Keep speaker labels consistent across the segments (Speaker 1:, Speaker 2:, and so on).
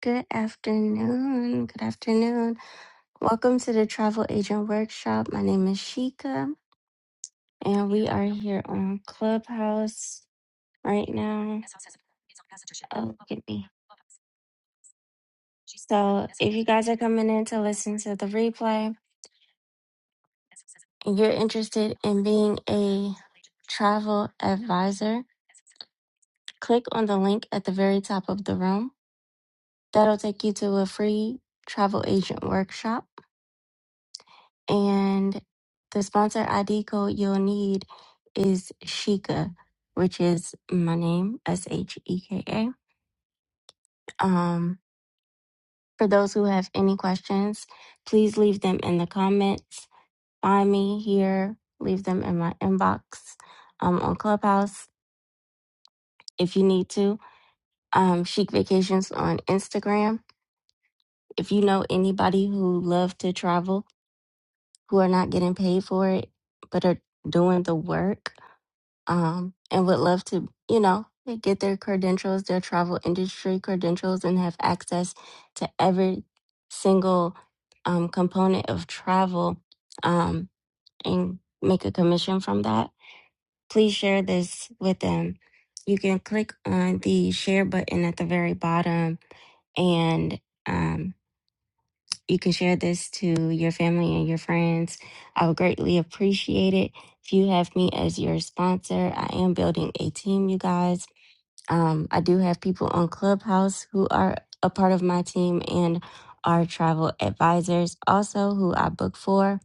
Speaker 1: Good afternoon. Good afternoon. Welcome to the Travel Agent Workshop. My name is Sheikah, and we are here on Clubhouse right now. Oh, look at me. So, if you guys are coming in to listen to the replay and you're interested in being a travel advisor, click on the link at the very top of the room. That'll take you to a free travel agent workshop. And the sponsor ID code you'll need is Sheka, which is my name, S H E K A. Um, for those who have any questions, please leave them in the comments. Find me here, leave them in my inbox um, on Clubhouse if you need to. Um, Chic Vacations on Instagram. If you know anybody who love to travel, who are not getting paid for it, but are doing the work, um, and would love to, you know, get their credentials, their travel industry credentials, and have access to every single um, component of travel um, and make a commission from that. Please share this with them. You can click on the share button at the very bottom and um you can share this to your family and your friends. I would greatly appreciate it. If you have me as your sponsor, I am building a team, you guys. Um, I do have people on Clubhouse who are a part of my team and are travel advisors also who I book for.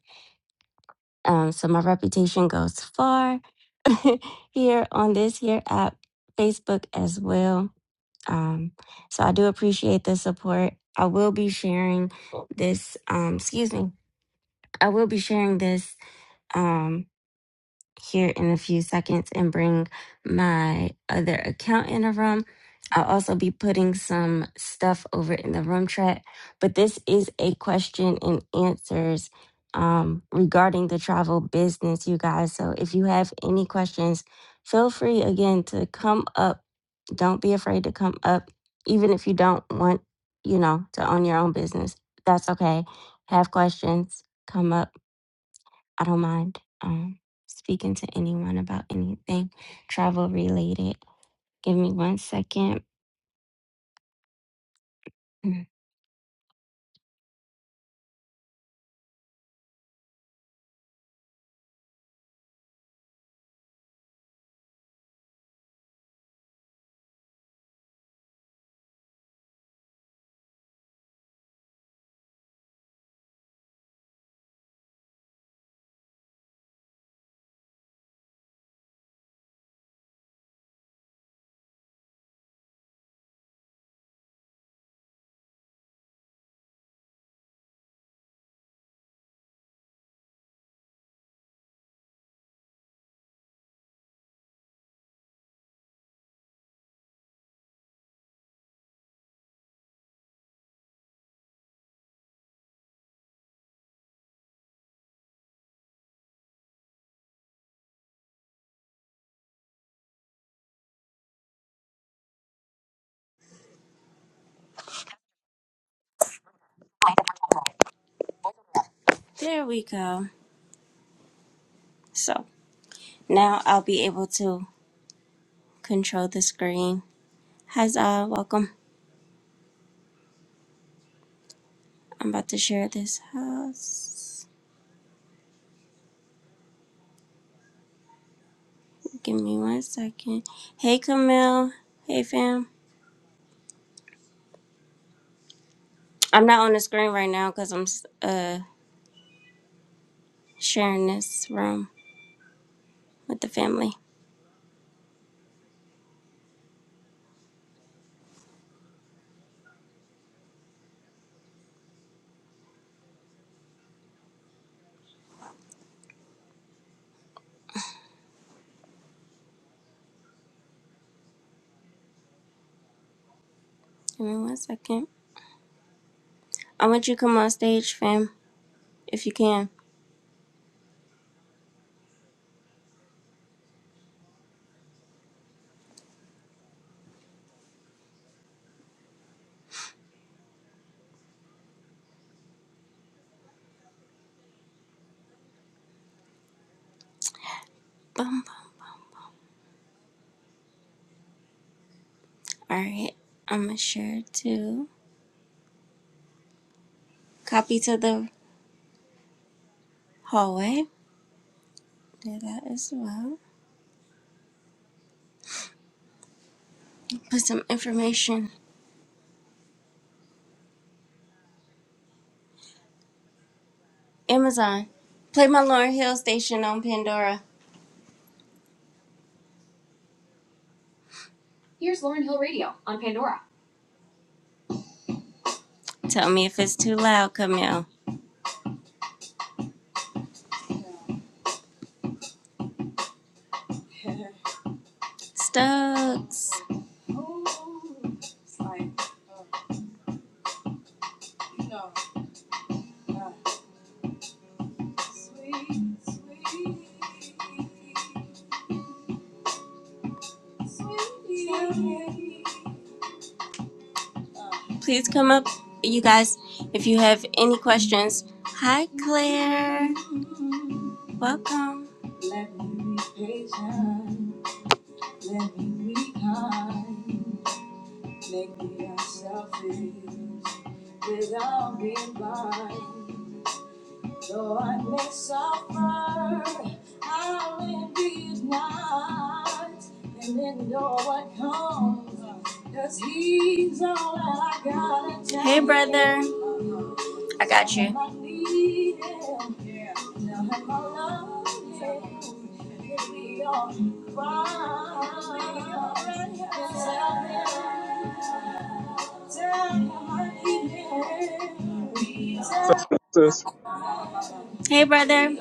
Speaker 1: Um, so my reputation goes far here on this here app, Facebook as well. Um, so I do appreciate the support. I will be sharing this, um, excuse me, I will be sharing this um, here in a few seconds and bring my other account in the room. I'll also be putting some stuff over in the room chat, but this is a question and answers um, regarding the travel business, you guys. So if you have any questions, feel free again to come up. Don't be afraid to come up, even if you don't want, you know, to own your own business. That's okay. Have questions, come up I don't mind um, speaking to anyone about anything travel related. Give me one second. Mm.
Speaker 2: There we go. So now I'll be able to control the screen. Huzzah, welcome. I'm about to share this house. Give me one second. Hey Camille. Hey fam. I'm not on the screen right now because I'm uh sharing this room with the family. Give me one second. I want you to come on stage, fam, if you can. Bum, bum. Alright. I'm gonna share it to copy to the hallway. Do that as well. Put some information Amazon. Play my Lauryn Hill station on Pandora. Here's Lauryn Hill Radio on Pandora. Tell me if it's too loud, Camille. Stokes, please come up. You guys, if you have any questions. Hi, Claire. Welcome. 'Cause he's all I gotta tell Hey, brother. you. I got you. Tell him I need him. Yeah. Tell him I love him.
Speaker 3: So this
Speaker 2: Hey, brother.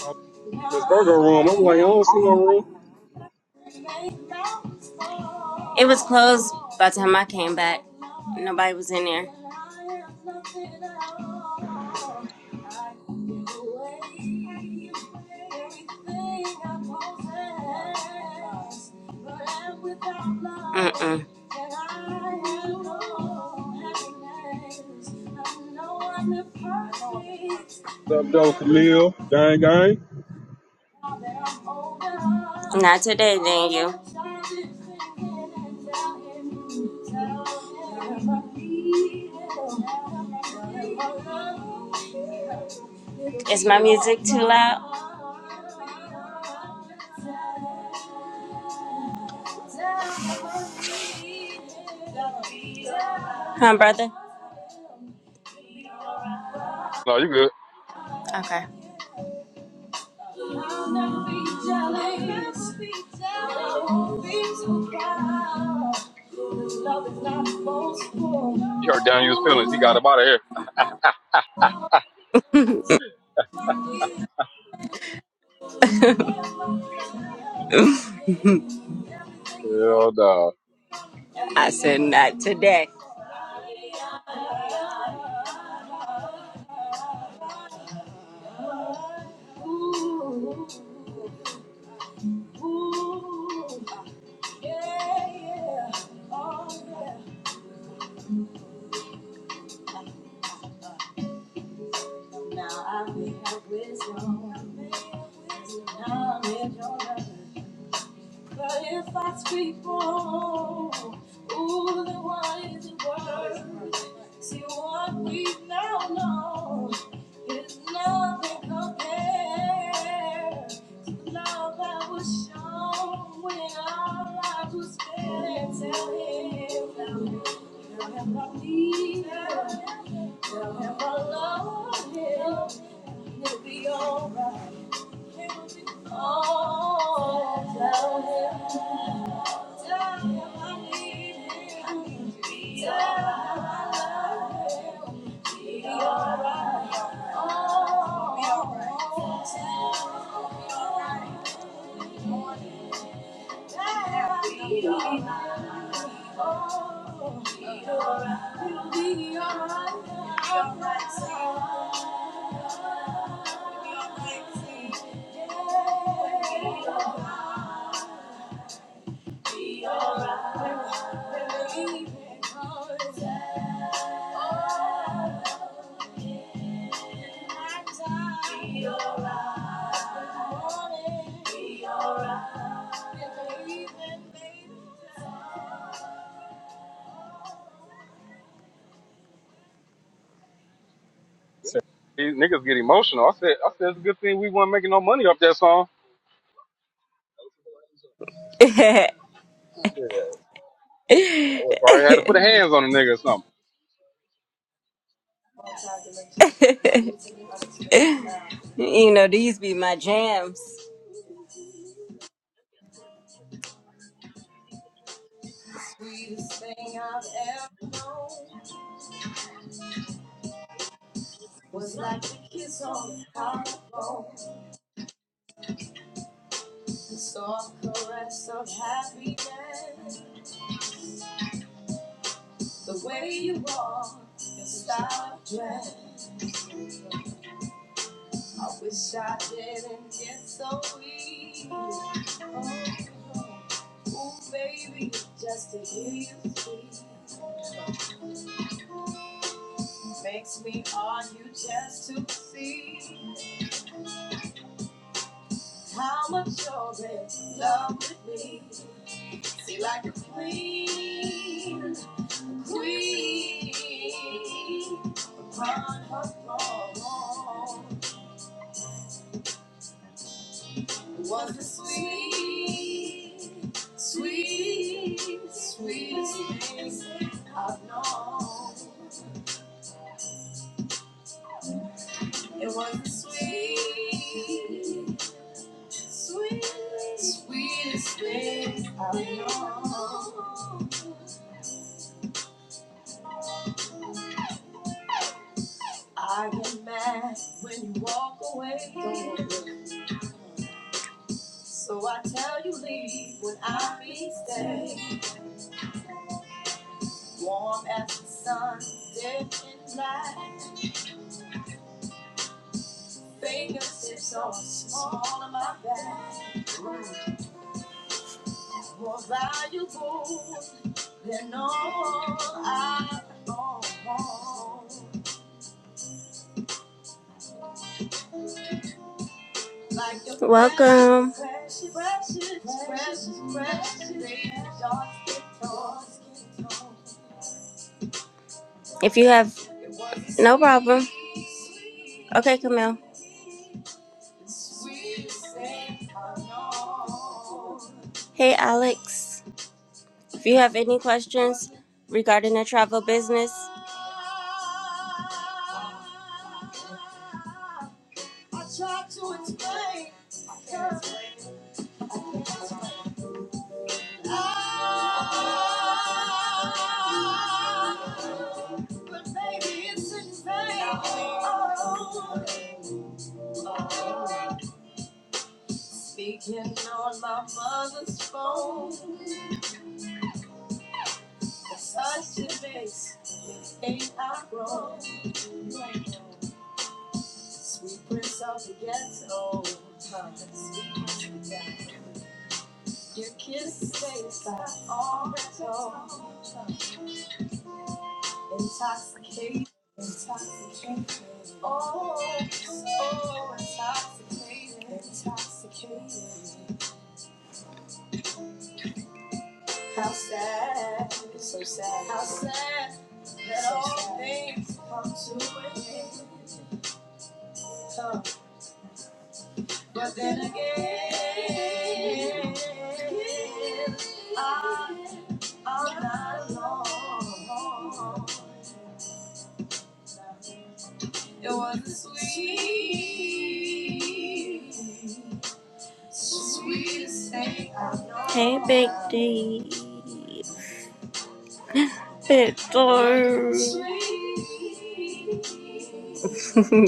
Speaker 3: uh, Miss Virgo room. I'm like, I don't see no room.
Speaker 2: It was closed by the time I came back. Nobody was in there. Mm-mm.
Speaker 3: What's up, though, Camille? Gang, gang.
Speaker 2: Not today, Daniel. Is my music too loud? Huh, brother?
Speaker 3: No, you good.
Speaker 2: Okay.
Speaker 3: You heard Daniel's feelings. He got him out of here. Hell nah.
Speaker 2: I said, not today.
Speaker 3: Said, These niggas get emotional. I said, I said, it's a good thing we weren't making no money off that song. Shit. I
Speaker 2: you
Speaker 3: would probably had to put a hands on a nigga or something.
Speaker 2: know, these be my jams. Welcome. If you have no problem. Okay, Camille. Hey, Alex. If you have any questions regarding the travel business, hey, Big D. Big D.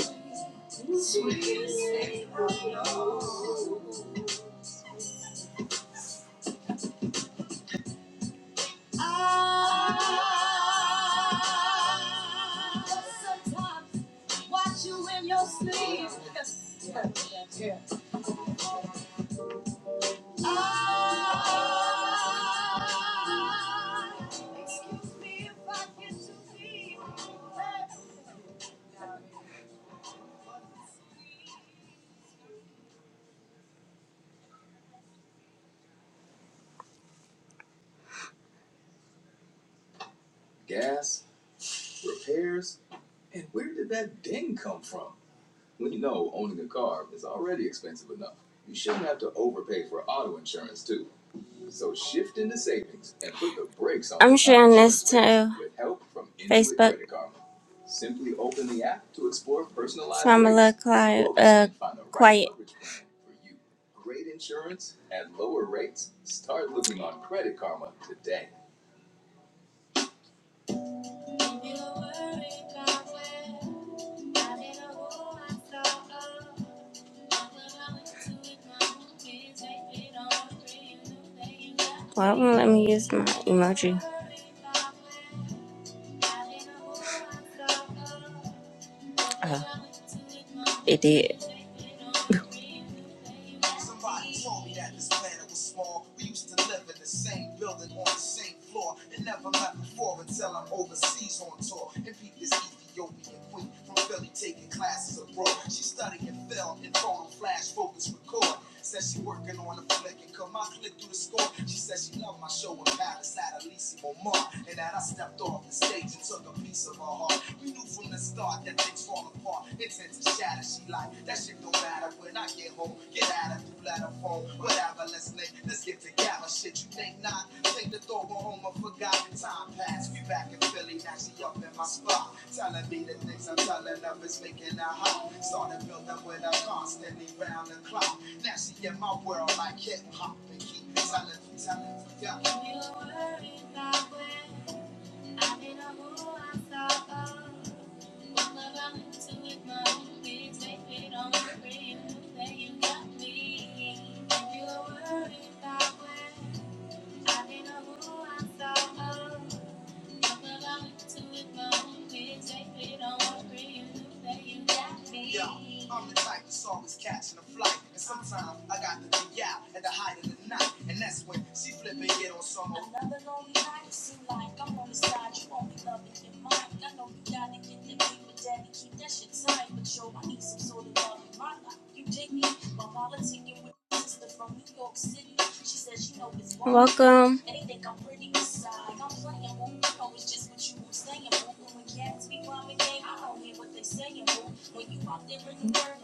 Speaker 2: Why won't let me use my emoji? it did. Welcome.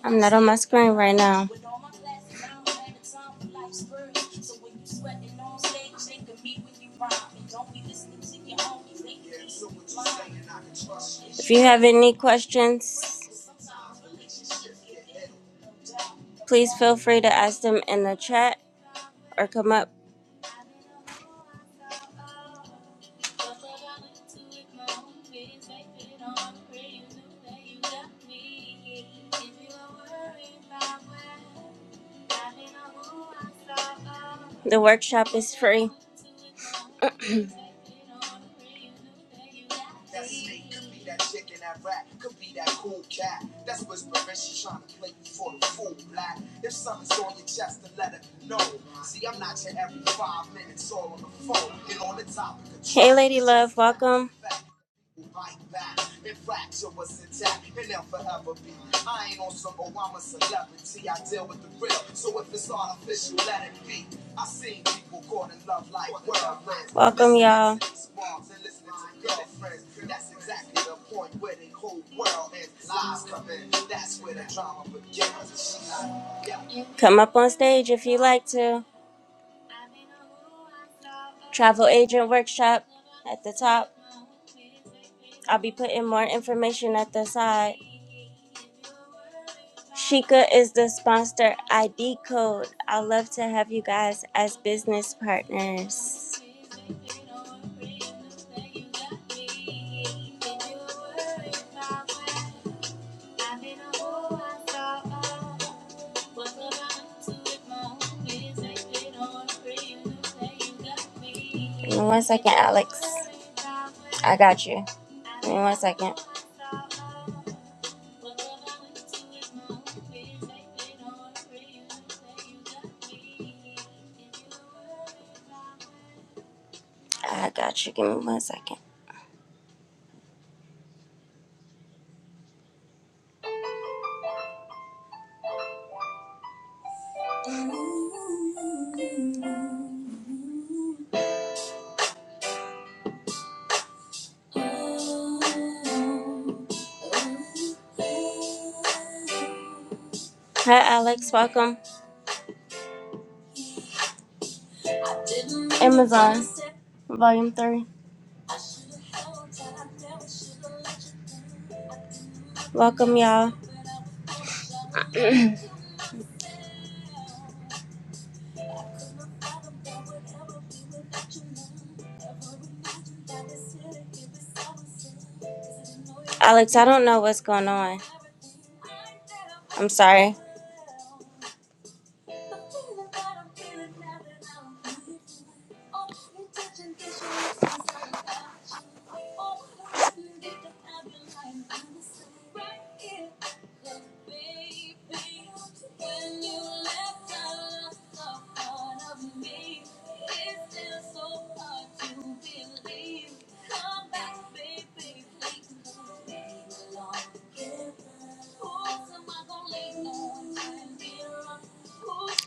Speaker 2: I'm not on my screen right now. If you have any questions, please feel free to ask them in the chat or come up. The workshop is free. Hey, Lady Love, welcome yeah. Come up on stage if you like to. Travel agent workshop at the top. I'll be putting more information at the side. Sheikah is the sponsor ID code. I'd love to have you guys as business partners. Give me one second, Alex. I got you. Give me one second. I got you. Give me one second. Hi, Alex. Welcome. Amazon, Volume 3. Welcome, y'all. Alex, I don't know what's going on. I'm sorry.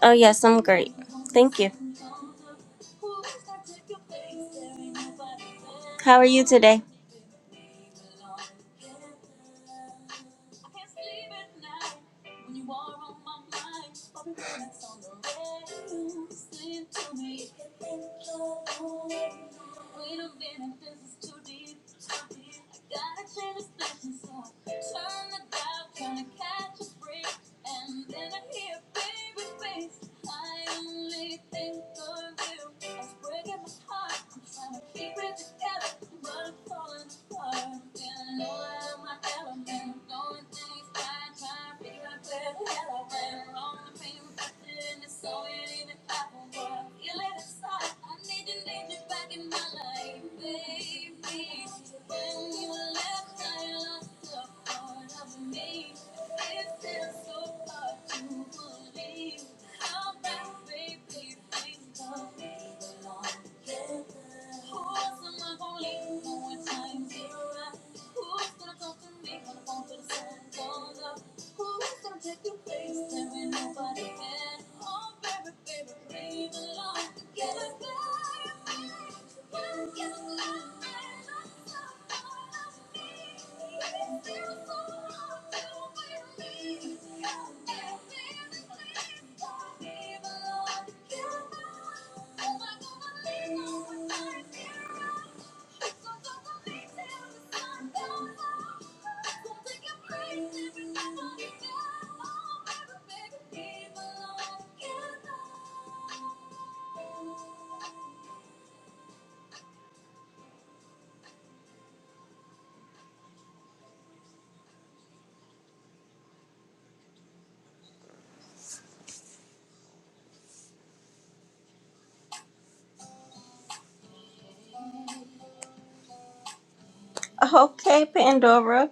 Speaker 2: Oh, yes, I'm great. Thank you. How are you today? Okay, Pandora.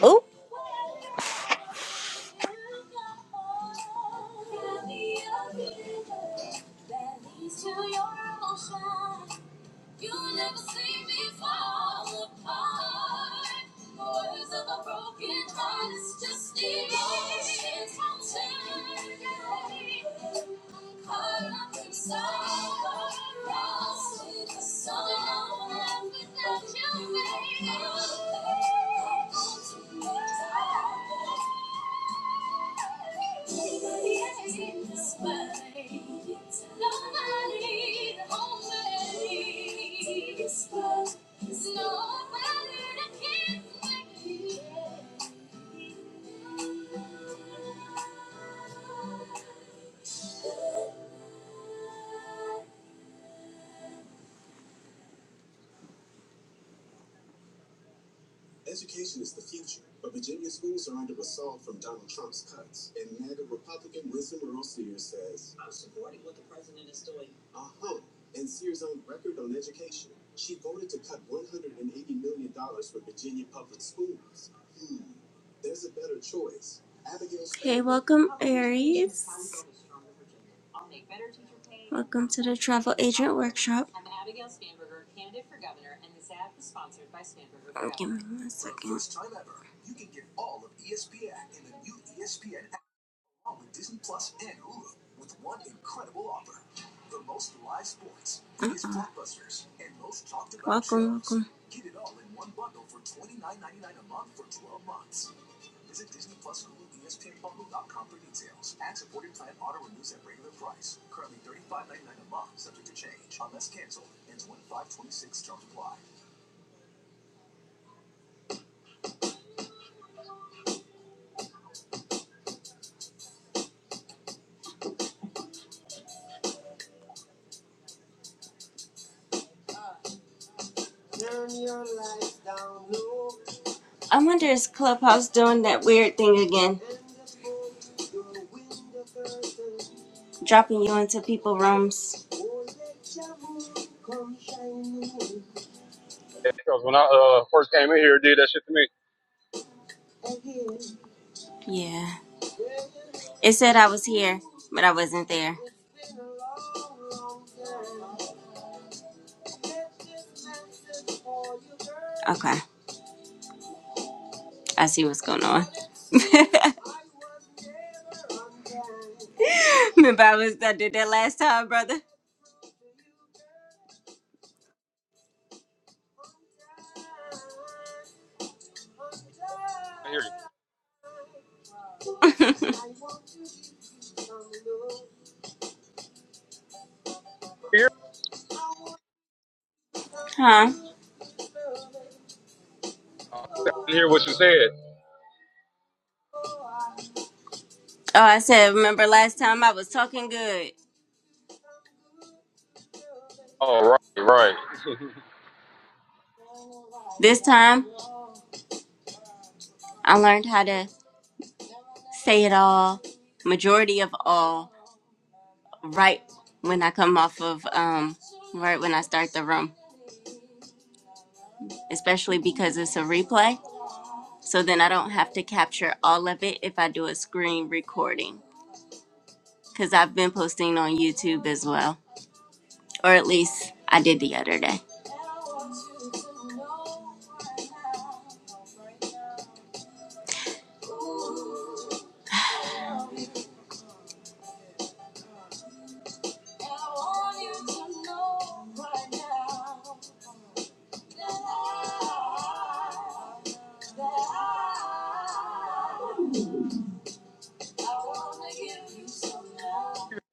Speaker 2: Oh, Aries. Welcome to the Travel Agent Workshop. me one uh-uh. Welcome, welcome. 29 ninety-nine I wonder is Clubhouse doing that weird thing again, dropping you into people rooms?
Speaker 3: Yeah, Because when I uh, first came in here, it did that shit to me.
Speaker 2: Yeah. It said I was here, but I wasn't there. Okay, I see what's going on. Remember I was I did that last time, brother.
Speaker 3: I hear you. Here?
Speaker 2: huh?
Speaker 3: I didn't hear what you said.
Speaker 2: Oh, I said, remember last time I was talking good.
Speaker 3: Oh, right, right.
Speaker 2: This time I learned how to say it all, majority of all, right when I come off of, um, right when I start the room, especially because it's a replay. So then I don't have to capture all of it if I do a screen recording because I've been posting on YouTube as well, or at least I did the other day.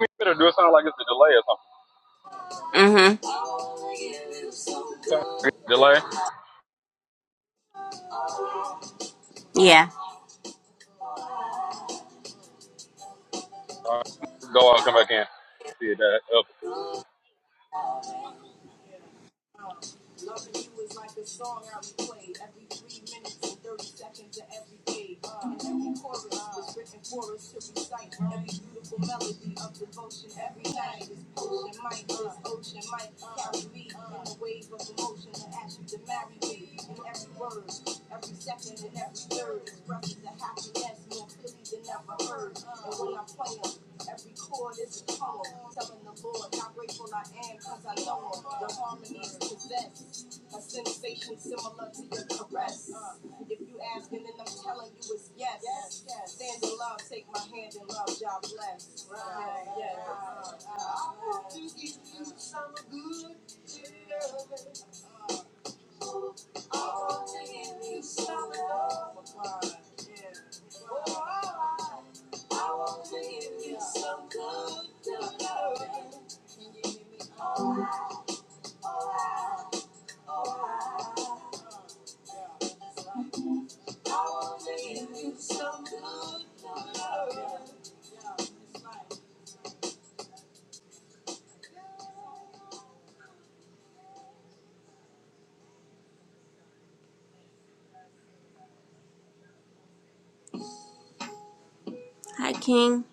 Speaker 3: You better do it sound like it's a delay or
Speaker 2: Mm
Speaker 3: something. so, Delay?
Speaker 2: hmm. Yeah.
Speaker 3: Go out and come back in. See that. Up.
Speaker 2: Hi, King.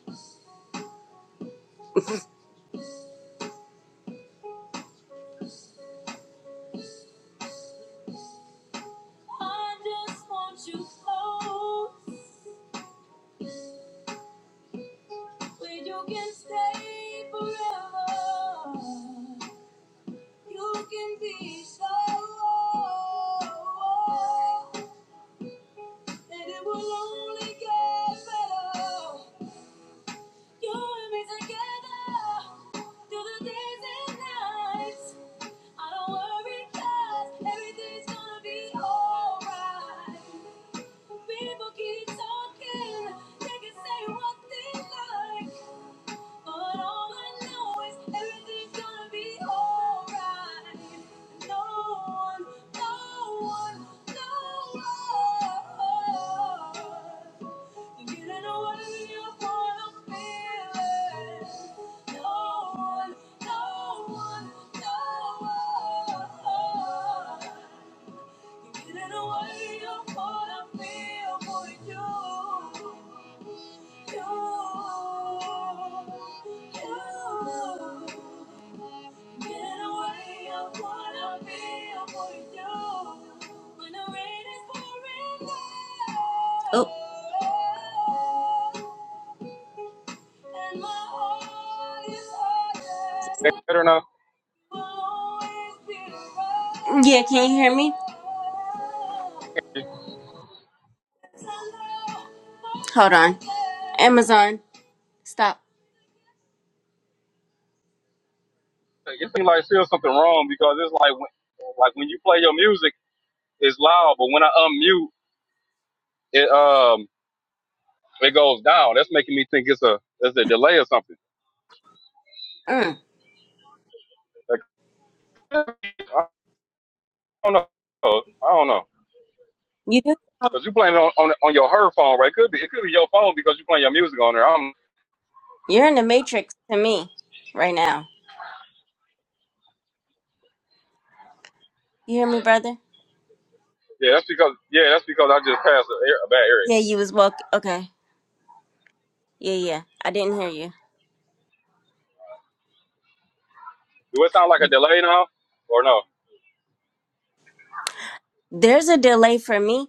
Speaker 2: Get away, I wanna be a warrior. When the rain is pouring down. Oh.
Speaker 3: Better now?
Speaker 2: Yeah, can you hear me? Hold on. Amazon, stop.
Speaker 3: It seems like there's something wrong because it's like when, like when you play your music, it's loud, but when I unmute, it um it goes down. That's making me think it's a it's a delay or something.
Speaker 2: Mm.
Speaker 3: Like, I don't know. I don't know.
Speaker 2: You good?
Speaker 3: Cause you playing it on, on on your her phone, right? Could be it could be your phone because you playing your music on there. I'm
Speaker 2: You're in the matrix to me right now. You hear me, brother?
Speaker 3: yeah, that's because yeah, that's because I just passed a, a bad area.
Speaker 2: Yeah, you was woke. Okay. Yeah, yeah. I didn't hear you.
Speaker 3: Do it sound like a delay now or no?
Speaker 2: There's a delay for me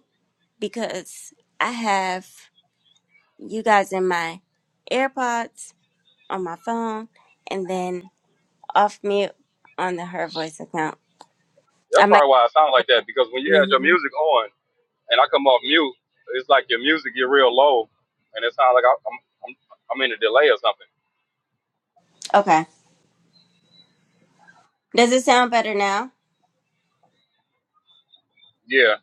Speaker 2: because I have. you guys in my AirPods on my phone, and then off mute on the Her Voice account. I
Speaker 3: That's
Speaker 2: might.
Speaker 3: probably why it sounds like that because when you had your
Speaker 2: hmm
Speaker 3: music on. and I come off mute, it's like your music get real low, and it sounds like I, I'm I'm I'm in a delay or something.
Speaker 2: Okay. Does it sound better now?
Speaker 3: Yeah,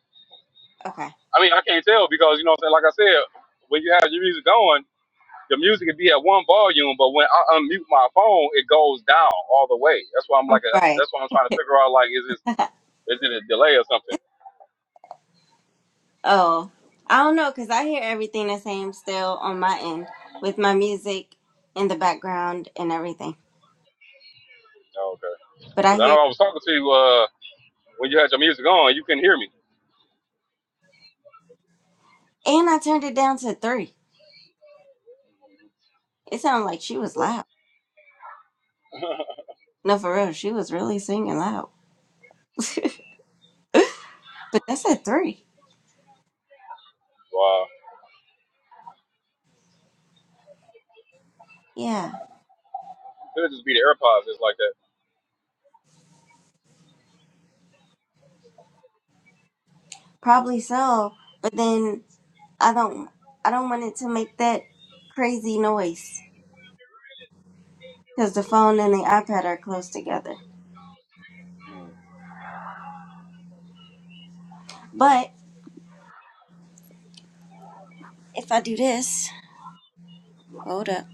Speaker 2: Okay.
Speaker 3: I mean I can't tell because you know what I'm saying. Like I said, when you have your music going, the music could be at one volume, but when I unmute my phone, it goes down all the way. That's why I'm like a,
Speaker 2: Right.
Speaker 3: that's why I'm trying to figure out like is this is it a delay or something?
Speaker 2: Oh, I don't know because I hear everything the same still on my end with my music in the background and everything.
Speaker 3: Oh, okay,
Speaker 2: But I
Speaker 3: because I know
Speaker 2: hear,
Speaker 3: I was talking to you uh, when you had your music on, you couldn't hear me.
Speaker 2: and I turned it down to three. It sounded like she was
Speaker 3: Yeah.
Speaker 2: loud. No, for real, she was really singing loud. But that's at three.
Speaker 3: Wow,
Speaker 2: Yeah.
Speaker 3: could it just be the AirPods? It's like that.
Speaker 2: Probably so, but then I don't I don't want it to make that crazy noise because the phone and the iPad are close together. But if I do this, hold up.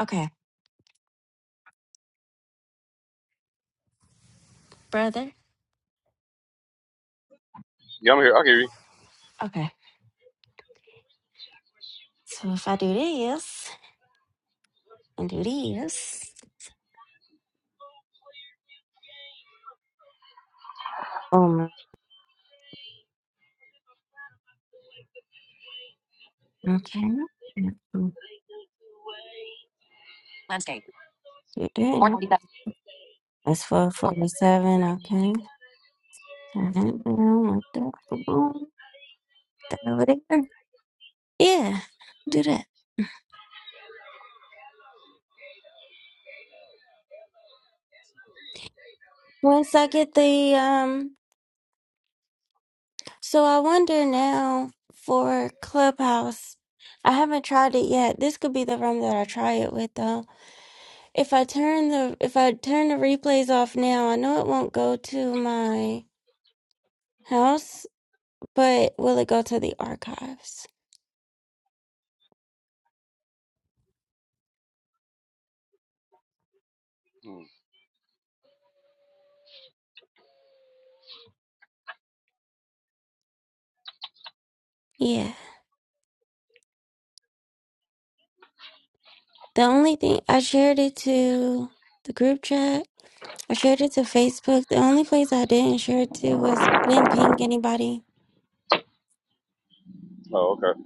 Speaker 1: Okay, brother.
Speaker 3: Yeah, I'm here. I hear you.
Speaker 1: Okay. So if I do this and do this, um, okay. Do that. That's four forty-seven. Okay. Turn it down. What the? That over there. Yeah, do that. Once I get the um so I wonder now for Clubhouse. I haven't tried it yet. This could be the room that I try it with though. If I turn the if I turn the replays off now, I know it won't go to my house, but will it go to the archives?
Speaker 3: Hmm.
Speaker 1: Yeah. The only thing I shared it to the group chat. I shared it to Facebook. The only place I didn't share it to was I didn't ping anybody
Speaker 3: Oh, okay.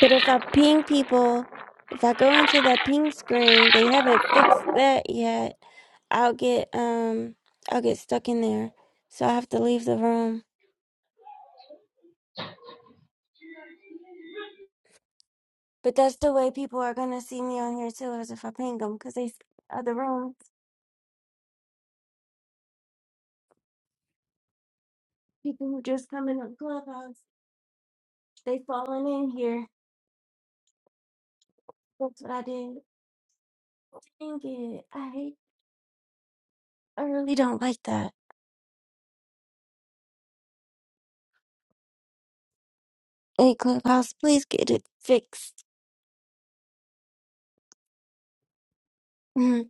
Speaker 1: But if I ping people, if I go into that ping screen, they haven't fixed that yet. I'll get um I'll get stuck in there. So I have to leave the room. But that's the way people are gonna see me on here too, is if I ping them, cause they s- other rooms. People who just come in on Clubhouse, they falling in here. That's what I did. Dang it! I hate. I really don't like that. Hey Clubhouse, please get it fixed. Mhm.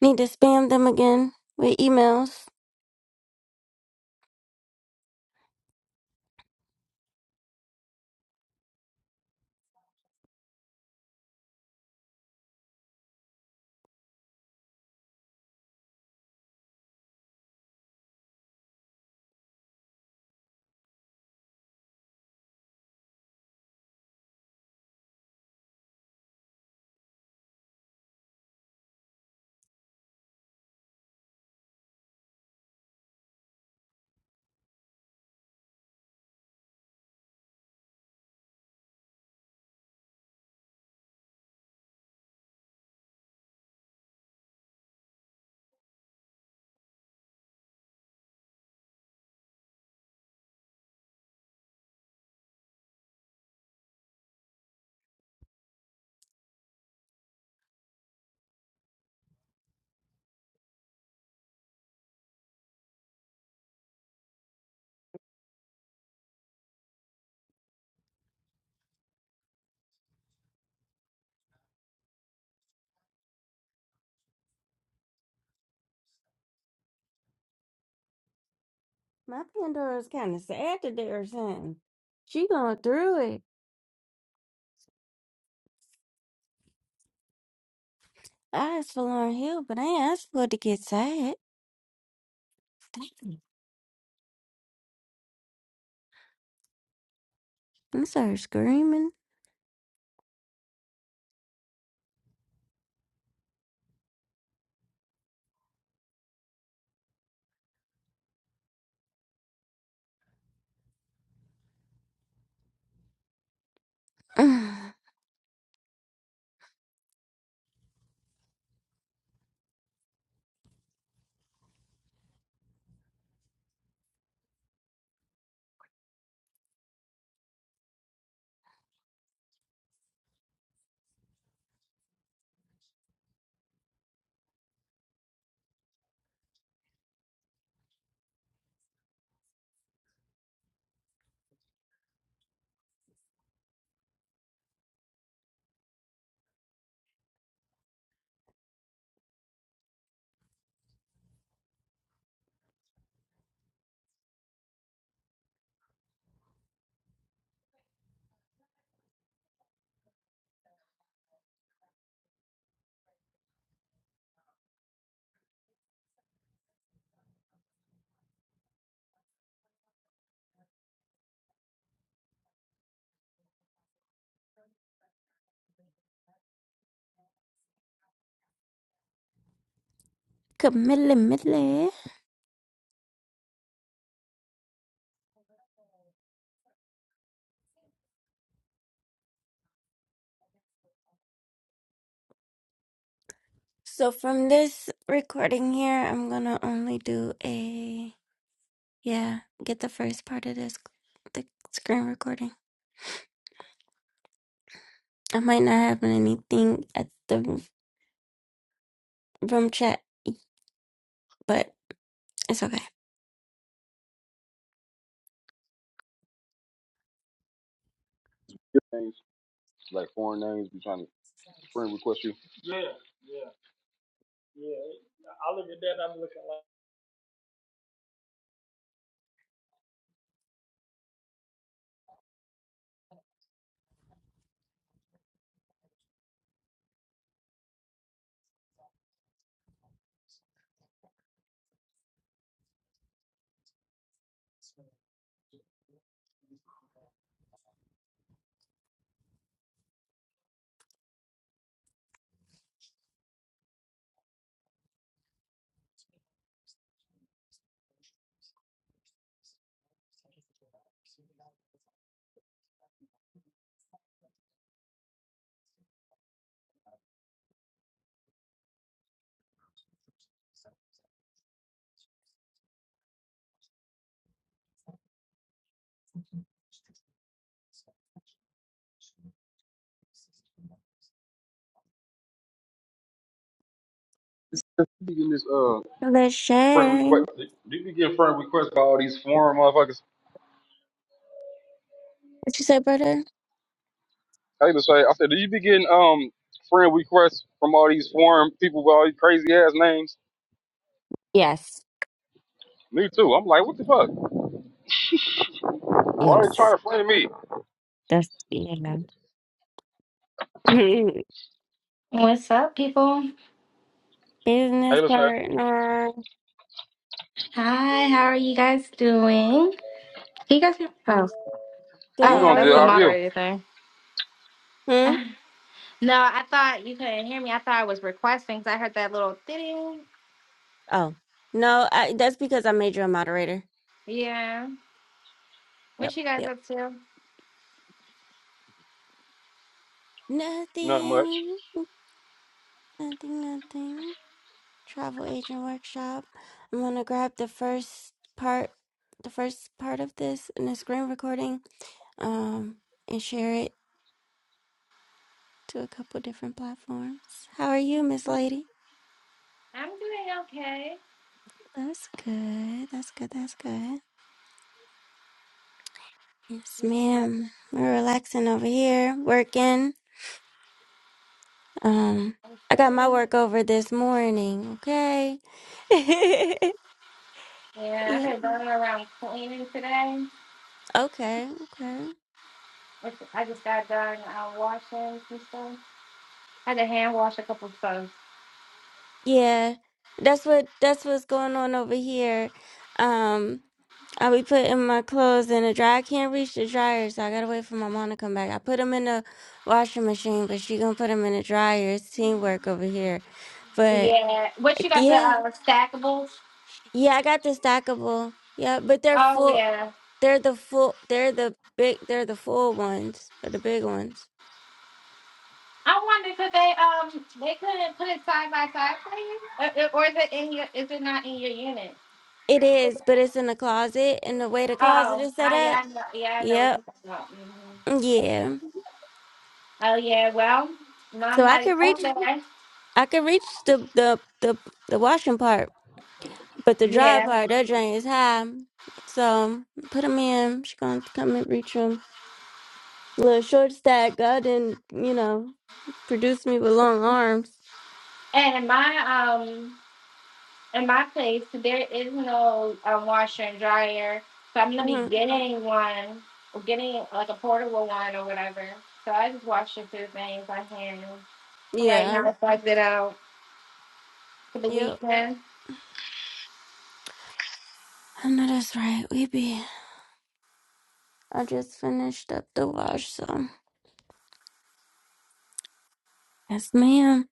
Speaker 1: Need to spam them again with emails. My Pandora's kind of sad today or something. She going through it. I asked for Lauren Hill, but I ain't asked for it to get sad. I started screaming. Camilla, Mille. So from this recording here, I'm gonna only do a yeah. Get the first part of this, the screen recording. I might not have anything at the room chat, but it's okay.
Speaker 3: Like you. Speaking this uh
Speaker 1: Let's
Speaker 3: friend request.
Speaker 1: What
Speaker 3: Do You be getting friend requests by all these forum motherfuckers.
Speaker 1: you say, brother?
Speaker 3: I even say, I said, do you be getting um friend requests from all these forum people with all these crazy ass names?
Speaker 1: Yes,
Speaker 3: Me too. I'm like, what the fuck? Why are you
Speaker 1: yes.
Speaker 3: trying to friend me?
Speaker 1: That's yeah.
Speaker 4: What's up, people?
Speaker 3: Hey,
Speaker 1: Business
Speaker 3: Lachey.
Speaker 1: partner.
Speaker 4: Hi, how are you guys doing? Can you guys hear? Oh,
Speaker 3: I'm
Speaker 1: Good.
Speaker 4: oh,
Speaker 1: How
Speaker 3: doing
Speaker 1: are
Speaker 3: good.
Speaker 4: that's the
Speaker 3: How
Speaker 1: you?
Speaker 3: are you?
Speaker 4: moderator thing.
Speaker 1: Hmm.
Speaker 4: no, I thought you couldn't hear me. I thought I was requesting because I heard that little thing.
Speaker 1: Oh no, I, that's because I made you a moderator.
Speaker 4: Yeah.
Speaker 1: Yep.
Speaker 4: What you guys
Speaker 1: Yep.
Speaker 4: up to?
Speaker 3: Not much.
Speaker 1: Nothing. Nothing. Nothing. Travel agent workshop. I'm gonna grab the first part. The first part of this in the screen recording. um, and share it to a couple different platforms. How are you, Miss Lady?
Speaker 4: I'm doing okay.
Speaker 1: That's good. That's good. That's good. Yes,
Speaker 4: It's like,
Speaker 1: ma'am. We're relaxing over here, working. Um,
Speaker 4: I'm
Speaker 1: I got my
Speaker 4: good.
Speaker 1: work over this morning. Okay. yeah.
Speaker 4: Yeah, I've been running around cleaning today.
Speaker 1: Okay. Okay.
Speaker 4: Which I just got done uh, washing some stuff. I had to hand wash a couple of stuff.
Speaker 1: Yeah. That's what. That's what's going on over here. Um. I be putting my clothes in the dryer. I can't reach the dryer, so I gotta wait for my mom to come back. I put them in the washing machine, but she gonna put them in the dryer. It's teamwork over here. But
Speaker 4: Yeah. What you got the
Speaker 1: yeah,
Speaker 4: uh, stackables?
Speaker 1: yeah, I got the stackable. Yeah, but they're
Speaker 4: Oh
Speaker 1: full.
Speaker 4: yeah.
Speaker 1: They're the full. They're the big. They're the full ones. They're the big ones.
Speaker 4: I wonder could they um they couldn't put it side by side for you, Uh, uh, or is it in your is it not in your unit?
Speaker 1: It is, but it's in the closet, and the way the closet
Speaker 4: Oh,
Speaker 1: is set
Speaker 4: I
Speaker 1: up.
Speaker 4: yeah I know, yeah I know what
Speaker 1: Yep.
Speaker 4: you're talking about. hmm
Speaker 1: Yeah.
Speaker 4: Oh yeah, well my
Speaker 1: So I
Speaker 4: money
Speaker 1: could reach.
Speaker 4: okay
Speaker 1: I could reach the the the the washing part. But the drive
Speaker 4: yeah,
Speaker 1: part, that drain is high. So put him in. She gonna come and reach him. Little short stack. God didn't, you know, produce me with long arms.
Speaker 4: and in my um in my place there is no um, washer and dryer, so I'm gonna be
Speaker 1: Mhm.
Speaker 4: getting one, or getting like a portable one or whatever. So I just wash a few things I hand for right now.
Speaker 1: Yeah.
Speaker 4: Yeah. I'll it out for the
Speaker 1: Yep.
Speaker 4: weekend.
Speaker 1: I know that's right. We be. I just finished up the wash, so yes, ma'am.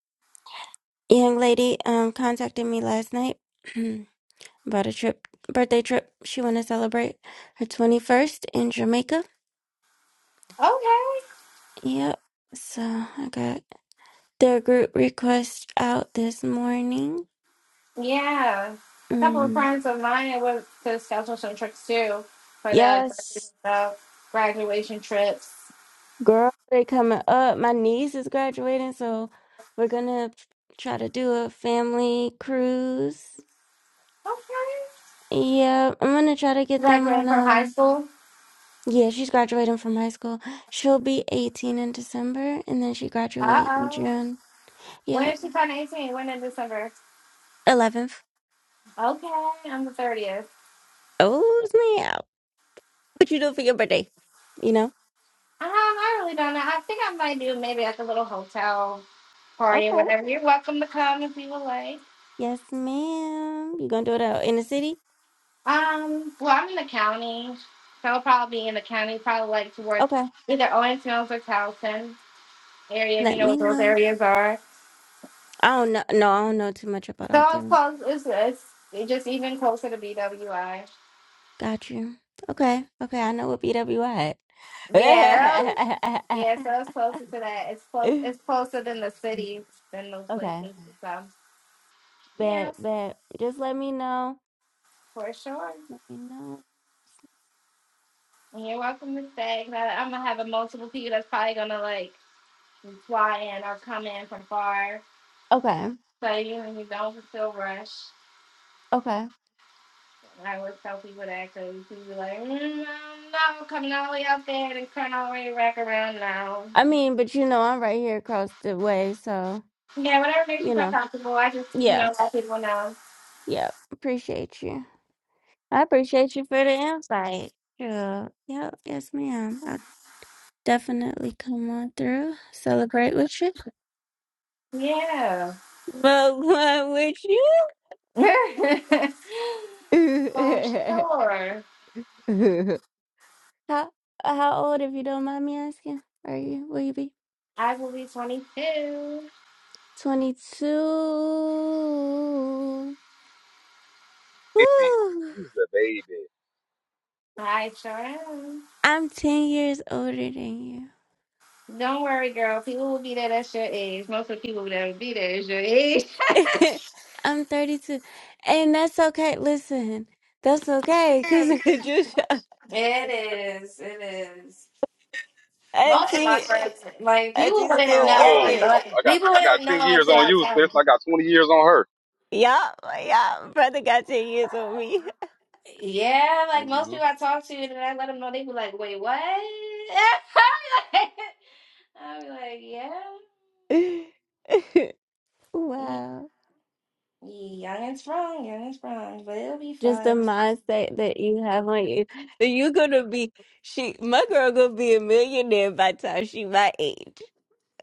Speaker 1: Young lady um contacted me last night about a trip, birthday trip. She want to celebrate her twenty first in Jamaica.
Speaker 4: Okay.
Speaker 1: Yep. So I got the group request out this morning.
Speaker 4: Yeah, a couple of
Speaker 1: Mm.
Speaker 4: friends of mine I went to schedule some trips too for their dresses and
Speaker 1: Yes,
Speaker 4: stuff, graduation trips.
Speaker 1: girl, they coming up. My niece is graduating, so we're gonna try to do a family cruise.
Speaker 4: Okay.
Speaker 1: Yeah, I'm gonna try to get them
Speaker 4: Graduating
Speaker 1: on
Speaker 4: from high
Speaker 1: um
Speaker 4: school.
Speaker 1: yeah, she's graduating from high school. She'll be 18 in December and then she
Speaker 4: Uh
Speaker 1: graduate in
Speaker 4: oh.
Speaker 1: June.
Speaker 4: When
Speaker 1: Yeah,
Speaker 4: is she turn 18? When in December?
Speaker 1: 11th.
Speaker 4: Okay, I'm the 30th. Um,
Speaker 1: Oh, snap. What you do for your birthday? You know?
Speaker 4: I really don't know. I think I might do maybe like a little hotel party or
Speaker 1: Okay.
Speaker 4: whatever. You're welcome to come if you would like.
Speaker 1: Yes, ma'am. You gonna do it out in the city?
Speaker 4: Um, well, I'm in the county, so I'll probably be in the county, probably like towards
Speaker 1: Okay.
Speaker 4: either Owensville or Towson. area, if you
Speaker 1: Let
Speaker 4: know
Speaker 1: me
Speaker 4: what those
Speaker 1: know.
Speaker 4: areas are.
Speaker 1: I don't know. No, I don't know too much about
Speaker 4: So
Speaker 1: out
Speaker 4: it's
Speaker 1: there.
Speaker 4: close. It's, it's, it's just even closer to BWI.
Speaker 1: Got you. Okay. Okay. I know what BWI at.
Speaker 4: Yeah, that was- yeah. So it's closer to that. It's close. It's closer than the cities than those
Speaker 1: okay.
Speaker 4: places. So yeah,
Speaker 1: But but just let me know.
Speaker 4: for sure.
Speaker 1: Let me know.
Speaker 4: And you're welcome to stay. 'Cause I, I'm gonna have a multiple people that's probably gonna like fly in or come in from far.
Speaker 1: Okay.
Speaker 4: So you you don't feel rushed.
Speaker 1: Okay.
Speaker 4: I always tell people that because people be like, mm, no, I'm coming all the way out there and turn all the way back around now.
Speaker 1: I mean, but you know, I'm right here across the way, so
Speaker 4: Yeah, whatever makes you
Speaker 1: you
Speaker 4: feel
Speaker 1: know.
Speaker 4: comfortable. I just, you
Speaker 1: Yeah.
Speaker 4: know, let people know.
Speaker 1: Yeah. Appreciate you. I appreciate you for the insight. Yeah. Yep. Yes, ma'am. I'll definitely come on through. Celebrate with you.
Speaker 4: Yeah.
Speaker 1: But what would you?
Speaker 4: For sure.
Speaker 1: how how old, if you don't mind me asking, are you? Will you be
Speaker 4: I will be 22.
Speaker 1: twenty two?
Speaker 3: Baby, you's the baby.
Speaker 4: I sure am.
Speaker 1: I'm ten years older than you.
Speaker 4: Don't worry, girl. People will be there. That's your age. Most of the people that will be there is your age.
Speaker 1: I'm thirty two, and that's okay. Listen, that's okay, cause just
Speaker 4: It is. It is. Most of my
Speaker 1: auntie,
Speaker 4: friends, like people
Speaker 1: auntie's
Speaker 4: wouldn't
Speaker 1: still
Speaker 3: Sound
Speaker 4: know. and,
Speaker 3: old.
Speaker 1: youngin.
Speaker 3: I
Speaker 4: like,
Speaker 3: I got
Speaker 4: People
Speaker 3: I got
Speaker 4: wouldn't know
Speaker 3: ten years
Speaker 4: until
Speaker 3: on
Speaker 4: I
Speaker 3: you,
Speaker 4: tell them.
Speaker 3: sis. and I got twenty years on her.
Speaker 1: Yup, yup, brother got ten years on me.
Speaker 4: Yeah, like most
Speaker 3: hmm
Speaker 4: people I talk to, and I let them know, they be like, "Wait, what?" i be like, i be like, "Yeah, He-
Speaker 1: wow.
Speaker 4: young and strong, young and strong, but it'll be
Speaker 1: just the
Speaker 4: fun."
Speaker 1: mindset that you have on you. That you're gonna be she my girl gonna be a millionaire by the time she my age.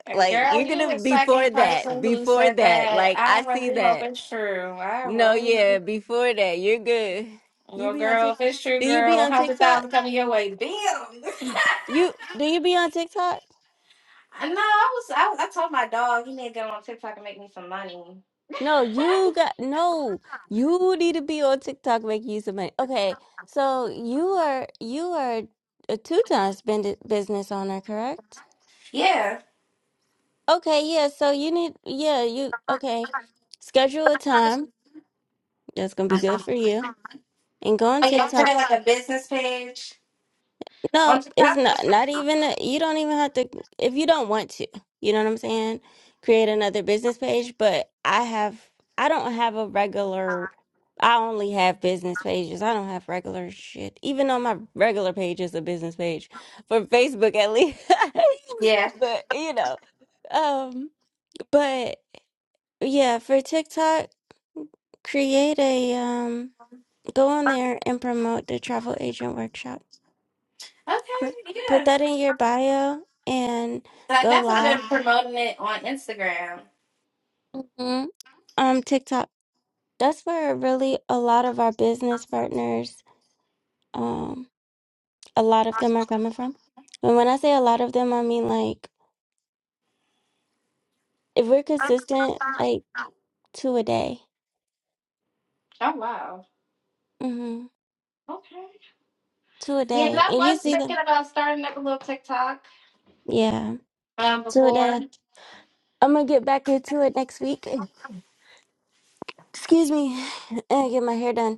Speaker 4: And
Speaker 1: Like
Speaker 4: girl,
Speaker 1: you're
Speaker 4: you
Speaker 1: gonna
Speaker 4: the
Speaker 1: before
Speaker 4: second
Speaker 1: that,
Speaker 4: person who
Speaker 1: before
Speaker 4: said
Speaker 1: that.
Speaker 4: that.
Speaker 1: Like I
Speaker 4: I
Speaker 1: see
Speaker 4: really hope
Speaker 1: that.
Speaker 4: it's true. I
Speaker 1: No,
Speaker 4: really,
Speaker 1: yeah, before that, you're good. You
Speaker 4: well,
Speaker 1: be on
Speaker 4: girl,
Speaker 1: Tik
Speaker 4: if it's true,
Speaker 1: do you be
Speaker 4: girl, a
Speaker 1: on
Speaker 4: hundred
Speaker 1: TikTok?
Speaker 4: thousand coming your way, bam.
Speaker 1: You do you be on TikTok?
Speaker 4: I know. I was. I, I told my dog he need to go on TikTok and make me some money.
Speaker 1: No, you got no. You need to be on TikTok making use of money. Okay, so you are you are a two-time spend business owner, correct?
Speaker 4: Yeah.
Speaker 1: Okay, yeah, so you need, yeah, you, okay. Schedule a time that's gonna be good for you and go on
Speaker 4: Oh yeah, put
Speaker 1: TikTok.
Speaker 4: it on a business page on
Speaker 1: No, it's
Speaker 4: TikTok.
Speaker 1: not, not even, a, you don't even have to, if you don't want to, you know what I'm saying? Create another business page, but I have, I don't have a regular, I only have business pages. I don't have regular shit, even though my regular page is a business page for Facebook at least.
Speaker 4: Yeah.
Speaker 1: But, you know, um, but yeah, for TikTok. create a um go on there and promote the travel agent workshop put,
Speaker 4: Okay.
Speaker 1: put
Speaker 4: Yeah.
Speaker 1: that in your bio and
Speaker 4: Like
Speaker 1: go
Speaker 4: that's what they're
Speaker 1: live
Speaker 4: promoting it on Instagram.
Speaker 1: hmm um tiktok that's where really a lot of our business partners um a lot of them are coming from and when i say a lot of them i mean like if we're consistent like two a day
Speaker 4: Oh wow.
Speaker 1: mm hmm
Speaker 4: Okay.
Speaker 1: two a
Speaker 4: Yeah, 'cause
Speaker 1: day
Speaker 4: I
Speaker 1: and
Speaker 4: was
Speaker 1: you see
Speaker 4: thinking
Speaker 1: them
Speaker 4: about starting up a little TikTok.
Speaker 1: yeah
Speaker 4: Um,
Speaker 1: two a
Speaker 4: before
Speaker 1: day i'm gonna get back into it next week excuse me and get my hair done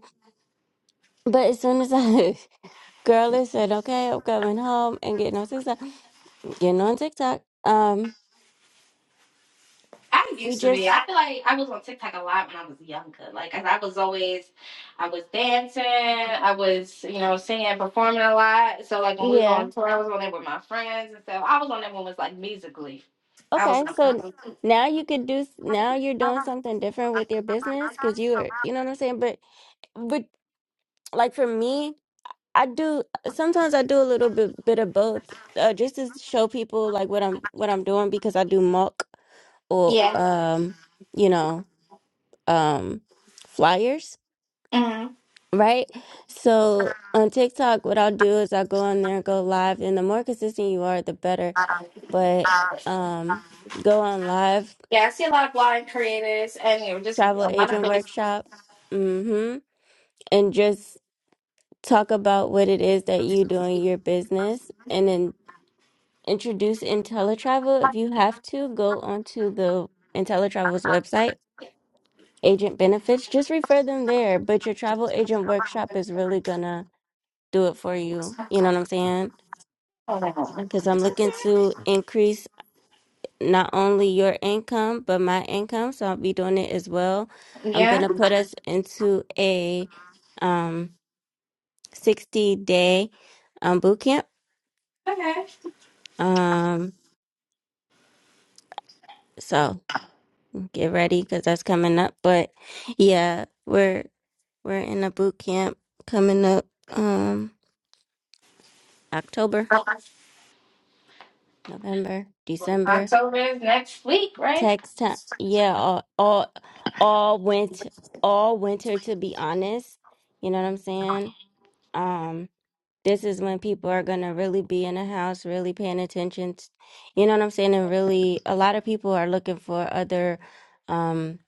Speaker 1: But as soon as I, girl, listen, okay, I'm coming home and getting on TikTok, getting on TikTok. Um,
Speaker 4: I
Speaker 1: we
Speaker 4: used to be,
Speaker 1: just,
Speaker 4: I feel like I was on TikTok a lot when I was younger. Like, 'cause I was always, I was dancing, I was, you know, singing, performing a lot. So like when we go
Speaker 1: yeah,
Speaker 4: on tour, I was on there with my friends and stuff. I was on there when it was like musically. I was
Speaker 1: okay.
Speaker 4: on.
Speaker 1: So now you could do, s- now you're doing something different with your business because you are, you know what I'm saying. But, but like for me, I do sometimes I do a little bit bit of both, uh, just to show people like what I'm what I'm doing because I do mock or
Speaker 4: Yeah.
Speaker 1: um, you know, um, flyers.
Speaker 4: hmm
Speaker 1: Right? So on TikTok, what I'll do is I'll go on there and go live, and the more consistent you are, the better. But um, go on live,
Speaker 4: Yeah, I see a lot of blind creators and you know, just
Speaker 1: travel
Speaker 4: a lot of
Speaker 1: agent
Speaker 4: things.
Speaker 1: workshop, mm-hmm, and just talk about what it is that you do in your business, and then introduce IntelliTravel if you have to. Go onto the IntelliTravel's website, agent benefits. Just refer them there. But your travel agent workshop is really gonna do it for you. You know what I'm saying?
Speaker 4: Oh,
Speaker 1: because I'm looking to increase not only your income, but my income. So I'll be doing it as well. I'm going
Speaker 4: Yeah.
Speaker 1: to put us into a um, 60 day um, boot camp.
Speaker 4: Okay.
Speaker 1: Um, so get ready because that's coming up. But yeah, we're we're in a boot camp coming up um, October, November, December.
Speaker 4: October is next week, right?
Speaker 1: Text time. Yeah, all, all all went all winter to be honest. You know what I'm saying? Um this is when people are going to really be in the house, really paying attention. t- you know what I'm saying? And really a lot of people are looking for other um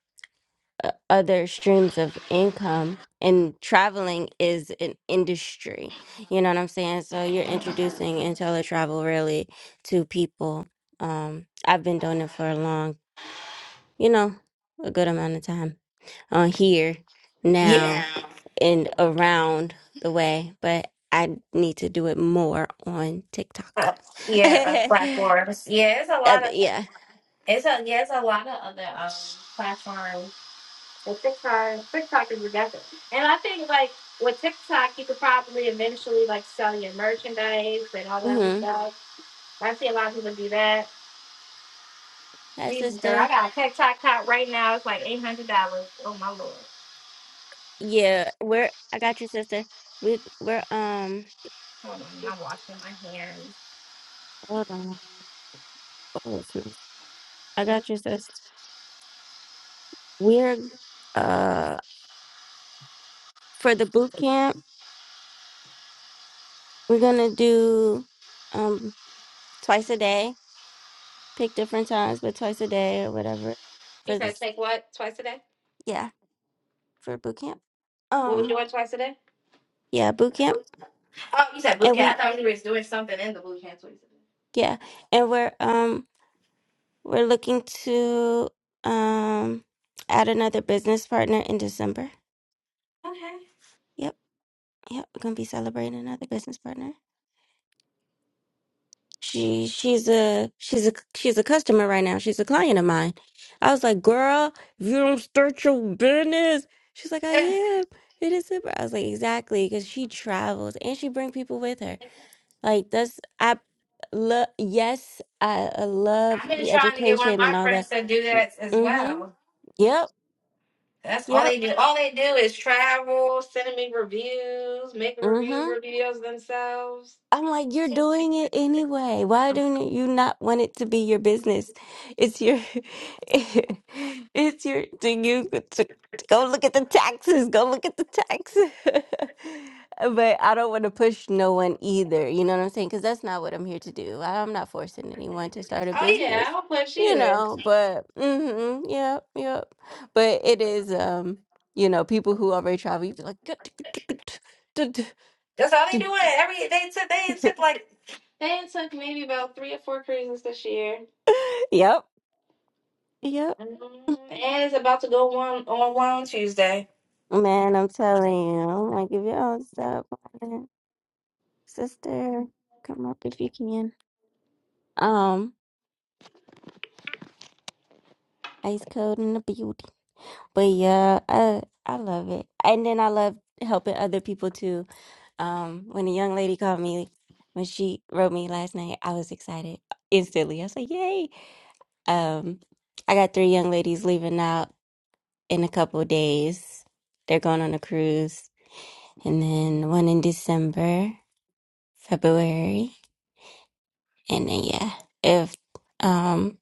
Speaker 1: o- other streams of income and traveling is an industry. You know what I'm saying? So you're introducing intelli travel really to people. Um I've been doing it for a long you know, a good amount of time on here now
Speaker 4: Yeah.
Speaker 1: and around the way, but I need to do it more on TikTok.
Speaker 4: Uh, yeah, uh, platforms. Yeah, it's a
Speaker 1: Uh,
Speaker 4: lot of
Speaker 1: yeah.
Speaker 4: it's a yeah, it's a lot of other um platforms. With TikTok, TikTok is aggressive, and I think like with TikTok, you could probably eventually like sell your merchandise and all that other
Speaker 1: hmm
Speaker 4: stuff. I see a lot of people do that.
Speaker 1: Hi,
Speaker 4: Jesus, girl,
Speaker 1: sister.
Speaker 4: I got a TikTok top right now. It's like eight hundred dollars. Oh my lord.
Speaker 1: Yeah, we're, I got you, sister. We, we're, um,
Speaker 4: Hold on, I'm washing my hands.
Speaker 1: hold on. Oh, it's not- I got you, sister. We're, uh, for the boot camp, we're gonna do, um, twice a day pick different times, but twice a day or whatever
Speaker 4: You
Speaker 1: for
Speaker 4: said
Speaker 1: this.
Speaker 4: take what twice a day?
Speaker 1: Yeah, for boot camp.
Speaker 4: What we
Speaker 1: Um,
Speaker 4: doing twice a day?
Speaker 1: yeah, boot camp,
Speaker 4: Oh, you said boot
Speaker 1: and
Speaker 4: camp.
Speaker 1: we
Speaker 4: I thought you was doing something in the boot camp twice
Speaker 1: yeah, and we're um we're looking to um add another business partner in December.
Speaker 4: a day. Okay.
Speaker 1: Yep, yep, we're gonna be celebrating another business partner. She she's a she's a she's a customer right now. She's a client of mine. I was like, girl, if you don't start your business, she's like, I
Speaker 4: Eh,
Speaker 1: am. It is super. I was like, exactly, because she travels and she bring people with her. Like that's I love. Yes, I, I love
Speaker 4: I've been
Speaker 1: the
Speaker 4: trying to get one of
Speaker 1: education
Speaker 4: my
Speaker 1: and all
Speaker 4: friends
Speaker 1: that.
Speaker 4: to do that as
Speaker 1: Mm-hmm.
Speaker 4: well.
Speaker 1: Yep.
Speaker 4: That's all
Speaker 1: Yep.
Speaker 4: they do. All they do is travel, sending me reviews, making
Speaker 1: Mm-hmm.
Speaker 4: review videos themselves.
Speaker 1: I'm like, you're doing it anyway. Why don't you not want it to be your business? It's your, it's your, to you, to, to go look at the taxes, go look at the taxes. But I don't want to push no one either. You know what I'm saying? Because that's not what I'm here to do. I'm not forcing anyone to start a
Speaker 4: Oh yeah, I
Speaker 1: business,
Speaker 4: don't push
Speaker 1: you
Speaker 4: either.
Speaker 1: know, but, mm-hmm, yep, yep. But it is, um, you know, people who already travel, you be like,
Speaker 4: That's all they do. Every they took they took like they took maybe about three or four cruises this year.
Speaker 1: yep, yep.
Speaker 4: And it's about to go one on one on Tuesday.
Speaker 1: Man, I'm telling you, I'm like, if y'all stop, playing, sister, come up if you can. Um, ice cold and the beauty, but yeah, I I love it, and then I love helping other people too. Um, when a young lady called me, when she wrote me last night, I was excited instantly. I was like, "Yay!" Um, I got three young ladies leaving out in a couple of days. They're going on a cruise, and then one in December, February. And then yeah, if um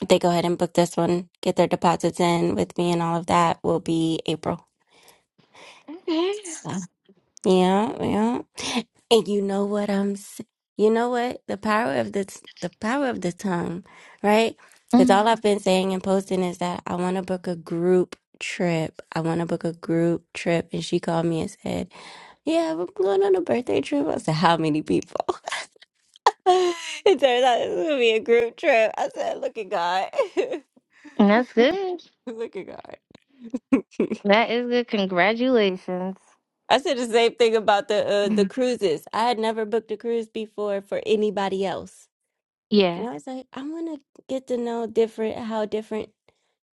Speaker 1: if they go ahead and book this one, get their deposits in with me and all of that will be April. So yeah, yeah. And you know what I'm s- you know what? The power of the t- the power of the tongue, right? Because
Speaker 4: Mm,
Speaker 1: all I've been saying and posting is that I want to book a group trip. I want to book a group trip. And she called me and said, Yeah, we're going on a birthday trip. I said, How many people? It turns out it's gonna be a group trip. I said, look at God.
Speaker 4: That's good.
Speaker 1: Look at God.
Speaker 4: That is good. Congratulations.
Speaker 1: I said the same thing about the uh, the cruises. I had never booked a cruise before for anybody else.
Speaker 4: Yeah,
Speaker 1: And I was like, I want to get to know different how different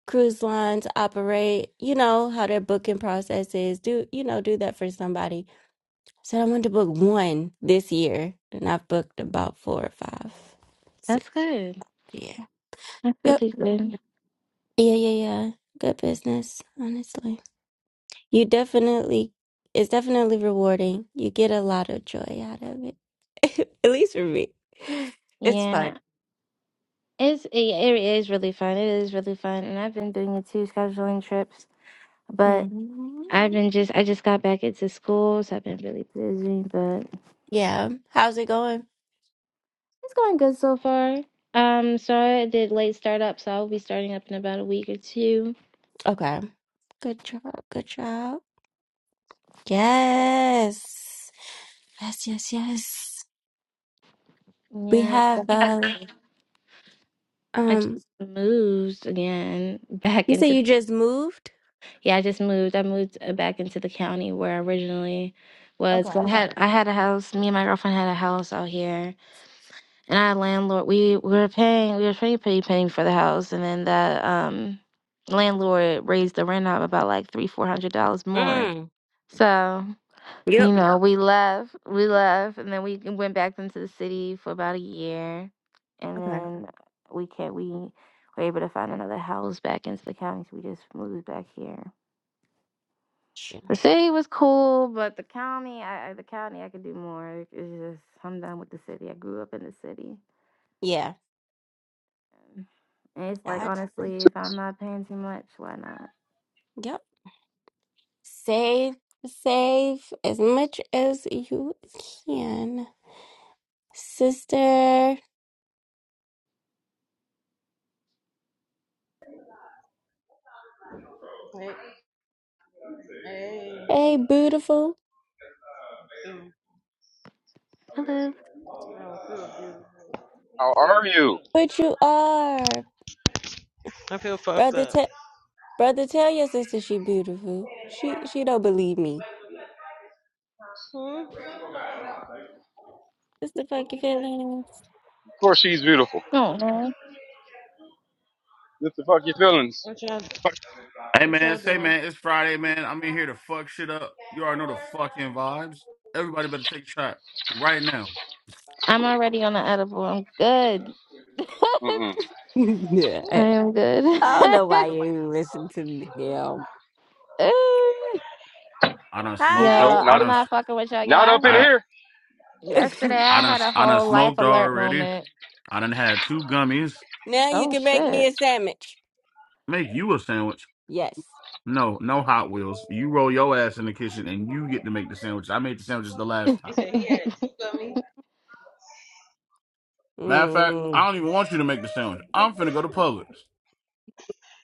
Speaker 1: cruise lines operate, you know, how their booking process is. Do, you know, do that for somebody. So I wanted to book one this year, and I've booked about four or five. So,
Speaker 4: that's good.
Speaker 1: yeah.
Speaker 4: That's really
Speaker 1: Yep.
Speaker 4: good.
Speaker 1: Yeah, yeah, yeah. Good business, honestly. You definitely, it's definitely rewarding. You get a lot of joy out of it, at least for me. It's fun.
Speaker 4: Yeah, it's it, it is really fun. It is really fun, and I've been doing it too, scheduling trips. But
Speaker 1: hmm
Speaker 4: I've been just I just got back into school, so I've been really busy. But
Speaker 1: Yeah. How's it going?
Speaker 4: it's going good so far. Um, so I did late startup, so I'll be starting up in about a week or two.
Speaker 1: Okay. Good job. Good job. Yes. Yes, yes, yes. We
Speaker 4: Yeah.
Speaker 1: have, uh,
Speaker 4: I
Speaker 1: um,
Speaker 4: just moved again back
Speaker 1: you say
Speaker 4: into
Speaker 1: you just moved?
Speaker 4: yeah, I just moved. I moved uh, back into the county where I originally was. 'Cause I
Speaker 1: Okay.
Speaker 4: had I had a house. Me and my girlfriend had a house out here, and our landlord we, we were paying we were pretty pretty paying for the house, and then the um landlord raised the rent up about like three four hundred dollars more.
Speaker 1: Mm.
Speaker 4: So you
Speaker 1: Yep.
Speaker 4: know, we left, we left, and then we went back into the city for about a year, and
Speaker 1: Okay.
Speaker 4: then we can't. We were able to find another house back into the county, so we just moved back here.
Speaker 1: Sure.
Speaker 4: The city was cool, but the county, I, I- the county, I could do more. It's just I'm done with the city. I grew up in the city,
Speaker 1: Yeah.
Speaker 4: and it's like
Speaker 1: I,
Speaker 4: honestly, if I'm not paying too much, why not?
Speaker 1: yep. Save, save as much as you can, sister.
Speaker 5: Hey. Hey.
Speaker 1: Hey, beautiful,
Speaker 5: Mm.
Speaker 4: Hello.
Speaker 5: I don't feel
Speaker 3: How are you?
Speaker 5: good.
Speaker 1: but you are,
Speaker 5: I feel fucked
Speaker 1: brother.
Speaker 5: up.
Speaker 1: Te- brother, tell your sister she beautiful. She she don't believe me.
Speaker 5: Hmm?
Speaker 1: It's the
Speaker 5: What
Speaker 1: fucking
Speaker 5: you said?
Speaker 1: feelings.
Speaker 3: Of course, she's beautiful.
Speaker 4: Oh, Hello.
Speaker 3: What the fuck your feelings?
Speaker 5: What y'all,
Speaker 6: Hey
Speaker 5: what
Speaker 6: man,
Speaker 5: y'all
Speaker 6: say
Speaker 5: doing?
Speaker 6: man, it's Friday, man. I'm in here to fuck shit up. You already know the fucking vibes. Everybody better take a shot right now.
Speaker 4: I'm already on the edible. I'm good.
Speaker 3: Mm mm
Speaker 5: I like, "Well,
Speaker 1: yeah,
Speaker 5: who
Speaker 4: I
Speaker 5: the fuck
Speaker 4: am
Speaker 5: is
Speaker 3: mm
Speaker 5: that?
Speaker 4: good.
Speaker 1: I
Speaker 3: mm.
Speaker 1: don't know why you listen to me. Hell.
Speaker 6: I done
Speaker 4: Yo,
Speaker 6: smoked
Speaker 1: Hi.
Speaker 6: up.
Speaker 3: Nope,
Speaker 6: I
Speaker 4: I'm
Speaker 3: not
Speaker 6: done. s-
Speaker 4: not fucking with y'all. Yo,
Speaker 3: not
Speaker 4: I
Speaker 3: up in
Speaker 6: I done.
Speaker 4: had
Speaker 3: here.
Speaker 4: yesterday
Speaker 6: I
Speaker 4: I
Speaker 6: done.
Speaker 4: had
Speaker 6: s-
Speaker 4: a
Speaker 6: I done
Speaker 4: whole life
Speaker 6: smoked
Speaker 4: alert
Speaker 6: already.
Speaker 4: moment.
Speaker 6: I done had two gummies.
Speaker 1: now you
Speaker 4: Oh
Speaker 1: can make me
Speaker 4: shit.
Speaker 1: a sandwich.
Speaker 6: Make you a sandwich.
Speaker 1: Yes.
Speaker 6: No, no Hot Wheels. You roll your ass in the kitchen and you get to make the sandwich. I made the sandwiches the last
Speaker 5: He
Speaker 6: time.
Speaker 5: said he had a two gummy.
Speaker 6: Matter of fact,
Speaker 1: Mm,
Speaker 6: I don't even want you to make the sandwich. I'm finna go to Publix.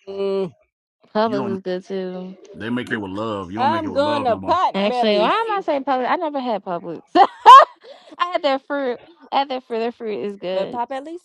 Speaker 1: mm.
Speaker 6: You
Speaker 4: Publix is
Speaker 6: don't.
Speaker 4: good too.
Speaker 6: They make it with love. You don't make it
Speaker 1: I'm
Speaker 6: with
Speaker 1: going
Speaker 6: love
Speaker 1: to
Speaker 6: no more.
Speaker 1: pot
Speaker 4: Actually, why
Speaker 1: bellies.
Speaker 4: am I saying Publix? I never had Publix. I had their fruit. I had their fruit. Their fruit is
Speaker 1: But
Speaker 4: good.
Speaker 1: pot bellies?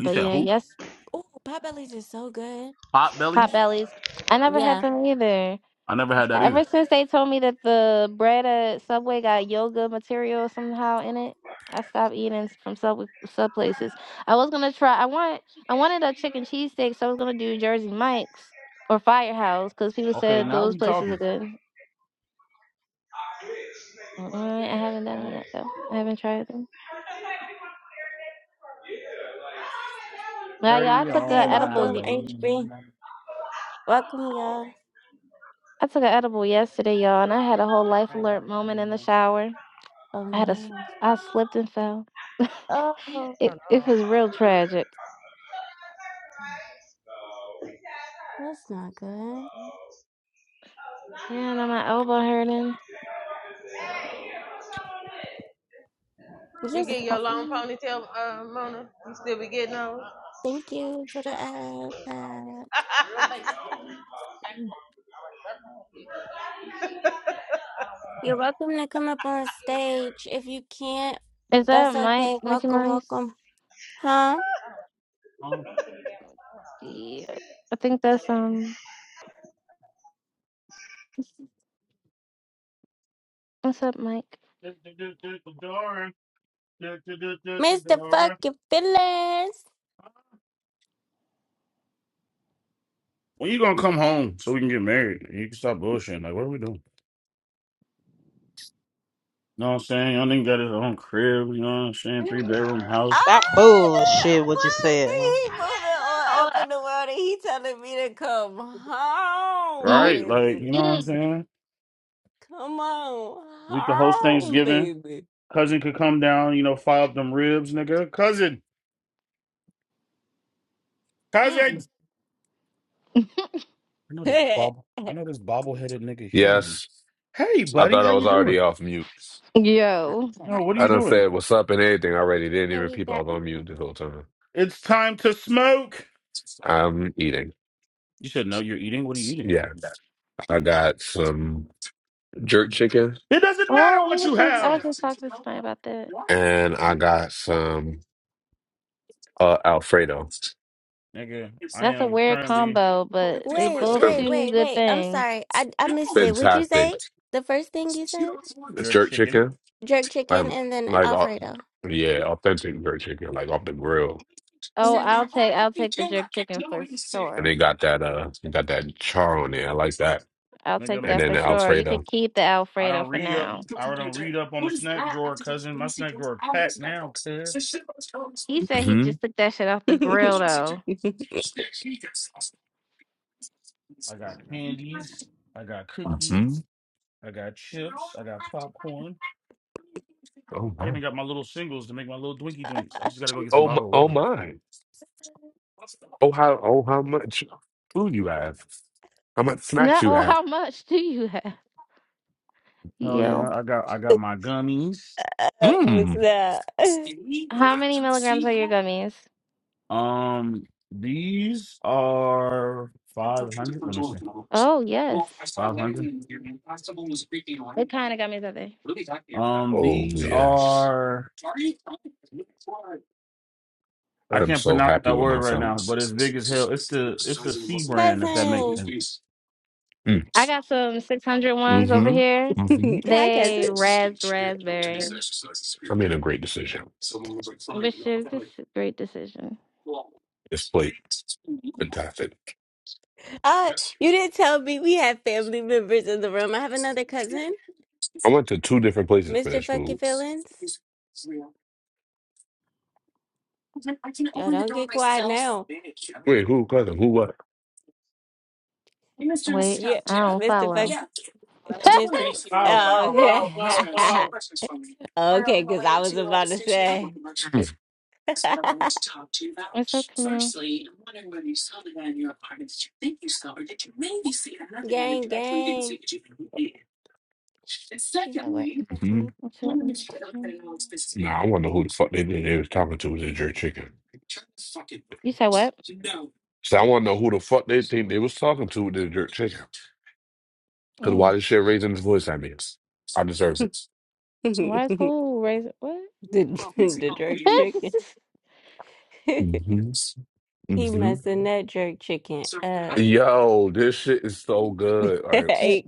Speaker 6: You
Speaker 4: But
Speaker 6: said
Speaker 4: yeah,
Speaker 6: who?
Speaker 4: yes,
Speaker 1: Oh, Potbellies is so good.
Speaker 6: Hot
Speaker 4: Hot
Speaker 6: bellies.
Speaker 4: Bellies. I never had
Speaker 1: Yeah.
Speaker 4: them either.
Speaker 6: I never had that either.
Speaker 4: Ever since they told me that the bread at Subway got yoga material somehow in it, I stopped eating from Subway sub places. I was gonna try. I want. I wanted a chicken cheesesteak, so I was gonna do Jersey Mike's or Firehouse because people
Speaker 6: Okay,
Speaker 4: said
Speaker 6: now
Speaker 4: those
Speaker 6: we
Speaker 4: places are
Speaker 6: talking.
Speaker 4: good. Mm, I haven't done it
Speaker 5: Oh.
Speaker 4: yet though. I haven't tried them. Well, all I
Speaker 6: 30
Speaker 4: took
Speaker 1: Hey,
Speaker 4: a
Speaker 6: on my
Speaker 4: edible.
Speaker 1: welcome,
Speaker 4: ye-
Speaker 6: way.
Speaker 1: HB. Welcome, y'all.
Speaker 4: I took an edible yesterday, y'all, and I had a whole life alert moment in the shower.
Speaker 1: Oh,
Speaker 4: I had a. s-
Speaker 1: no.
Speaker 4: I slipped and fell.
Speaker 1: Oh,
Speaker 5: I
Speaker 4: it
Speaker 5: don't
Speaker 4: it was real
Speaker 5: know.
Speaker 4: tragic.
Speaker 1: that's not good.
Speaker 4: Yeah, and my elbow hurting.
Speaker 5: You get
Speaker 1: Just
Speaker 5: your long
Speaker 1: mm,
Speaker 5: ponytail, uh, Mona? You still be getting those?
Speaker 1: thank you for the ad back. You're welcome to come up on stage. If you can't,
Speaker 4: Is that
Speaker 1: that's
Speaker 4: Mike
Speaker 1: okay.
Speaker 4: Mickey
Speaker 1: Welcome,
Speaker 4: Mouse?
Speaker 1: welcome. Huh?
Speaker 4: Yeah, I think that's um. What's up, Mike?
Speaker 1: Mr. Fucking Phyllis.
Speaker 6: When you gonna come home so we can get married? and You can stop bullshitting. Like, what are we doing? You know what I'm saying? Y'all nigga got his own crib, you know what I'm saying? Three bedroom house.
Speaker 5: Stop
Speaker 1: I did.
Speaker 5: bullshit what you
Speaker 1: What?
Speaker 5: said.
Speaker 1: He moving on
Speaker 4: Oh,
Speaker 1: up in the world and he telling me to come home,
Speaker 4: mm
Speaker 6: Right? Like,
Speaker 1: baby.
Speaker 6: you know what I'm
Speaker 4: mm
Speaker 6: saying?
Speaker 1: Come on,
Speaker 6: We could host
Speaker 1: home,
Speaker 6: Thanksgiving.
Speaker 1: baby.
Speaker 6: Cousin could come down, you know, fire up them ribs, nigga. Cousin, cousin.
Speaker 4: mm.
Speaker 6: I know this
Speaker 1: hey,
Speaker 6: bob I know this bobble headed nigga hear me.
Speaker 7: Yes,
Speaker 6: Hey
Speaker 7: I
Speaker 6: buddy,
Speaker 7: thought
Speaker 6: how
Speaker 7: I
Speaker 6: you
Speaker 7: was
Speaker 6: doing?
Speaker 7: already off mute.
Speaker 4: Yo.
Speaker 6: No, what are
Speaker 7: I
Speaker 6: you
Speaker 7: done
Speaker 6: doing?
Speaker 7: said what's up and everything already. Didn't even
Speaker 1: Hey,
Speaker 7: peep I
Speaker 1: got
Speaker 7: was on mute this whole time.
Speaker 6: It's time to smoke.
Speaker 7: I'm eating.
Speaker 6: You said no, you're eating. What are you eating?
Speaker 7: Yeah, I got some jerk chicken
Speaker 6: It doesn't matter
Speaker 4: Oh, we
Speaker 6: what you
Speaker 4: was just I was
Speaker 6: have.
Speaker 4: just talking to somebody about that.
Speaker 7: and I got some uh, Alfredo.
Speaker 6: Nigga, I
Speaker 4: That's a
Speaker 6: am
Speaker 4: weird
Speaker 6: currently
Speaker 4: combo, but they
Speaker 1: wait,
Speaker 4: both
Speaker 1: wait,
Speaker 7: Fan-
Speaker 4: two
Speaker 1: wait,
Speaker 4: good
Speaker 1: wait. I'm
Speaker 4: things.
Speaker 1: sorry. I I missed it. Would you
Speaker 7: Fantastic
Speaker 1: say the first thing you said?
Speaker 6: jerk
Speaker 7: jerk
Speaker 6: chicken.
Speaker 7: chicken.
Speaker 1: Jerk chicken
Speaker 7: Um,
Speaker 1: and then
Speaker 7: like au-
Speaker 1: Alfredo.
Speaker 7: yeah, authentic jerk chicken, like off the grill.
Speaker 4: Oh,
Speaker 1: hmm
Speaker 4: I'll take I'll take the jerk chicken for
Speaker 7: And
Speaker 4: sure.
Speaker 7: they got that uh, got that char on there. I like that.
Speaker 4: I'll take
Speaker 6: Nigga,
Speaker 7: And
Speaker 4: that
Speaker 7: then
Speaker 4: for
Speaker 7: the
Speaker 4: sure. You could
Speaker 7: Alfredo.
Speaker 4: keep the
Speaker 6: I
Speaker 4: Alfredo
Speaker 6: don't
Speaker 4: for
Speaker 6: read up
Speaker 4: now.
Speaker 6: I don't read up on the snack drawer, cousin. My snack drawer packed now, cuz.
Speaker 4: He said he just took that shit off the grill though.
Speaker 6: I got candies, I got
Speaker 7: hmm
Speaker 6: cookies, I got chips, I got popcorn.
Speaker 7: Oh
Speaker 6: I
Speaker 7: my.
Speaker 6: even got my little singles to make my little dwinky dwinks. I just gotta go get some
Speaker 7: Oh my.
Speaker 6: bottle of
Speaker 7: Oh
Speaker 6: water.
Speaker 7: my. Oh how. Oh how much food you have? How much snacks
Speaker 4: No,
Speaker 7: you
Speaker 4: oh,
Speaker 7: have?
Speaker 4: how much do you have?
Speaker 6: Oh
Speaker 4: Yo.
Speaker 6: yeah, I got I got my gummies.
Speaker 1: Oh,
Speaker 7: Mmm.
Speaker 1: snap.
Speaker 4: How many milligrams are your gummies?
Speaker 6: Um, these are five hundred. Let me see,
Speaker 4: Oh, yes.
Speaker 6: five hundred.
Speaker 4: What kind of gummies are they?
Speaker 6: Um,
Speaker 7: Oh
Speaker 6: these
Speaker 7: yes.
Speaker 6: are I
Speaker 7: I'm
Speaker 6: can't
Speaker 7: so
Speaker 6: pronounce
Speaker 7: happy
Speaker 6: that
Speaker 7: with
Speaker 6: word right
Speaker 7: myself.
Speaker 6: now, but
Speaker 7: Mm.
Speaker 6: it's big as hell. It's the it's the C
Speaker 1: Cousin.
Speaker 6: brand if that makes sense.
Speaker 4: I got some 600 ones over
Speaker 7: Mm-hmm.
Speaker 4: here.
Speaker 7: Mm-hmm.
Speaker 1: Hi,
Speaker 4: They
Speaker 1: cousin.
Speaker 4: ras raspberry,
Speaker 7: I made a great decision.
Speaker 4: which is this a great decision.
Speaker 7: This plate, fantastic.
Speaker 1: Uh, you didn't tell me we have family members in the room. I have another cousin,
Speaker 7: I went to two different places for
Speaker 1: Mr.
Speaker 7: this
Speaker 1: Fucky
Speaker 7: food.
Speaker 1: Feelings. Oh, don't get quiet now.
Speaker 7: Wait, who cousin? Who what?
Speaker 4: Wait,
Speaker 1: Yeah,
Speaker 4: I don't
Speaker 1: Mr. Fucky
Speaker 4: follow.
Speaker 1: Mr. B-
Speaker 6: Bow,
Speaker 1: Oh,
Speaker 6: bow, bow, bow,
Speaker 1: okay.
Speaker 6: bow.
Speaker 1: okay, because I was about to say,
Speaker 4: What's up, Camille?
Speaker 1: gang, gang. She's at work, I
Speaker 7: hmm
Speaker 1: think.
Speaker 4: What's up, Miss Tran?
Speaker 7: Nah, I wonder who the fuck they think they was talking to with the jerk chicken.
Speaker 4: You said what?
Speaker 7: So I want to know who the fuck they think they was talking to with the jerk chicken. Because why
Speaker 4: Mm.
Speaker 7: this shit raising his voice at me? I deserve it.
Speaker 4: Why is
Speaker 1: the,
Speaker 4: who raising what?
Speaker 1: the jerk chicken.
Speaker 7: hmm
Speaker 1: he
Speaker 7: hmm
Speaker 1: messing that jerk chicken up.
Speaker 7: Yo, this shit is so good. Like,
Speaker 4: What?
Speaker 1: I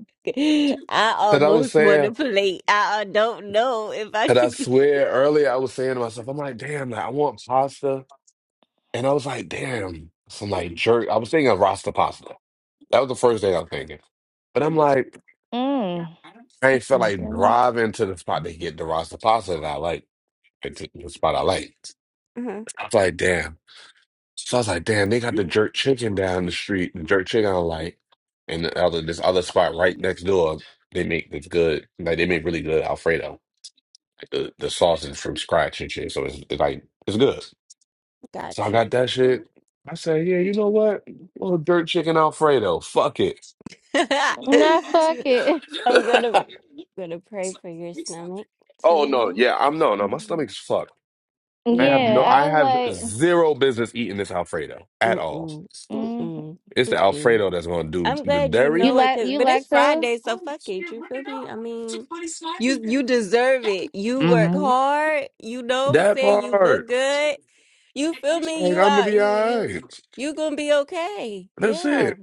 Speaker 7: that I was
Speaker 1: almost want to
Speaker 7: saying,
Speaker 1: play. I uh, don't know if I
Speaker 7: that I
Speaker 1: should be.
Speaker 7: swear earlier I was saying to myself, I'm like, damn, like, I want pasta. And I was like, damn, some like jerk. I was thinking of Rasta Pasta. That was the first thing I was thinking. But I'm like,
Speaker 4: mm.
Speaker 7: I ain't
Speaker 4: That's
Speaker 7: felt like
Speaker 4: something.
Speaker 7: driving to the spot to get the Rasta Pasta that I like, and to the spot I like.
Speaker 1: Mhm,
Speaker 7: I was like, damn. So I was like, damn, they got the jerk chicken down the street, the jerk chicken I like, and the other this other spot right next door. They make the good, like they make really good Alfredo, like the the sausage from scratch and shit. So it's, it's like it's good. So I
Speaker 1: Got you.
Speaker 7: got that shit. I said, yeah, you know what? little dirt chicken Alfredo. Fuck it.
Speaker 4: No, fuck it.
Speaker 1: I'm gonna gonna pray for your stomach
Speaker 7: oh no,
Speaker 1: tonight.
Speaker 7: yeah, I'm no, no. My
Speaker 1: hmm
Speaker 7: stomach's fucked. I have
Speaker 4: Yeah,
Speaker 7: no,
Speaker 1: Yeah.
Speaker 7: I
Speaker 4: I was
Speaker 7: have
Speaker 4: like.
Speaker 7: zero business eating this Alfredo at all.
Speaker 1: Mm-mm.
Speaker 4: mm.
Speaker 1: Mm-mm.
Speaker 7: It's the
Speaker 1: Mm-mm.
Speaker 7: Alfredo that's gonna do
Speaker 1: I'm
Speaker 7: the
Speaker 1: glad you
Speaker 4: You
Speaker 7: dairy.
Speaker 1: know it,
Speaker 4: lac
Speaker 1: cause
Speaker 4: you
Speaker 1: but it's
Speaker 4: lactose?
Speaker 1: Friday, so fuck it. You feel me? I mean, you you deserve it. You work
Speaker 7: hmm
Speaker 1: hard. You know what I'm
Speaker 7: That
Speaker 1: saying. You look
Speaker 7: part.
Speaker 1: good. You feel me?
Speaker 7: Like
Speaker 1: You
Speaker 7: I'm gonna
Speaker 1: out.
Speaker 7: be
Speaker 1: You
Speaker 7: all
Speaker 1: you
Speaker 7: right.
Speaker 1: you gonna be okay.
Speaker 7: That's
Speaker 1: Yeah.
Speaker 7: it.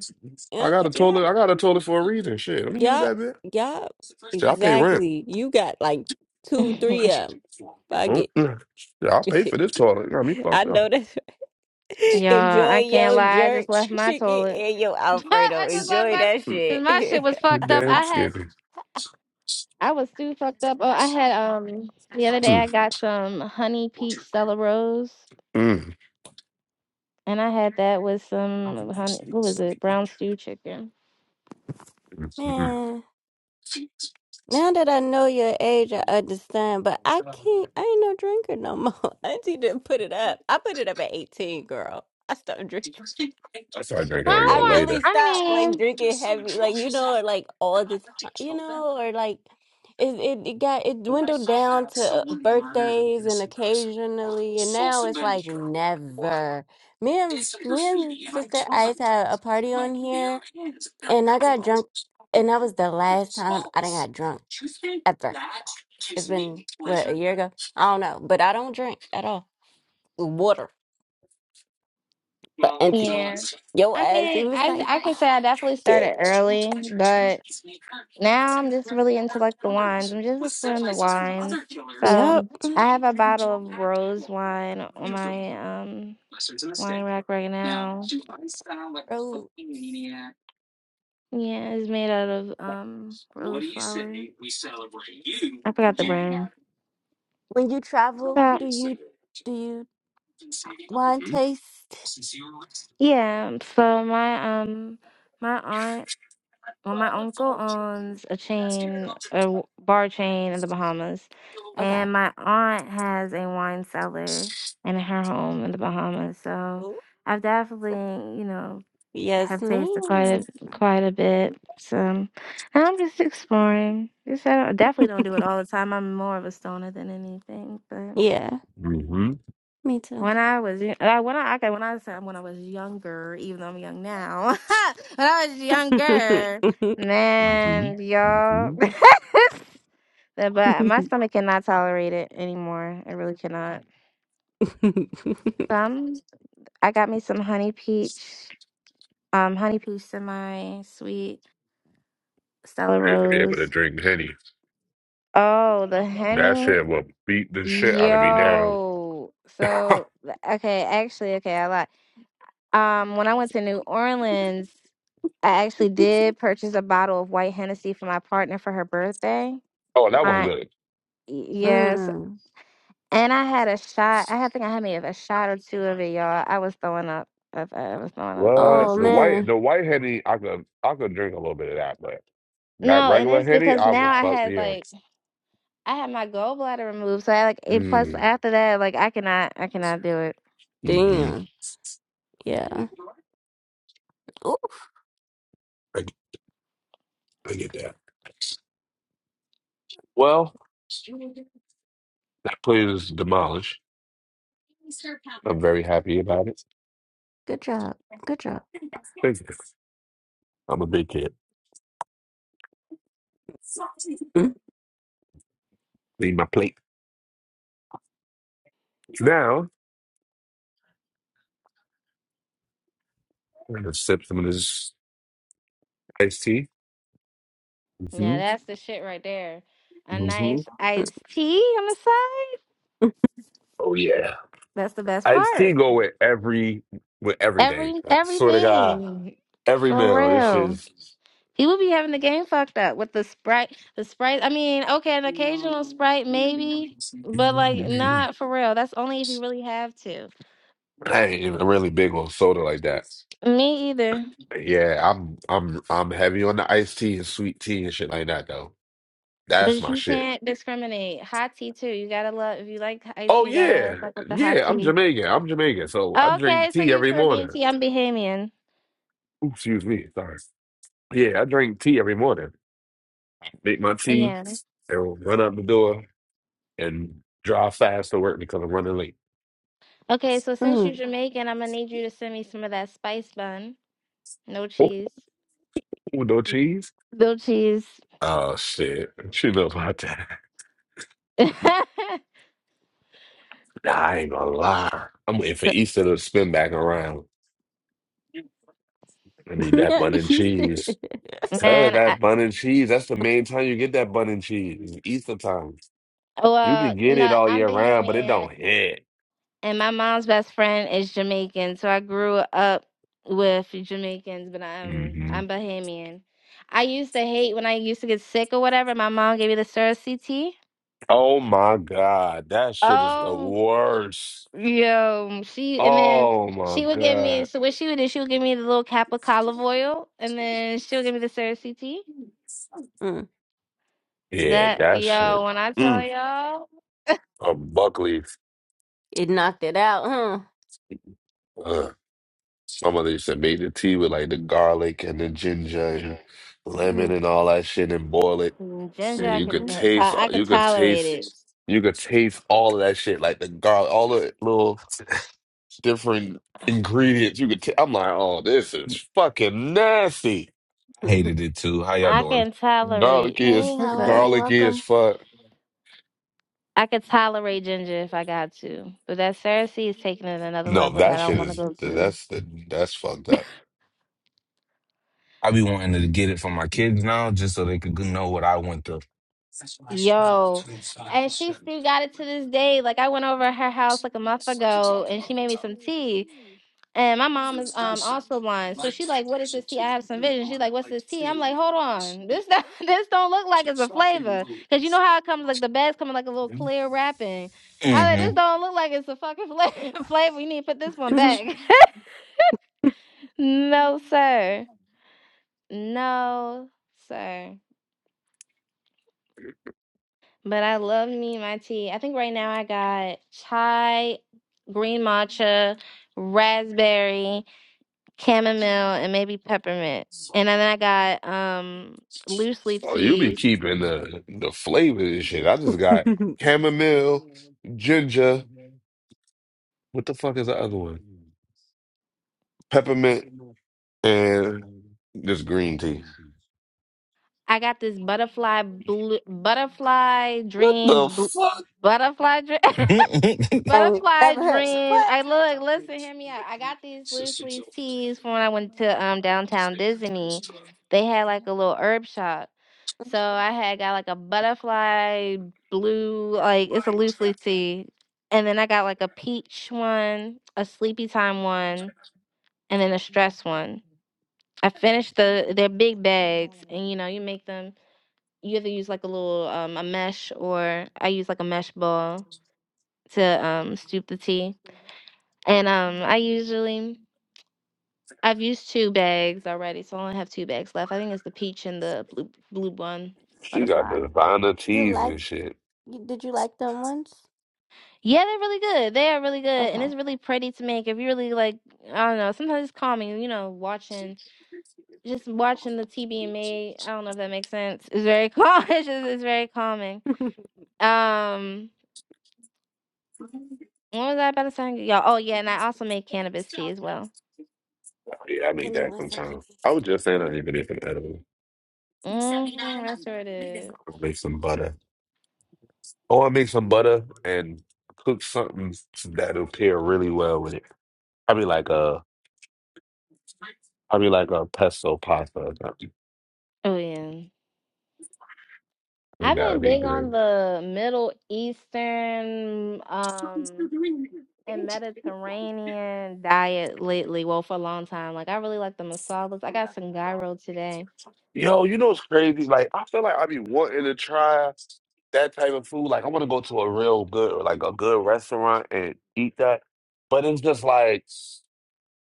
Speaker 7: I got
Speaker 1: Okay.
Speaker 7: a
Speaker 1: Yeah.
Speaker 7: toilet. I got a toilet for a reason. Shit, let me use
Speaker 1: Yup.
Speaker 7: that bit.
Speaker 1: Yup.
Speaker 7: Shit, I pay rent.
Speaker 1: Exactly. You got like two,
Speaker 4: yeah,
Speaker 1: three of 'em. Fuck it.
Speaker 7: Mm-mm. Shit, I'll pay for this toilet. You got me
Speaker 1: I
Speaker 7: fucked up.
Speaker 1: know that. Enjoy
Speaker 4: I can't
Speaker 1: your
Speaker 4: lie. I
Speaker 1: jerk
Speaker 4: just left my
Speaker 1: chicken
Speaker 4: toilet.
Speaker 1: and your Alfredo.
Speaker 4: I just left
Speaker 1: Enjoy
Speaker 4: my
Speaker 1: that
Speaker 4: because
Speaker 1: shit.
Speaker 4: my shit was
Speaker 7: You're
Speaker 4: fucked up.
Speaker 7: damn
Speaker 4: I had
Speaker 7: skippy.
Speaker 4: I was too fucked up. Oh, I had um the other day I
Speaker 7: Mm,
Speaker 4: got some honey peach Stella Rose,
Speaker 7: mm,
Speaker 4: and I had that with some honey. What was it? Brown stew chicken.
Speaker 7: mm, mm.
Speaker 1: Man, now that I know your age, I understand, but I can't, I ain't no drinker no more. Auntie didn't put it up. I put it up at 18, girl. I stopped drinking.
Speaker 7: I started drinking a
Speaker 4: I'm
Speaker 1: I
Speaker 7: little
Speaker 4: not.
Speaker 1: really
Speaker 7: later.
Speaker 4: I
Speaker 1: stopped like
Speaker 4: mean,
Speaker 1: drinking heavy, like you know, or like all the time, you know, or like it it, it got it dwindled down to uh, birthdays and occasionally, and now it's like never. Me and me and Sister Ice had a party on here, and I got drunk, and that was the last time I done got drunk ever. It's been what a year ago. I don't know, but I don't drink at all. Water, but and
Speaker 4: yeah.
Speaker 1: yo
Speaker 4: I
Speaker 1: ass, it
Speaker 4: mean,
Speaker 1: was
Speaker 4: I
Speaker 1: like,
Speaker 4: I could
Speaker 1: oh,
Speaker 4: say I definitely
Speaker 1: drink
Speaker 4: started
Speaker 1: it.
Speaker 4: early, but. Now I'm just really into like the wines. I'm just exploring the wines. So
Speaker 1: Yep.
Speaker 4: I have a bottle of rose wine on my um wine rack right now.
Speaker 1: Oh,
Speaker 4: Yeah, it's made out of um rose flower. I forgot the
Speaker 1: okay.
Speaker 4: brand.
Speaker 1: When you travel,
Speaker 4: So
Speaker 1: do you do you wine
Speaker 7: Mm-hmm.
Speaker 1: taste?
Speaker 4: yeah, so my um my aunt Well, my uncle owns a chain, a w- bar chain in the Bahamas,
Speaker 1: Okay.
Speaker 4: and my aunt has a wine cellar in her home in the Bahamas. So
Speaker 1: Ooh.
Speaker 4: I've definitely, you know,
Speaker 1: Yes,
Speaker 4: have tasted quite a,
Speaker 1: ma'am.
Speaker 4: quite a bit. So and I'm just exploring. Just I don't, definitely don't do it all the time. I'm more of a stoner than anything, but.
Speaker 1: Yeah, me too.
Speaker 4: When I was y- uh, when I okay when I said when I was younger, even though I'm young now, when I was younger,
Speaker 7: Mm-hmm.
Speaker 4: man, y'all,
Speaker 7: Mm-hmm.
Speaker 4: The- but my stomach cannot tolerate it anymore. I really cannot. Some I got me some honey peach, um, honey peach semi sweet Stella
Speaker 7: I used to be able to
Speaker 4: Rose.
Speaker 7: drink honey.
Speaker 4: Oh, the
Speaker 7: That
Speaker 4: honey,
Speaker 7: shit will beat the shit out of me now.
Speaker 4: yo.
Speaker 7: oh,
Speaker 4: So okay, actually, okay, I lied. Um, when I went to New Orleans. I actually did purchase a bottle of white Hennessy for my partner for her birthday.
Speaker 7: that was
Speaker 4: My
Speaker 7: good.
Speaker 4: yes,
Speaker 1: Mm.
Speaker 4: and I had a shot. I had- think I had maybe a shot or two of it, y'all. I was throwing up. I I was throwing up,
Speaker 7: What
Speaker 1: Oh
Speaker 7: the
Speaker 4: honestly.
Speaker 7: white
Speaker 1: man.
Speaker 7: the white henny I could I could drink a little bit of that, but that
Speaker 4: No, and
Speaker 7: regular
Speaker 4: it's
Speaker 7: henny
Speaker 4: because
Speaker 7: I
Speaker 4: now
Speaker 7: will
Speaker 4: I
Speaker 7: fuck
Speaker 4: had
Speaker 7: me up.
Speaker 4: like I had my gallbladder removed, so I like it. Plus,
Speaker 7: Mm.
Speaker 4: after that, like I cannot, I cannot do it.
Speaker 7: Mm-hmm.
Speaker 1: Damn. Yeah. Ooh,
Speaker 7: I, I get that. Well, that place is demolished. I'm very happy about it.
Speaker 1: good job. Good job.
Speaker 7: Thank you. I'm a big kid.
Speaker 1: Mm,
Speaker 7: Need my plate. Now, I'm gonna sip some of this iced tea.
Speaker 4: Yeah,
Speaker 7: hmm
Speaker 4: that's the shit right there. A
Speaker 7: hmm
Speaker 4: nice
Speaker 1: mm,
Speaker 4: iced tea on the side.
Speaker 1: mm,
Speaker 7: Oh yeah.
Speaker 4: That's the best
Speaker 7: Iced tea
Speaker 4: part.
Speaker 7: go with every with everything.
Speaker 4: Every
Speaker 7: I swear to God,
Speaker 4: everything
Speaker 7: every
Speaker 4: for
Speaker 7: meal. This
Speaker 4: real.
Speaker 7: is
Speaker 4: You would be having the game fucked up with the sprite. The sprite. I mean, okay, an occasional sprite maybe, but like not for real. That's only if you really have to.
Speaker 7: I ain't even really big on soda like that.
Speaker 4: Me either.
Speaker 7: But yeah, I'm I'm I'm heavy on the iced tea and sweet tea and shit like that though. That's
Speaker 4: But
Speaker 7: my
Speaker 4: you
Speaker 7: shit.
Speaker 4: can't discriminate. Hot tea too. You gotta love. If you like icy,
Speaker 7: Oh
Speaker 4: you gotta
Speaker 7: yeah.
Speaker 4: fuck with the hot
Speaker 7: Yeah, I'm
Speaker 4: tea.
Speaker 7: Jamaican. I'm Jamaican. So I drink
Speaker 4: Okay, so
Speaker 7: tea
Speaker 4: you
Speaker 7: every morning.
Speaker 4: Caribbean tea. I'm Bahamian.
Speaker 7: Ooh, excuse me. Sorry. Yeah, I drink tea every morning. Make my tea
Speaker 4: Yeah.
Speaker 7: and run out the door and drive fast to work because I'm running late.
Speaker 4: Okay, so since you're
Speaker 1: mm.
Speaker 4: Jamaican, I'm gonna need you to send me some of that spice bun. No cheese.
Speaker 7: Oh, with no cheese?
Speaker 4: No cheese.
Speaker 7: Oh, shit. She knows about that.
Speaker 4: Man,
Speaker 7: Nah, I ain't gonna lie. I'm waiting for Easter to spin back around. I need that
Speaker 1: Yeah,
Speaker 7: bun and
Speaker 1: he's there.
Speaker 7: cheese. Tell
Speaker 4: I,
Speaker 7: that bun and cheese. That's the main
Speaker 1: Mm.
Speaker 7: time you get that bun and cheese. It's Easter time. You
Speaker 4: well,
Speaker 7: can
Speaker 4: you
Speaker 7: get it
Speaker 4: know,
Speaker 7: all
Speaker 4: I'm
Speaker 7: year round, but it
Speaker 4: Bahamian
Speaker 7: don't hit.
Speaker 4: And my mom's best friend is Jamaican, so I grew up with Jamaicans, but I'm
Speaker 7: hmm
Speaker 4: I'm Bahamian. I used to hate when I used to get sick or whatever. My mom gave me the Sura CT.
Speaker 7: Oh my God. That shit is the
Speaker 4: Oh,
Speaker 7: worst.
Speaker 4: yo, she and then
Speaker 7: Oh my
Speaker 4: she would give
Speaker 7: God.
Speaker 4: me. So what she would do, she would give me the little cap of olive oil, and then she would give me the Sura CT.
Speaker 1: Mm,
Speaker 7: Yeah,
Speaker 4: That
Speaker 7: that
Speaker 4: yo,
Speaker 7: shit.
Speaker 4: when I tell
Speaker 7: Mm.
Speaker 4: y'all,
Speaker 7: A Buckley,
Speaker 1: It knocked it out, huh?
Speaker 7: Uh, some of these that made the tea with like the garlic and the ginger and lemon
Speaker 1: Mm.
Speaker 7: and all that shit, and boil it.
Speaker 4: mm, Ginger,
Speaker 7: And
Speaker 4: I
Speaker 7: you could
Speaker 1: Mhm.
Speaker 4: can
Speaker 7: taste. uh,
Speaker 4: I can
Speaker 7: You could
Speaker 4: tolerate it.
Speaker 7: taste. You could taste all of that shit, like the garlic, all the little different ingredients. You could. i I'm like, oh, this is fucking nasty.
Speaker 8: I hated it too. How y'all
Speaker 4: I
Speaker 8: doing?
Speaker 4: can tolerate.
Speaker 7: Garlic
Speaker 1: Hey,
Speaker 7: is
Speaker 1: how
Speaker 4: What's
Speaker 1: are
Speaker 4: up?
Speaker 1: you?
Speaker 7: garlic is
Speaker 1: Welcome.
Speaker 7: fuck.
Speaker 4: I could tolerate ginger if I got to, but that Cersei is taking it another
Speaker 7: No,
Speaker 4: level that I
Speaker 7: that
Speaker 4: don't
Speaker 7: shit
Speaker 4: want to
Speaker 7: is
Speaker 4: go to.
Speaker 7: that's the that's fucked up.
Speaker 8: I be wanting to get it for my kids now just so they could know what I went through.
Speaker 4: Yo, and she still got it to this day. Like I went over to her house like a month ago, and she made me some tea. And my mom is um also blind, so she like, "What is this tea?" I have some vision. She's like, "What's this tea?" I'm like, "Hold on, this not this don't look like it's a flavor, cause you know how it comes like the bags coming like a little clear wrapping." I was like, "This don't look like it's a fucking flavor. flavor. You need to put this one back." no, sir. No, sir. But I love me my tea. I think right now I got chai, green matcha, raspberry, chamomile, and maybe peppermint. And then I got um loose leaf
Speaker 7: Oh, you be
Speaker 4: teas.
Speaker 7: keeping the the flavor and shit. I just got chamomile, ginger. What the fuck is the other one? Peppermint and just green tea.
Speaker 4: I got this butterfly blue, butterfly
Speaker 7: What the
Speaker 4: dream, bl-
Speaker 7: fuck?
Speaker 4: butterfly dream.
Speaker 8: hmm
Speaker 1: I ain't
Speaker 4: Butterfly
Speaker 1: never heard
Speaker 4: dream.
Speaker 1: what?
Speaker 4: I look, listen, hear me out. I got these loose leaf teas from when I went to um downtown Disney. They had like a little herb shop. So I had got like a butterfly blue, like it's a loose leaf tea. And then I got like a peach one, a sleepy time one, and then a stress one. I finished the their big bags and you know, you make them you either use like a little um a mesh or I use like a mesh ball to um stoop the tea. And um, I usually I've used two bags already, so I only have two bags left. I think it's the peach and the blue blue one
Speaker 7: She got
Speaker 4: butterfly.
Speaker 7: designer
Speaker 1: You
Speaker 7: teas
Speaker 1: like
Speaker 7: and shit.
Speaker 1: you, did you like them ones?
Speaker 4: Yeah, they're really good. They are really good, and
Speaker 1: Okay.
Speaker 4: it's really pretty to make. If you really like, I don't know. Sometimes it's calming. You know, watching just watching the tea being made. I don't know if that makes sense. It's very calm. It's, just, it's very calming. Um, what was I about to say, y'all? Oh yeah, and I also make cannabis tea as well.
Speaker 7: Oh, yeah, I
Speaker 1: Oh,
Speaker 7: make
Speaker 1: Give me
Speaker 7: that
Speaker 1: one second.
Speaker 7: sometimes. I was just saying I even if an edible.
Speaker 4: Mm hmm I sure did.
Speaker 7: i make some butter. Or I make some butter and cook something that'll pair really well with it. Probably like a probably like a pesto pasta or something.
Speaker 4: Oh yeah.
Speaker 7: I think
Speaker 4: I've
Speaker 7: that would
Speaker 4: been
Speaker 7: be
Speaker 4: big on
Speaker 7: good.
Speaker 4: the Middle Eastern um and Mediterranean diet lately. Well, for a long time. Like I really like the masalas. I got some gyro today.
Speaker 7: Yo, you know what's crazy? Like, I feel like I be wanting to try that type of food. Like, I want to go to a real good, like a good restaurant and eat that. But it's just like,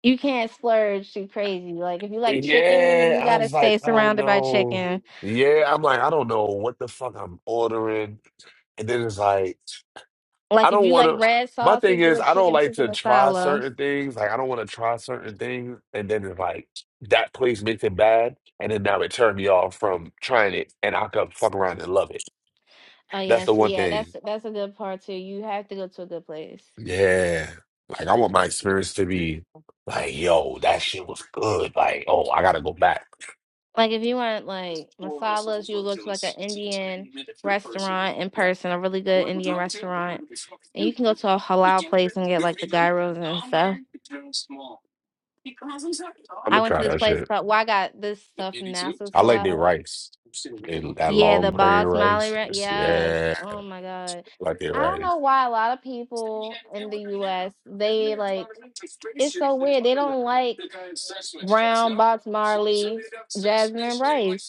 Speaker 4: You can't splurge too crazy. Like if you like chicken, you
Speaker 7: yeah, I
Speaker 4: gotta
Speaker 7: was
Speaker 4: stay
Speaker 7: like, I don't
Speaker 4: surrounded by
Speaker 7: know.
Speaker 4: chicken.
Speaker 7: Yeah, I'm like, I don't know what the fuck I'm ordering. And then it's like, I
Speaker 4: Like if
Speaker 7: don't
Speaker 4: you like
Speaker 7: want to.
Speaker 4: red
Speaker 7: My thing
Speaker 4: sauces, do
Speaker 7: is,
Speaker 4: a
Speaker 7: I don't
Speaker 4: chicken
Speaker 7: like
Speaker 4: tikka
Speaker 7: to try
Speaker 4: masala.
Speaker 7: certain things. Like, I don't want to try certain things. And then it's like, that place makes it bad. And then now it turned me off from trying it. And I could fuck around and love it.
Speaker 4: Oh yeah,
Speaker 7: That's the
Speaker 4: so
Speaker 7: one
Speaker 4: yeah,
Speaker 7: thing.
Speaker 4: that's that's a good part too. You have to go to a good place.
Speaker 7: Yeah. Like I want my experience to be like, yo, that shit was good. Like, oh, I gotta go back.
Speaker 4: Like if you want like masalas, you go to like an Indian restaurant in person, a really good Indian restaurant, and you can go to a halal place and get like the gyros and stuff.
Speaker 7: I'm
Speaker 4: I
Speaker 7: gonna
Speaker 4: went to
Speaker 7: try
Speaker 4: this
Speaker 7: that
Speaker 4: place
Speaker 7: shit.
Speaker 4: called. Well, I got this stuff from NASA's
Speaker 7: I like their
Speaker 4: halal.
Speaker 7: rice. And that
Speaker 4: Yeah,
Speaker 7: long
Speaker 4: the
Speaker 7: grain
Speaker 4: basmati.
Speaker 7: rice.
Speaker 4: Re- yes.
Speaker 7: Yeah,
Speaker 4: Oh my god.
Speaker 7: like their
Speaker 4: I don't
Speaker 7: rice.
Speaker 4: know why a lot of people in the U.S. they like it's so weird. They don't like brown box Marley, jasmine rice.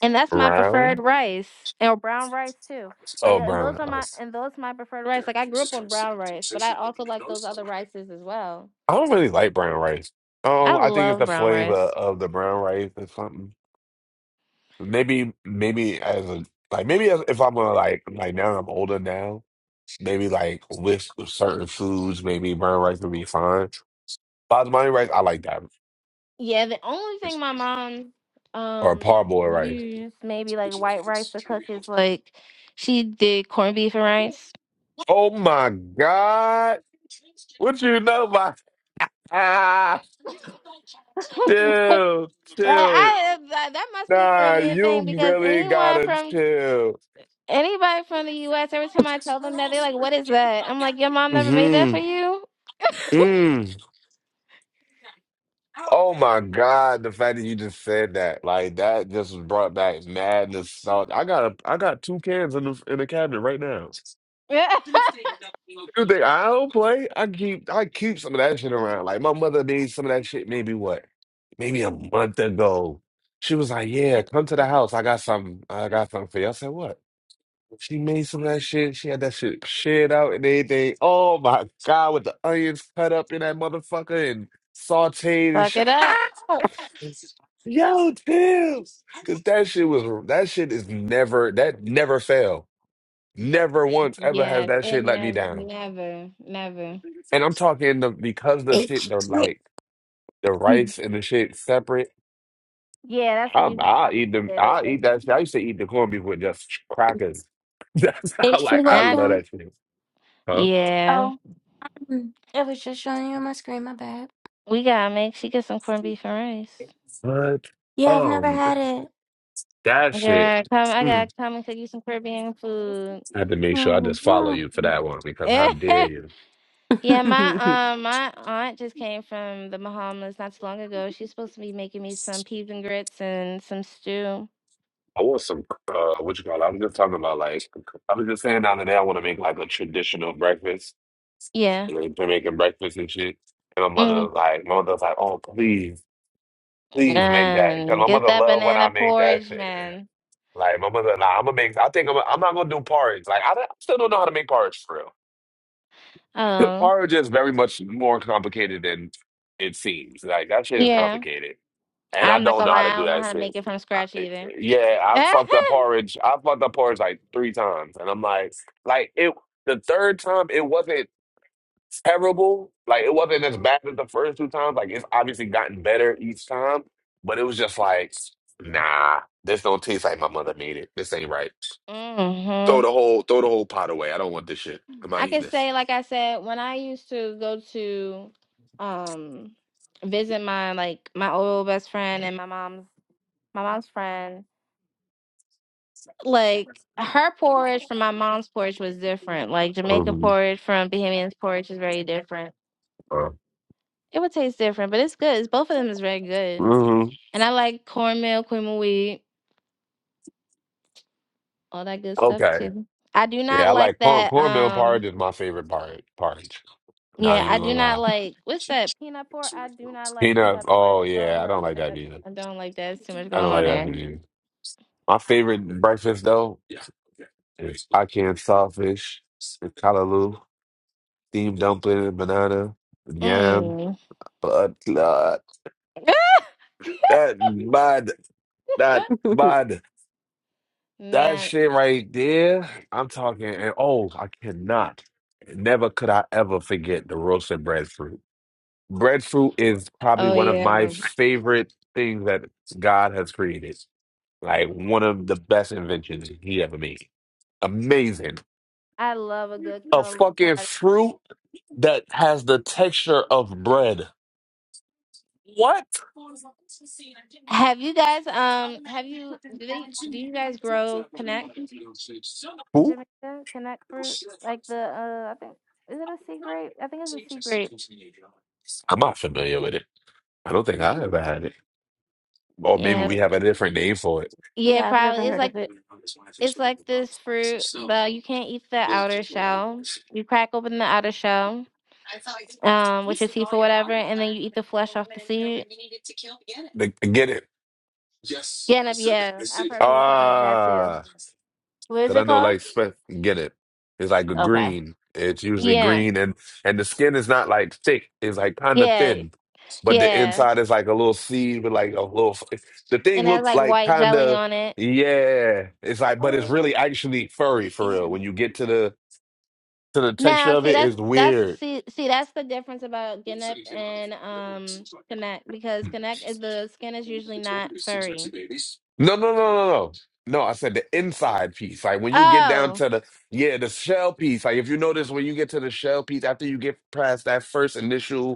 Speaker 4: And that's my
Speaker 7: Brown?
Speaker 4: preferred rice, or brown rice too. Like,
Speaker 7: Oh,
Speaker 4: uh, and those
Speaker 7: brown.
Speaker 4: are my
Speaker 7: rice.
Speaker 4: and those my preferred rice. Like, I grew up on brown rice, but I also like those other rices as well.
Speaker 7: I don't really like brown rice. Oh,
Speaker 4: I
Speaker 7: I think it's
Speaker 4: love
Speaker 7: the
Speaker 4: brown
Speaker 7: flavor
Speaker 4: rice.
Speaker 7: of the brown rice or something. Maybe, maybe as a like, maybe as, if I'm a like like now I'm older now. Maybe like with certain foods, maybe brown rice would be fine. Basmati rice, I like that.
Speaker 4: Yeah, the only thing my mom
Speaker 7: Or
Speaker 4: um
Speaker 7: parboiled rice.
Speaker 4: used maybe like white rice to cook is like she did corned beef and rice.
Speaker 7: Oh my God. What you know about? Ah, chill,
Speaker 4: But
Speaker 7: chill.
Speaker 4: I uh, that that must be a
Speaker 7: Nah,
Speaker 4: Caribbean
Speaker 7: you
Speaker 4: thing because
Speaker 7: really
Speaker 4: anyone
Speaker 7: gotta
Speaker 4: from
Speaker 7: chill.
Speaker 4: anybody from the U.S. every time I tell them that they're like, "What is that?" I'm like, "Your mom never made that for
Speaker 7: hmm
Speaker 4: you."
Speaker 7: Oh my God, the fact that you just said that, like that just brought back madness. So I got a, I got two cans in the in the cabinet right now.
Speaker 4: Yeah.
Speaker 7: You think I don't play? I keep I keep some of that shit around. Like my mother made some of that shit maybe what? Maybe a month ago. She was like, Yeah, come to the house. I got something. I got something for you. I said, What? She made some of that shit. She had that shit shared out and everything. Oh my God, with the onions cut up in that motherfucker and sauteed and
Speaker 4: Fuck
Speaker 7: shit.
Speaker 4: it up.
Speaker 7: Yo, Tibbs. Cause that shit was that shit is never that never failed. Never once ever has
Speaker 4: Yes,
Speaker 7: that shit
Speaker 4: and
Speaker 7: let me
Speaker 4: never,
Speaker 7: down.
Speaker 4: never, never.
Speaker 7: And I'm talking the because the shit
Speaker 1: H.
Speaker 7: the
Speaker 1: H
Speaker 7: like the rice and the shit separate.
Speaker 4: Yeah, that's what
Speaker 7: I'm
Speaker 4: you my
Speaker 7: I'll
Speaker 4: mom
Speaker 7: eat them
Speaker 4: did it.
Speaker 7: I'll
Speaker 4: They,
Speaker 7: eat that shit. I used to eat the corned beef with just crackers. That's how
Speaker 1: P,
Speaker 7: like I
Speaker 4: That
Speaker 7: love
Speaker 1: welcome.
Speaker 7: that shit. Huh?
Speaker 4: yeah,
Speaker 1: Oh, mm, it was just showing you on my screen. My bad.
Speaker 4: we gotta make she get some corned beef and rice.
Speaker 7: But
Speaker 1: Yeah, I've never
Speaker 7: um
Speaker 1: had it.
Speaker 7: that shit.
Speaker 4: Yeah, come, I
Speaker 7: Mm.
Speaker 4: gotta come and cook you some Caribbean food.
Speaker 7: I had to make sure I
Speaker 1: Oh.
Speaker 7: just follow you for that one because how dare you?
Speaker 4: Yeah,
Speaker 1: mm.
Speaker 4: my um my aunt just came from the Bahamas not too long ago. She's supposed to be making me some peas and grits and some stew.
Speaker 7: I want some, uh, what you call it? I was just talking about like, I was just saying the other day, I want to make like a traditional breakfast,
Speaker 4: Yeah.
Speaker 7: like Jamaican breakfast and shit. And my mother
Speaker 4: Mm.
Speaker 7: was like, my mother was like, oh, please, please make that. Because
Speaker 4: And
Speaker 7: my
Speaker 4: get
Speaker 7: mother
Speaker 4: that
Speaker 7: loved when
Speaker 4: banana
Speaker 7: I make that
Speaker 4: porridge,
Speaker 7: shit.
Speaker 4: man.
Speaker 7: Like, my mother, nah, I'm gonna make, I think I'm, I'm not gonna do porridge. Like, I, don't- I still don't know how to make porridge for real.
Speaker 4: Oh,
Speaker 7: Porridge is very much more complicated than it seems. Like, that shit is
Speaker 4: yeah.
Speaker 7: complicated. and I
Speaker 4: I'm not
Speaker 7: don't
Speaker 4: gonna
Speaker 7: know how to
Speaker 4: lie, I
Speaker 7: do
Speaker 4: don't know
Speaker 7: that
Speaker 4: how to
Speaker 7: shit.
Speaker 4: make it from
Speaker 7: I,
Speaker 4: scratch
Speaker 7: eh, eh,
Speaker 4: either.
Speaker 7: yeah, I fucked up porridge. I fucked up porridge like three times, and I'm like, like it. The third time, it wasn't terrible. Like it wasn't as bad as the first two times. Like it's obviously gotten better each time, but it was just like, nah, this don't taste like my mother made it. This ain't right. Throw
Speaker 4: mm hmm
Speaker 7: the whole, throw the whole pot away. I don't want this shit. I'm
Speaker 4: I
Speaker 7: not eating
Speaker 4: could
Speaker 7: this.
Speaker 4: say, like I said, when I used to go to um visit my like my old best friend and my mom's my mom's friend, like her porridge from my mom's porridge was different. Like Jamaican
Speaker 7: hmm
Speaker 4: porridge from Bahamian's porridge is very different.
Speaker 7: Uh,
Speaker 4: It would taste different, but it's good. It's, both of them is very good.
Speaker 7: hmm
Speaker 4: And I like cornmeal, cream of wheat, all that good stuff
Speaker 7: Okay.
Speaker 4: too. I do not
Speaker 7: Yeah, I
Speaker 4: like
Speaker 7: like corn
Speaker 4: that
Speaker 7: cornmeal
Speaker 4: um
Speaker 7: porridge is my favorite porridge. Porridge. Not
Speaker 4: Yeah,
Speaker 7: even
Speaker 4: I
Speaker 7: gonna
Speaker 4: do
Speaker 7: lie.
Speaker 4: not like what's that peanut pork? I do not like
Speaker 7: Peanuts.
Speaker 4: peanut pork.
Speaker 7: Oh
Speaker 4: Oh
Speaker 7: yeah, I
Speaker 4: no,
Speaker 7: don't like
Speaker 4: I
Speaker 7: that
Speaker 4: don't,
Speaker 7: either.
Speaker 4: I don't like that. It's too much
Speaker 7: I
Speaker 4: going
Speaker 7: don't
Speaker 4: on
Speaker 7: like that
Speaker 4: there.
Speaker 7: either. My favorite breakfast though is I can sawfish with callaloo, steamed dumpling, banana, yam,
Speaker 4: Mm.
Speaker 7: but uh, that mud, that mud, that
Speaker 4: nah.
Speaker 7: shit right there. I'm talking, and oh, I cannot, never could I ever forget the roasted breadfruit. Breadfruit is probably
Speaker 4: Oh
Speaker 7: one of
Speaker 4: yeah.
Speaker 7: my
Speaker 4: no.
Speaker 7: favorite things that God has created. Like one of the best inventions he ever made. Amazing.
Speaker 4: I love a good
Speaker 7: A
Speaker 4: collard green
Speaker 7: fucking
Speaker 4: patty.
Speaker 7: fruit that has the texture of bread. What?
Speaker 4: Have you guys um have you do they do you guys grow connect in
Speaker 7: Who?
Speaker 4: Jamaica? Connect fruit? Like the uh I think is it a sea grape? I think it's a sea grape.
Speaker 7: I'm not familiar with it. I don't think I ever had it. Or maybe
Speaker 4: Yeah.
Speaker 7: we have a different name for it.
Speaker 4: Yeah,
Speaker 1: yeah, I've never
Speaker 4: probably. It's
Speaker 1: heard
Speaker 4: like
Speaker 1: of it.
Speaker 4: it's like this fruit, but you can't eat the outer shell. You crack open the outer shell um, with your teeth or whatever, and then you eat the flesh off the seed.
Speaker 7: Like, Get it?
Speaker 4: Ganap, yeah. I've heard people call it that too.
Speaker 7: Ah.
Speaker 1: What is
Speaker 7: Cause I
Speaker 1: it
Speaker 7: know
Speaker 1: called?
Speaker 7: like spe- get it. It's like a
Speaker 1: Okay.
Speaker 7: green. It's usually
Speaker 4: Yeah,
Speaker 7: green and and the skin is not like thick. It's like kind of
Speaker 4: yeah,
Speaker 7: thin. But the
Speaker 4: yeah.
Speaker 7: inside is like a little seed with like a little the
Speaker 4: And
Speaker 7: thing
Speaker 4: that's
Speaker 7: looks
Speaker 4: like
Speaker 7: like
Speaker 4: white
Speaker 7: kind
Speaker 4: jelly
Speaker 7: of
Speaker 4: on it.
Speaker 7: yeah. It's like but it's really
Speaker 1: Oh,
Speaker 7: actually furry for
Speaker 1: yeah.
Speaker 7: real. When you get to the to the texture
Speaker 4: Now,
Speaker 7: of
Speaker 4: see,
Speaker 7: it,
Speaker 4: that's
Speaker 7: it's
Speaker 4: that's
Speaker 7: weird.
Speaker 4: see see that's the difference about Ganap and um Connect because Connect is the skin is usually not furry.
Speaker 7: No, no, no, no, no. No, I said the inside piece. Like when you get down
Speaker 4: Oh,
Speaker 7: to the yeah, the shell piece. Like if you notice when you get to the shell piece after you get past that first initial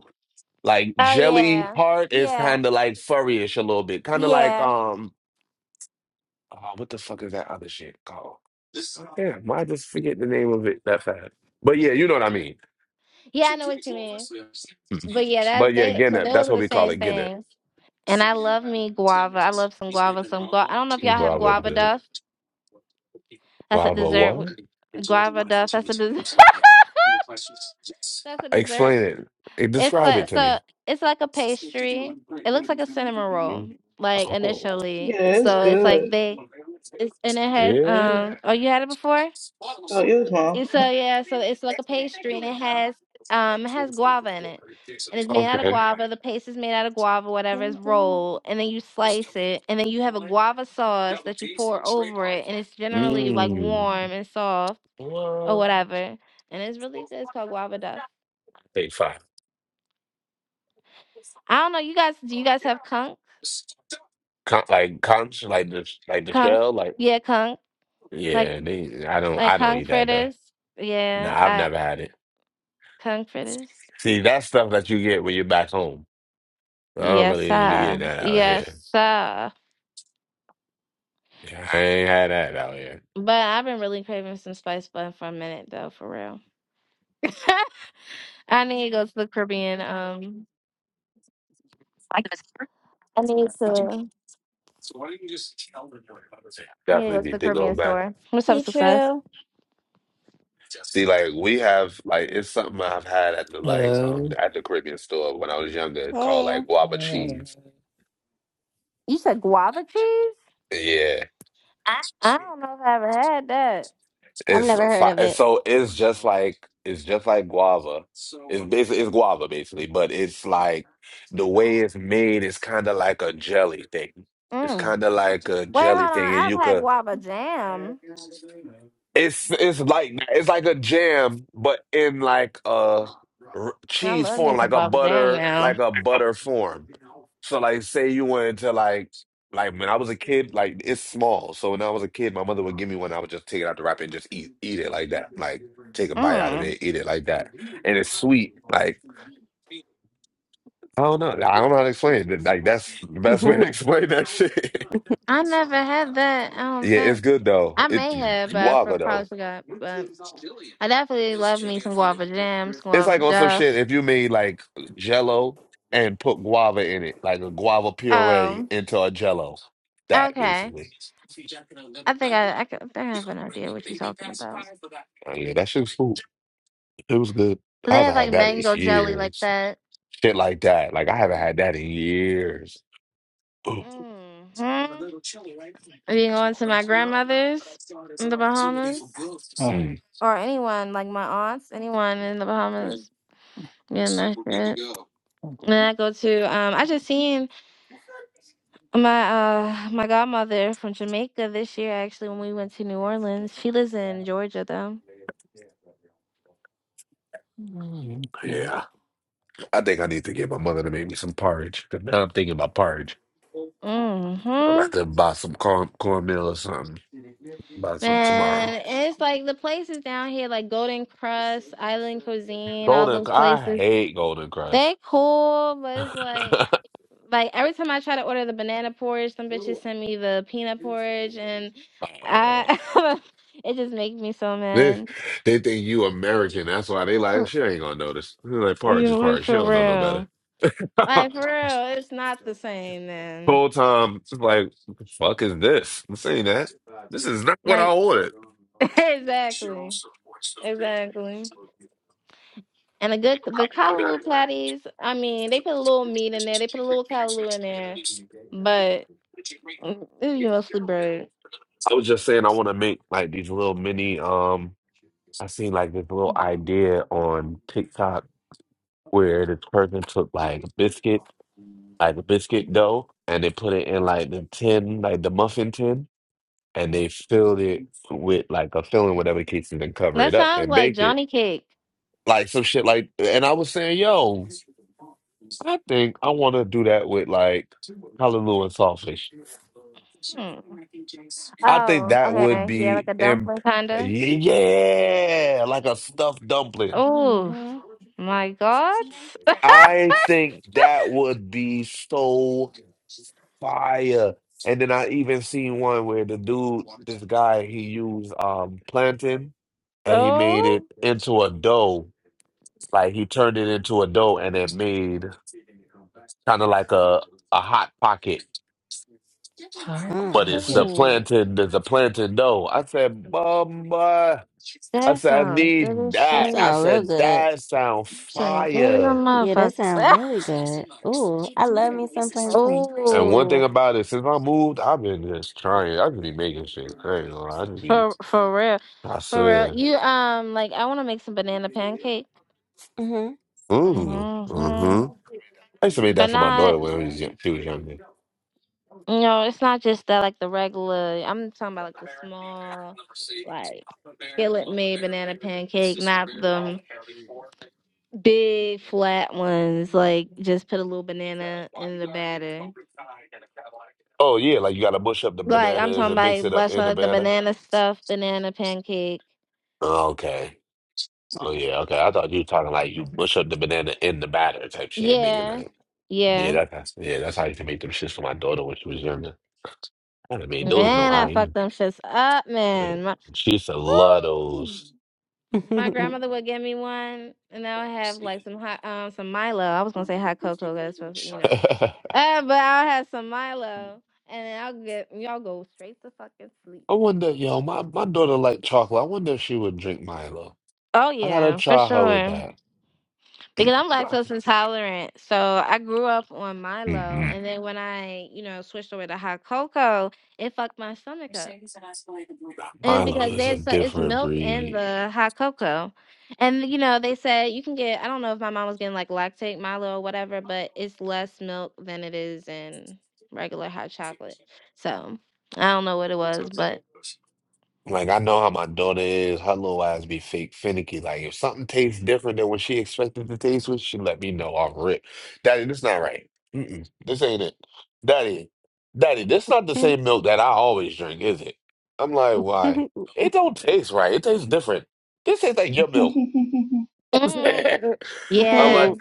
Speaker 7: Like
Speaker 4: oh
Speaker 7: jelly
Speaker 4: yeah,
Speaker 7: part is
Speaker 4: yeah,
Speaker 7: kind of like furryish a little bit, kind of like
Speaker 4: yeah,
Speaker 7: um, oh, what the fuck is that other shit called? Damn, why I just forget the name of it that fast? But yeah, you know what I mean.
Speaker 4: yeah. I know what you mean.
Speaker 7: Mhm.
Speaker 4: But yeah, that
Speaker 7: But yeah,
Speaker 4: they so
Speaker 7: Gennep.
Speaker 4: those
Speaker 7: That's
Speaker 4: are
Speaker 7: what
Speaker 4: the
Speaker 7: we call
Speaker 4: same
Speaker 7: it, Gennep.
Speaker 4: things. And I love me guava. I love some guava. Some guava. I don't know if y'all have
Speaker 7: Guava
Speaker 4: guava
Speaker 7: good.
Speaker 4: duff. That's a
Speaker 7: Guava
Speaker 4: dessert. with-
Speaker 7: what?
Speaker 4: Guava duff. That's a dessert. That's a dessert.
Speaker 7: Explain it. Eh,
Speaker 4: It's
Speaker 7: Describe
Speaker 4: like
Speaker 7: it to
Speaker 4: so.
Speaker 7: me.
Speaker 4: It's like a pastry. It looks like a cinnamon roll, like
Speaker 7: Oh.
Speaker 4: initially.
Speaker 9: Yeah, it's
Speaker 4: So it's like
Speaker 9: good.
Speaker 4: they. It's and it has
Speaker 7: Yeah.
Speaker 4: um. Oh, you had it before?
Speaker 9: Oh, it was mom.
Speaker 4: And so yeah, so it's like a pastry and it has um it has guava in it. And it's made out of
Speaker 7: Okay.
Speaker 4: guava. The paste is made out of guava, whatever
Speaker 1: Ding,
Speaker 4: is
Speaker 1: ding.
Speaker 4: rolled, and then you slice it, and then you have a guava sauce that you pour over it, and it's generally like
Speaker 7: Mm.
Speaker 4: warm and soft or
Speaker 7: Well,
Speaker 4: whatever. And it's really good. It's called guava duff.
Speaker 7: they fine.
Speaker 4: I don't know, you guys do you guys have conch?
Speaker 7: Con- like conch, like the like the
Speaker 4: Conch?
Speaker 7: shell, like
Speaker 4: Yeah, conch. Like
Speaker 7: yeah. They, I don't,
Speaker 4: like
Speaker 7: I don't
Speaker 4: conch
Speaker 7: eat that though.
Speaker 4: fritters.
Speaker 7: No,
Speaker 4: Yeah,
Speaker 7: I've
Speaker 4: I
Speaker 7: never had it.
Speaker 4: conch fritters.
Speaker 7: See, that's stuff that you get when you're back home. I don't
Speaker 4: Yes,
Speaker 7: really even be getting
Speaker 4: sir.
Speaker 7: that out
Speaker 4: Yes,
Speaker 7: here.
Speaker 4: sir.
Speaker 7: Yeah, I ain't had that out here.
Speaker 4: But I've been really craving some spice bun for a minute though, for real. I need to go to the Caribbean. Um, I need to need to go to
Speaker 7: Definitely
Speaker 4: the
Speaker 7: need to go
Speaker 4: Caribbean
Speaker 7: back.
Speaker 4: store. What's up,
Speaker 1: Hey,
Speaker 4: success?
Speaker 1: True.
Speaker 7: See, like we have, like it's something I've had at the like um
Speaker 10: Hello.
Speaker 7: at the Caribbean store when I was younger. It's called
Speaker 1: Hey,
Speaker 7: like guava
Speaker 10: Oh.
Speaker 7: cheese.
Speaker 4: You said guava cheese?
Speaker 7: Yeah.
Speaker 4: I don't know if I ever had that.
Speaker 1: I've
Speaker 7: It's
Speaker 1: never heard
Speaker 7: fi-
Speaker 1: of
Speaker 7: and
Speaker 1: it.
Speaker 7: so it's just like it's just like guava. It's basically it's guava basically, but it's like the way it's made is kind of like a jelly thing. It's
Speaker 4: Mm.
Speaker 7: kind of like a
Speaker 4: Wait, hold
Speaker 7: jelly
Speaker 4: on.
Speaker 7: thing, and
Speaker 4: I've
Speaker 7: you
Speaker 4: had
Speaker 7: could
Speaker 4: guava jam.
Speaker 7: it's it's like that. it's like a jam, but in like a r-
Speaker 4: I
Speaker 7: cheese
Speaker 4: love me
Speaker 7: form,
Speaker 4: some
Speaker 7: like a
Speaker 4: guava jam
Speaker 7: butter,
Speaker 4: now.
Speaker 7: like a butter form. So like, say you went to like like when I was a kid, like it's small. So when I was a kid, my mother would give me one. I would just take it out the wrapper and just eat eat it like that. Like take a bite out of
Speaker 4: Mm.
Speaker 7: it, eat it like that, and it's sweet. Like I don't know, I don't know how to explain it. Like that's the best way to explain that shit.
Speaker 4: I never had that. I don't
Speaker 7: yeah, it's
Speaker 4: think
Speaker 7: good though.
Speaker 4: I may
Speaker 7: It's
Speaker 4: have, but I for-
Speaker 7: guava
Speaker 4: probably
Speaker 7: though.
Speaker 4: forgot. But I definitely love me some guava jam, some
Speaker 7: It's
Speaker 4: guava
Speaker 7: like on some
Speaker 4: duff.
Speaker 7: shit if you made like jello and put guava in it, like a guava puree
Speaker 4: Um.
Speaker 7: into a jello. That
Speaker 4: Okay.
Speaker 7: basically.
Speaker 4: I think I I, could, I think I have an idea what you're talking about.
Speaker 7: Oh, yeah, that shit was cool. It was good.
Speaker 4: 'Cause
Speaker 7: I
Speaker 4: they have
Speaker 7: haven't
Speaker 4: like
Speaker 7: had that in
Speaker 4: mango jelly like
Speaker 7: years.
Speaker 4: that.
Speaker 7: Shit like that. Like I haven't had that in years. Ooh.
Speaker 4: Mm-hmm. Being on to my grandmother's in the Bahamas,
Speaker 10: Hot
Speaker 7: Mm.
Speaker 4: or anyone like my aunts, anyone in the Bahamas, getting that shit. And I go to um, I just seen my uh my godmother from Jamaica this year actually when we went to New Orleans. She lives in Georgia though.
Speaker 7: Yeah. I think I need to get my mother to make me some porridge. 'cause now I'm thinking about porridge. I'm
Speaker 4: hmm
Speaker 7: about to buy some corn cornmeal or something. Buy some
Speaker 4: Man,
Speaker 7: tomorrow.
Speaker 4: and it's like the places down here, like Golden Crust, Island Cuisine, all
Speaker 7: Golden
Speaker 4: those
Speaker 7: I
Speaker 4: places.
Speaker 7: hate golden crust.
Speaker 4: They cool, but it's like, like every time I try to order the banana porridge, some bitches send me the peanut porridge, and
Speaker 7: Uh,
Speaker 4: I, it just makes me so
Speaker 7: they
Speaker 4: mad.
Speaker 7: they think you American. That's why they like
Speaker 4: For-
Speaker 7: she ain't gonna notice. They're like porridge
Speaker 4: You
Speaker 7: is
Speaker 4: look
Speaker 7: porridge. She
Speaker 4: for
Speaker 7: don't know no better.
Speaker 4: real, like for real, it's not the same, Then,
Speaker 7: Whole time, just like what the fuck is this? I'm saying that this is not what I
Speaker 4: Like
Speaker 7: ordered.
Speaker 4: exactly, exactly. And a good the callaloo patties, I mean, they put a little meat in there. They put a little callaloo in there, but mm, it's mostly bread.
Speaker 7: I was just saying I want to make like these little mini. Um, I seen like this little idea on TikTok where this person took like biscuit, like a biscuit dough, and they put it in like the tin, like the muffin tin. and they filled it with like a filling, whatever the case, and then cover
Speaker 4: That
Speaker 7: it up
Speaker 4: sounds
Speaker 7: and
Speaker 4: like
Speaker 7: bake it.
Speaker 4: Johnny cake.
Speaker 7: Like some shit like and I was saying, yo, I think I wanna do that with like hallelujah and saltfish.
Speaker 4: Hmm.
Speaker 7: I think
Speaker 4: Oh,
Speaker 7: that would
Speaker 4: okay. Yeah, like
Speaker 7: be
Speaker 4: a
Speaker 7: imp-
Speaker 4: dumpling kinda.
Speaker 7: yeah, like a stuffed dumpling.
Speaker 4: Oh
Speaker 1: Mm-hmm.
Speaker 4: my God.
Speaker 7: I think that would be so fire. And then I even seen one where the dude, this guy, he used um plantain and he made
Speaker 4: Oh,
Speaker 7: it into a dough Like he turned it into a dough and it made kind of like a a hot pocket,
Speaker 1: Mm.
Speaker 7: but it's the
Speaker 10: pocket.
Speaker 4: ooh,
Speaker 7: plantain, there's a plantain dough. I said, Mama, I
Speaker 4: that
Speaker 7: said, I
Speaker 4: sounds good
Speaker 7: need
Speaker 4: as
Speaker 1: That
Speaker 4: shit.
Speaker 7: that. I
Speaker 1: sounds real
Speaker 7: said,
Speaker 1: good.
Speaker 7: that sound
Speaker 4: Sounds good as a
Speaker 7: fire.
Speaker 1: Yeah, that sounds
Speaker 4: motherfucker.
Speaker 1: really good. Ooh, I love me some plantain.
Speaker 7: And one thing
Speaker 4: oh,
Speaker 7: about it, since I moved, I've been just trying. I just be making shit. I ain't gonna lie. I just be,
Speaker 4: for for real,
Speaker 7: I
Speaker 4: for real.
Speaker 7: swear.
Speaker 4: You um, like I want to make some banana pancakes.
Speaker 1: Mm-hmm.
Speaker 7: Ooh,
Speaker 4: hmm
Speaker 7: mm-hmm. I used to make
Speaker 4: But
Speaker 7: that for my daughter
Speaker 4: not,
Speaker 7: when she was young- she was younger.
Speaker 4: you know, it's not just that like the regular. I'm talking about like the small, like skillet made banana pancake, not the big flat ones. Like just put a little banana in the batter.
Speaker 7: Oh yeah, like you gotta mush up the
Speaker 4: Like I'm
Speaker 7: bananas
Speaker 4: talking
Speaker 7: and mix
Speaker 4: about
Speaker 7: it up
Speaker 4: less
Speaker 7: in the
Speaker 4: like the
Speaker 7: batter.
Speaker 4: banana stuffed banana pancake.
Speaker 7: Okay. Oh yeah, okay. I thought you were talking like you mush up the banana in the batter type shit and make it
Speaker 4: Yeah,
Speaker 7: like yeah,
Speaker 4: yeah.
Speaker 7: that, that's yeah, that's how I used to make them shits for my daughter when she was younger. I done made those in
Speaker 4: Man, I
Speaker 7: Ohio.
Speaker 4: fucked
Speaker 7: you
Speaker 4: them shits up,
Speaker 7: know.
Speaker 4: man. My,
Speaker 7: She used to love
Speaker 4: Woo!
Speaker 7: those.
Speaker 4: My grandmother would get me one, and now I have like some hot, um, some Milo. I was gonna say hot cocoa, that's what you know.
Speaker 7: I
Speaker 4: Uh, but I will have some Milo, and then I'll get y'all go straight to fucking sleep.
Speaker 7: wonder, yo, my, my daughter liked chocolate. I wonder if she would drink Milo.
Speaker 4: Oh
Speaker 7: I gotta
Speaker 4: yeah, for
Speaker 7: try her with
Speaker 4: sure.
Speaker 7: that.
Speaker 4: Because I'm lactose intolerant, so I grew up on Milo,
Speaker 7: Mm-hmm.
Speaker 4: and then when I, you know, switched over to hot cocoa, it fucked my stomach up. And It's
Speaker 7: Milo
Speaker 4: because
Speaker 7: is a
Speaker 4: there's so it's
Speaker 7: different
Speaker 4: milk in
Speaker 7: breed.
Speaker 4: the hot cocoa, and you know they said you can get. I don't know if my mom was getting like lactate Milo or whatever, but it's less milk than it is in regular hot chocolate. So I don't know what it was, but
Speaker 7: Like I know how my daughter is. Her little ass be fake finicky. Like if something tastes different than what she expected to taste with, she let me know off rip. Daddy, this not right. Mm-mm, this ain't it. Daddy, Daddy, this not the same milk that I always drink, is it? I'm like, why? It don't taste right. It tastes different. This tastes like your milk.
Speaker 4: mm,
Speaker 7: I'm
Speaker 4: yeah,
Speaker 7: like,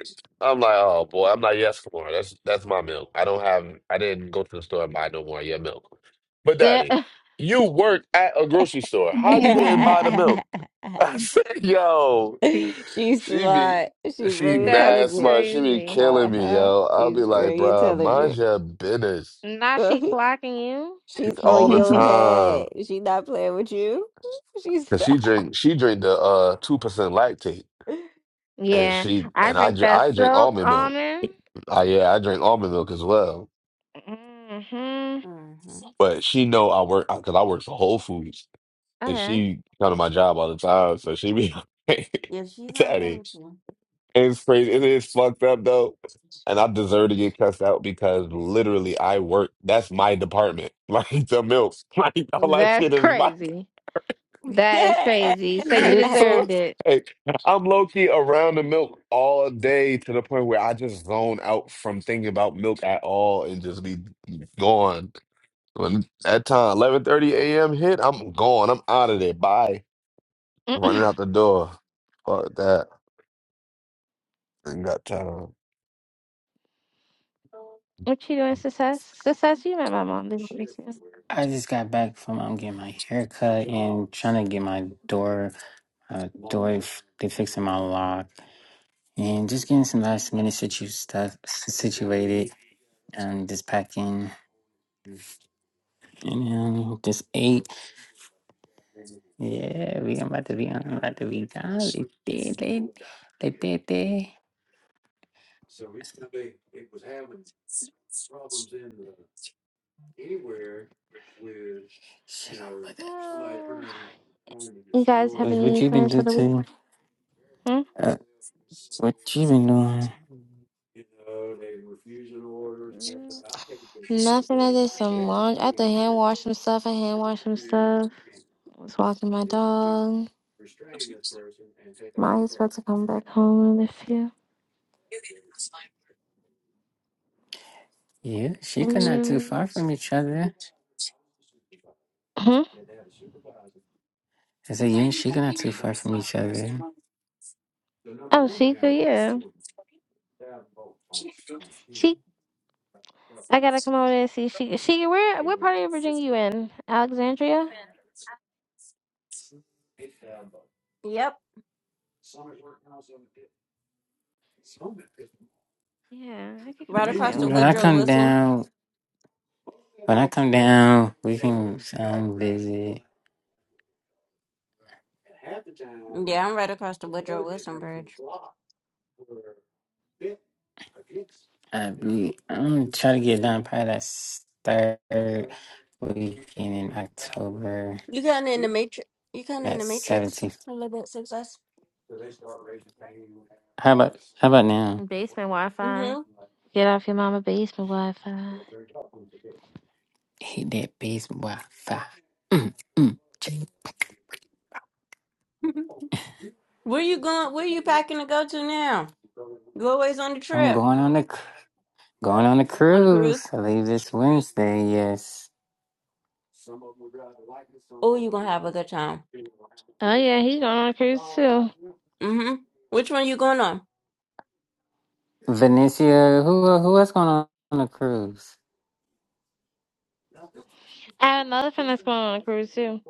Speaker 7: I'm like, oh boy, I'm like, yes, Lamar, that's that's my milk. I don't have, I didn't go to the store and buy no more of your milk. But
Speaker 4: that-
Speaker 7: Daddy, you work at a grocery store. How you didn't buy the milk? I said, yo,
Speaker 1: She's
Speaker 7: she be,
Speaker 1: smart. She's
Speaker 7: she
Speaker 1: very
Speaker 4: that's
Speaker 7: mad
Speaker 1: intelligent.
Speaker 7: smart. She be
Speaker 4: crazy.
Speaker 7: killing me,
Speaker 1: Uh-huh.
Speaker 7: yo. I'll
Speaker 1: She's
Speaker 7: be like,
Speaker 1: very
Speaker 7: bruh, mind
Speaker 1: intelligent.
Speaker 7: your business
Speaker 4: Now she clocking you.
Speaker 1: She's on
Speaker 7: all the
Speaker 1: your
Speaker 7: time.
Speaker 1: head. She not playing with you. She's.
Speaker 7: Cause she drink, she drink the uh two percent lactate, and
Speaker 4: Yeah,
Speaker 7: she
Speaker 4: I
Speaker 7: and I
Speaker 4: drink
Speaker 7: dr-
Speaker 4: that
Speaker 7: I drink
Speaker 4: soap
Speaker 7: almond milk.
Speaker 4: almond.
Speaker 7: I yeah, I drink almond milk as well.
Speaker 4: hmm
Speaker 1: uh huh.
Speaker 7: But she know I work because I work for Whole Foods, and
Speaker 4: Okay,
Speaker 7: she come to my job all the time, so she be
Speaker 1: If she's not
Speaker 7: daddy.
Speaker 1: perfect.
Speaker 7: And it's crazy. It is fucked up though, and I deserve to get cussed out because literally I work. That's my department. Like the milk, like all that
Speaker 4: that's
Speaker 7: shit is my.
Speaker 4: crazy. That is crazy. So you
Speaker 7: So
Speaker 4: deserved
Speaker 7: it's
Speaker 4: it.
Speaker 7: like I'm low key around the milk all day to the point where I just zone out from thinking about milk at all and just be gone. When that time, 11:30 a.m. hit, I'm gone. I'm out of there. Bye.
Speaker 4: what
Speaker 7: Running out the door. Fuck that. Ain't got time.
Speaker 4: you doing, success? Success, you met my mom, didn't you? Success?
Speaker 10: I just got back from um, getting my hair cut and trying to get my door, uh, door, f- they fixing my lock and just getting some last minute situ stuff situated and just packing and um, just ate. Yeah, we about to be on, about to be gone. They did, they, they did, they. like
Speaker 4: Oh.
Speaker 10: Cause
Speaker 4: You guys have
Speaker 10: What
Speaker 4: any
Speaker 10: you been
Speaker 4: plans for
Speaker 10: doing
Speaker 4: the week?
Speaker 10: to?
Speaker 4: Hmm?
Speaker 10: Uh, what you been doing?
Speaker 4: Mm, Nothing. I did some laundry. I had to hand wash some stuff. I hand washed some stuff. I was walking my dog. Maya's about to come back home in a few.
Speaker 10: Yeah, she could not too
Speaker 4: Mm.
Speaker 10: far from each other.
Speaker 4: Hmm?
Speaker 10: I said you and she could not too far from each other.
Speaker 4: Oh, Sheikah, yeah. She. I gotta come over there and see Sheikah. Sheikah, where, what part of Virginia you in? Alexandria?
Speaker 1: yep.
Speaker 4: Yeah, I could come
Speaker 1: Right
Speaker 4: and say
Speaker 1: across the
Speaker 10: When I
Speaker 1: Woodrow
Speaker 4: Alexandria.
Speaker 10: come
Speaker 1: Wilson.
Speaker 10: down, when I come down, we can um visit.
Speaker 1: Yeah, I'm right across the Woodrow Wilson Bridge.
Speaker 10: I be I'm trying to get down probably that third weekend in October.
Speaker 1: You kind of in the matrix. You kind of in
Speaker 10: That
Speaker 1: the matrix
Speaker 10: 17th.
Speaker 1: a little bit. Success.
Speaker 10: How about how about now?
Speaker 4: Basement Wi Fi.
Speaker 1: Mm-hmm.
Speaker 4: Get off your mama basement Wi Fi.
Speaker 10: Hit that basement Wi-Fi. Mm, mm, check.
Speaker 1: where you going? Where you packing to go to now? You always on the
Speaker 10: I'm
Speaker 1: trip,
Speaker 10: going on the cr- going on the
Speaker 1: on the
Speaker 10: cruise.
Speaker 1: cruise.
Speaker 10: I leave this Wednesday. Yes,
Speaker 1: Oh, you gonna have a good time.
Speaker 4: Oh yeah, he's going on a cruise too.
Speaker 1: Mm-hmm. Which one you going on?
Speaker 10: Venetia. Who who else going on on a cruise?
Speaker 4: I have another friend that's going on a cruise too.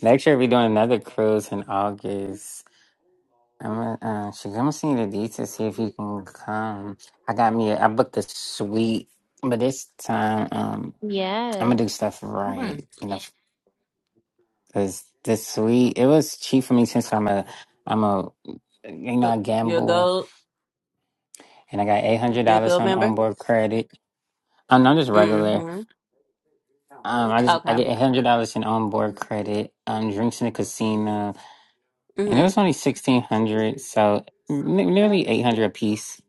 Speaker 10: Next year we're doing another cruise in August. I'm gonna, uh, she's gonna see the details, see if you can come. I got me, I booked a suite, but this time, um, I'm gonna
Speaker 4: Yes.
Speaker 10: do stuff right.
Speaker 1: Mm-hmm.
Speaker 10: you know. Cause this week it was cheap for me since I'm a I'm a you know I
Speaker 1: You're a
Speaker 10: gamble
Speaker 1: gold.
Speaker 10: and I got eight hundred
Speaker 1: You're a
Speaker 10: dollars
Speaker 1: gold
Speaker 10: on
Speaker 1: member.
Speaker 10: onboard credit. I'm not just regular.
Speaker 1: Mm-hmm.
Speaker 10: Um, I just I
Speaker 1: Okay.
Speaker 10: get eight hundred dollars in onboard credit. Um, drinks in the casino, and it was
Speaker 1: Mm-hmm.
Speaker 10: only sixteen hundred, so n- nearly eight hundred a piece.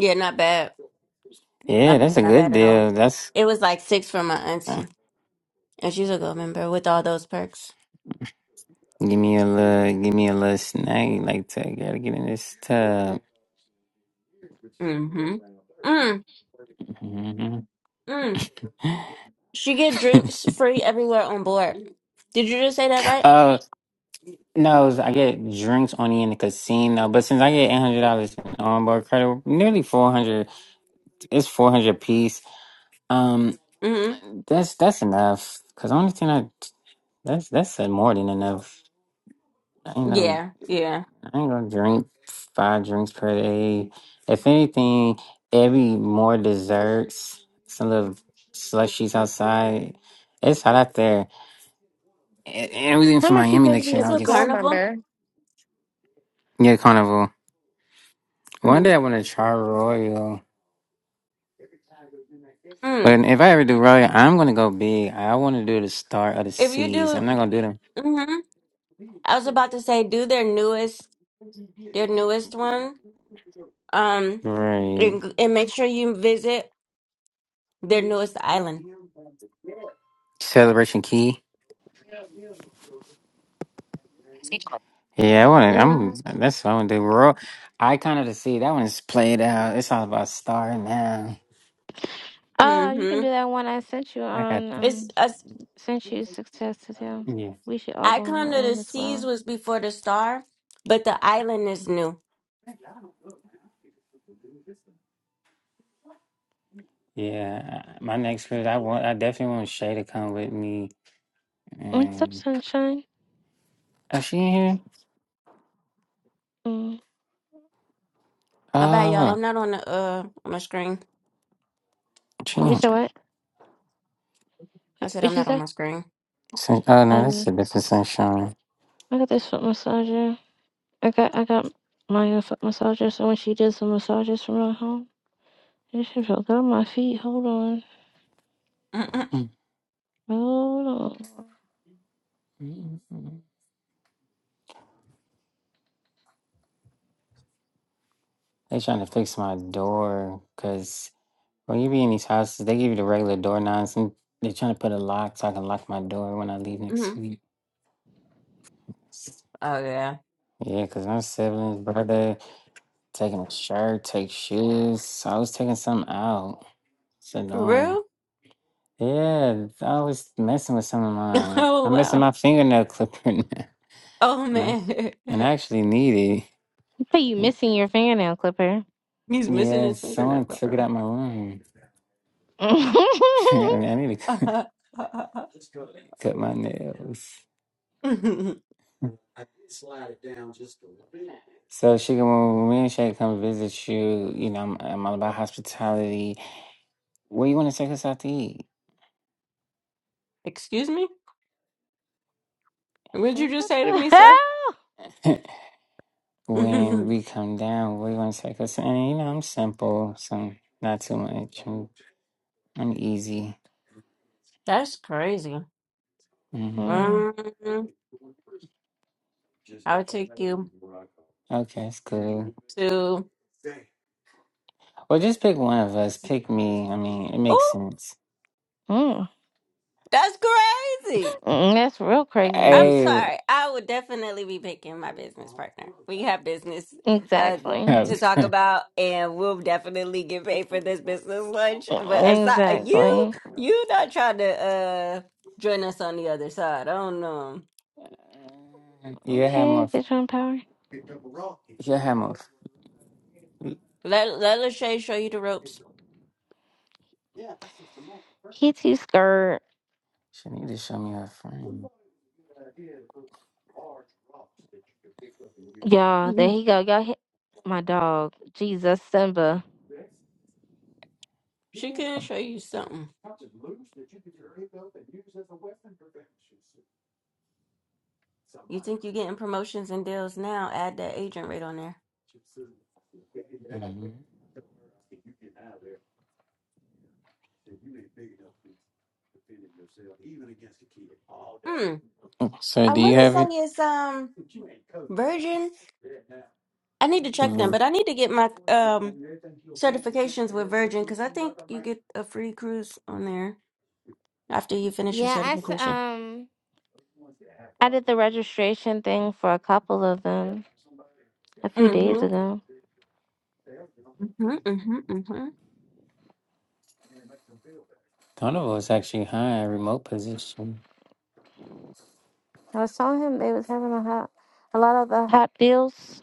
Speaker 1: Yeah, not bad.
Speaker 10: Yeah,
Speaker 1: Not,
Speaker 10: that's a
Speaker 1: not bad
Speaker 10: good
Speaker 1: at all.
Speaker 10: deal. That's
Speaker 1: It was like six for my
Speaker 10: uh,
Speaker 1: auntie, and she's a gold member with all those perks.
Speaker 10: Give me a little, give me a little snag like that. Gotta get in this tub.
Speaker 1: Mm-hmm. Mm,
Speaker 10: Mhm.
Speaker 1: mm. She get drinks free everywhere on board. Did you just say that right?
Speaker 10: Oh no, I get drinks only in the casino. But since I get eight hundred dollars onboard credit, nearly four hundred. It's four hundred piece. Um,
Speaker 1: Mm-hmm.
Speaker 10: that's that's enough. Cause only thing I that's that's more than enough. I know.
Speaker 1: Yeah, yeah.
Speaker 10: I ain't gonna drink five drinks per day. If anything, every more desserts, some little slushies outside. It's hot out there. And and everything
Speaker 4: How
Speaker 10: from
Speaker 4: much you
Speaker 10: Miami
Speaker 4: pay to
Speaker 10: next year
Speaker 4: be a
Speaker 1: It's
Speaker 10: in
Speaker 1: a
Speaker 10: August.
Speaker 4: gold
Speaker 1: carnival.
Speaker 4: member?
Speaker 10: Yeah, carnival. One day
Speaker 1: Mm-hmm.
Speaker 10: I want to try Royal.
Speaker 1: Mm.
Speaker 10: But if I ever do Royal, I'm gonna go big. I want to do the Star of the
Speaker 1: If you
Speaker 10: Seas.
Speaker 1: do,
Speaker 10: I'm not gonna do them.
Speaker 1: mm-hmm. I was about to say do their newest, their newest one. Um,
Speaker 10: Right.
Speaker 1: and, and make sure you visit their newest island.
Speaker 10: Celebration Key. Yeah, I want to. I'm. That's what I want to do. Royal Icon of the Sea. That one's played out. It's all about Star now.
Speaker 4: Oh, you
Speaker 1: Mm-hmm.
Speaker 4: can do that one I sent you on
Speaker 1: It's
Speaker 4: um
Speaker 1: a
Speaker 4: sent you success to do.
Speaker 10: Yeah,
Speaker 4: We should all
Speaker 1: I
Speaker 4: go on
Speaker 1: come
Speaker 4: that
Speaker 1: to the
Speaker 4: one as
Speaker 1: seas
Speaker 4: well.
Speaker 1: was before the star, but the island is new.
Speaker 10: yeah. uh, My next pick, I want, I definitely want Shay to come with me.
Speaker 4: What's up,
Speaker 10: And
Speaker 4: sunshine?
Speaker 10: is she in here?
Speaker 4: Mm.
Speaker 1: My bad, y'all.
Speaker 10: Oh,
Speaker 1: I'm not on the uh on my screen.
Speaker 10: she
Speaker 4: You
Speaker 10: in-
Speaker 4: said what?
Speaker 1: I
Speaker 4: Wait,
Speaker 1: said
Speaker 4: What'd
Speaker 1: I'm
Speaker 4: she
Speaker 1: not on
Speaker 4: say?
Speaker 1: my screen.
Speaker 10: Sun- oh no, that's
Speaker 4: Um,
Speaker 10: a different sunshine.
Speaker 4: I got this foot massager. I got I got my own foot massager. So when she does the massages from her home. This shit felt good on my feet. Hold on.
Speaker 1: Mm-mm.
Speaker 10: Mm,
Speaker 4: Hold on.
Speaker 10: mm, mm. They trying to fix my door because when you be in these houses, they give you the regular door knobs, and they are trying to put a lock so I can lock my door when I leave next
Speaker 1: mm
Speaker 10: week.
Speaker 1: Oh yeah,
Speaker 10: Yeah, because my siblings, brother, taking a shirt, take shoes. So I was taking something out. It's
Speaker 1: for
Speaker 10: annoying.
Speaker 1: real?
Speaker 10: Yeah, I was messing with some of mine.
Speaker 1: Oh
Speaker 10: I'm missing
Speaker 1: wow.
Speaker 10: my fingernail clipper now,
Speaker 1: Oh
Speaker 10: and I,
Speaker 1: man,
Speaker 10: and I actually need
Speaker 4: You say you
Speaker 10: it.
Speaker 4: missing your fingernail clipper.
Speaker 1: he's missing
Speaker 10: Yeah,
Speaker 1: his fingernail
Speaker 10: someone took
Speaker 1: cover.
Speaker 10: it out my room.
Speaker 4: what
Speaker 10: I mean, I need to cut, cut my nails. So, Sugar, when me and Shay come visit you, you know, I'm, I'm all about hospitality. Where you want to take us out to eat?
Speaker 1: Excuse me? What did you just say to
Speaker 4: the
Speaker 1: me, sir?
Speaker 4: hell?
Speaker 10: when we come down, where you want to take us? And, you know, I'm simple, so not too much. I'm, I'm easy.
Speaker 1: That's crazy.
Speaker 10: Mm-hmm.
Speaker 4: Mm,
Speaker 1: Um, i would take you
Speaker 10: Okay, that's good.
Speaker 1: to.
Speaker 10: Well, just pick one of us. Pick me. I mean, it makes
Speaker 1: Oh,
Speaker 10: sense.
Speaker 4: mm,
Speaker 1: that's crazy.
Speaker 4: mm, that's real
Speaker 1: I'm
Speaker 4: crazy.
Speaker 10: Hey,
Speaker 1: sorry. I would definitely be picking my business partner. We have business uh
Speaker 4: Exactly.
Speaker 1: to talk about and we'll definitely get paid for this business lunch. But aside uh, you
Speaker 4: Exactly.
Speaker 1: you not trying to uh join us on the other side. I don't know.
Speaker 10: you have
Speaker 4: Okay,
Speaker 10: more.
Speaker 4: bitch on power.
Speaker 10: You have more.
Speaker 1: Let let Lachey show you the ropes.
Speaker 4: He too scared.
Speaker 10: She need to show me her friend.
Speaker 4: Y'all, there
Speaker 1: Mhm.
Speaker 4: he go. Y'all hit my dog. Jesus, Simba.
Speaker 1: she can show you something. You think you're getting promotions and deals now, add that agent rate on there.
Speaker 10: Mhm.
Speaker 1: Hmm.
Speaker 10: So,
Speaker 1: I
Speaker 10: do you
Speaker 1: wanna
Speaker 10: have it?
Speaker 1: say it's um Virgin. I need to check them,
Speaker 10: Mhm.
Speaker 1: but I need to get my um certifications with Virgin because I think you get a free cruise on there after you finish your
Speaker 4: Yeah, I s-
Speaker 1: certification.
Speaker 4: um I did the registration thing for a couple of them a few days
Speaker 1: Mm-hmm.
Speaker 4: ago.
Speaker 1: Mm-hmm. Mm-hmm. Mm-hmm.
Speaker 10: One of us actually high in remote position.
Speaker 4: I was telling him they was having a hot, a lot of the hot deals.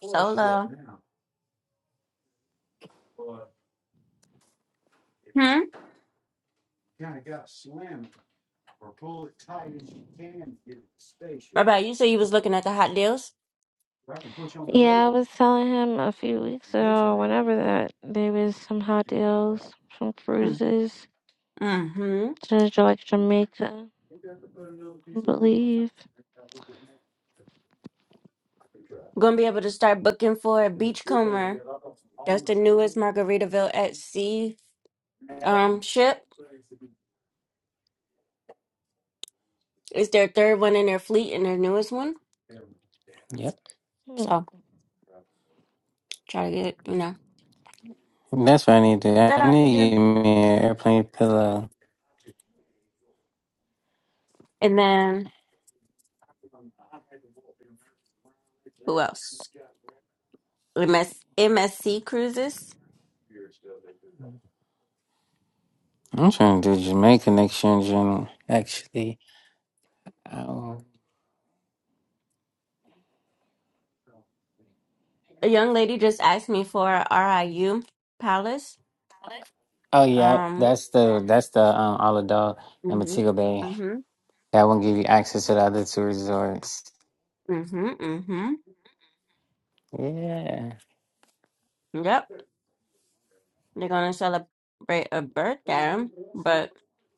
Speaker 1: Solo. Hmm. What About you say you was looking at the hot deals.
Speaker 4: Yeah, I was telling him a few weeks ago, whenever that there was some hot deals from
Speaker 1: Mm.
Speaker 4: cruises
Speaker 1: Mm-hmm.
Speaker 4: to Ja- like Jamaica, I believe.
Speaker 1: Gonna be able to start booking for a beachcomber. That's the newest Margaritaville at sea um ship. It's their third one in their fleet and their newest one.
Speaker 10: Yep.
Speaker 4: Hmm,
Speaker 1: So try to get, you know,
Speaker 10: That's what I need to do. I
Speaker 1: that out
Speaker 10: need to
Speaker 1: there.
Speaker 10: get me an airplane pillow.
Speaker 1: And then who else? M S M S C cruises.
Speaker 10: I'm trying to do Jamaica next year Actually, oh,
Speaker 1: A young lady just asked me for a RIU Palace.
Speaker 10: oh yeah,
Speaker 1: Um,
Speaker 10: that's the that's the um, Isle of Dog and
Speaker 1: mm-hmm,
Speaker 10: Montego Bay.
Speaker 1: mm-hmm,
Speaker 10: That will give you access to the other two resorts.
Speaker 1: mm-hmm, mm-hmm.
Speaker 10: Yeah,
Speaker 1: Yep, they're gonna celebrate a birthday, but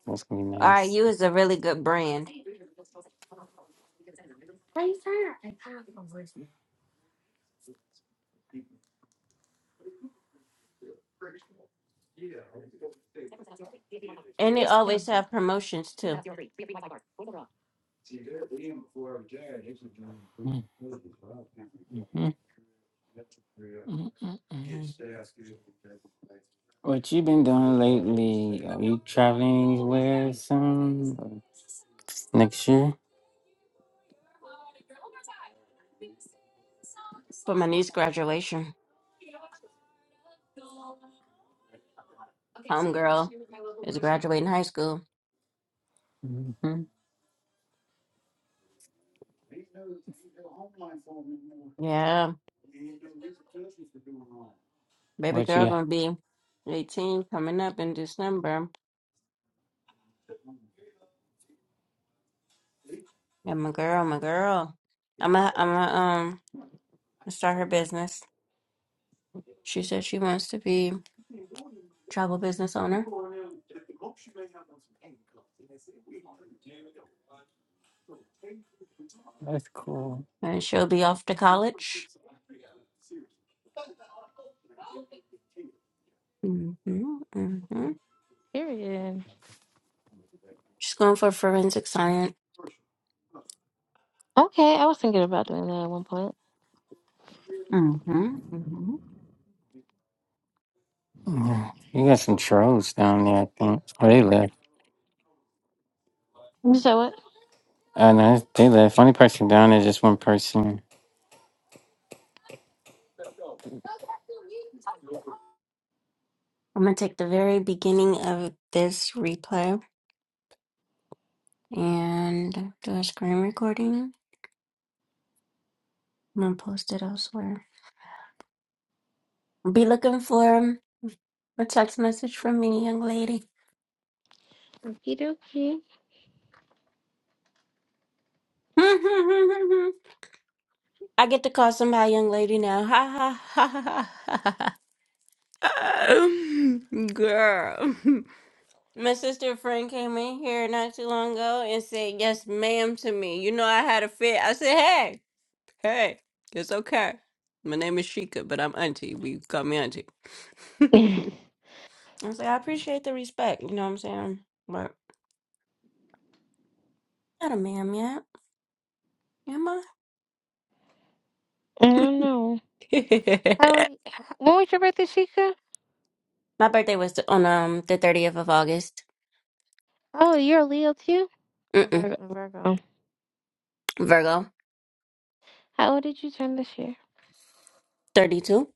Speaker 10: that's gonna be nice.
Speaker 1: RIU is a really good brand, and they always have promotions too.
Speaker 10: Mm, mhm, mm, mm, mm. What you been doing lately? Are you traveling anywhere soon? Next year?
Speaker 1: For my niece graduation, homegirl is graduating high school.
Speaker 10: hmm
Speaker 1: Yeah, baby
Speaker 10: What
Speaker 1: girl
Speaker 10: you?
Speaker 1: gonna be eighteen coming up in December. And my girl, my girl, I'm a, I'm a, um, start her business. She said she wants to be. travel business owner,
Speaker 10: That's cool.
Speaker 1: and she'll be off to college. hmm hmm
Speaker 4: period.
Speaker 1: She's going for forensic science.
Speaker 4: Okay, I was thinking about doing that at one point.
Speaker 10: Yeah. You got some trolls down there, I think. Oh, they left.
Speaker 4: So what?
Speaker 10: Uh, no, they left. Only person down there is just one person.
Speaker 1: I'm gonna take the very beginning of this replay and do a screen recording. I'm gonna post it elsewhere. Be looking for um, a text message from me, young lady.
Speaker 4: Okie dokie.
Speaker 1: I get to call somebody young lady now. Ha ha ha ha ha. ha. Girl. My sister friend came in here not too long ago and said, Yes, ma'am, to me. You know, I had a fit. I said, Hey, hey, it's okay. My name is Sheikah, but I'm auntie. We call me auntie. I
Speaker 4: I
Speaker 1: was like, I appreciate the respect. You know what I'm saying? But not a ma'am yet, am I?
Speaker 4: don't know. How old? Are you, when was your birthday, Chica?
Speaker 1: My birthday was on um the 30th of August.
Speaker 4: Oh, you're a Leo too. Or
Speaker 1: Mm-mm.
Speaker 4: Virgo. Virgo.
Speaker 1: Virgo,
Speaker 4: How old did you turn this year?
Speaker 1: 32.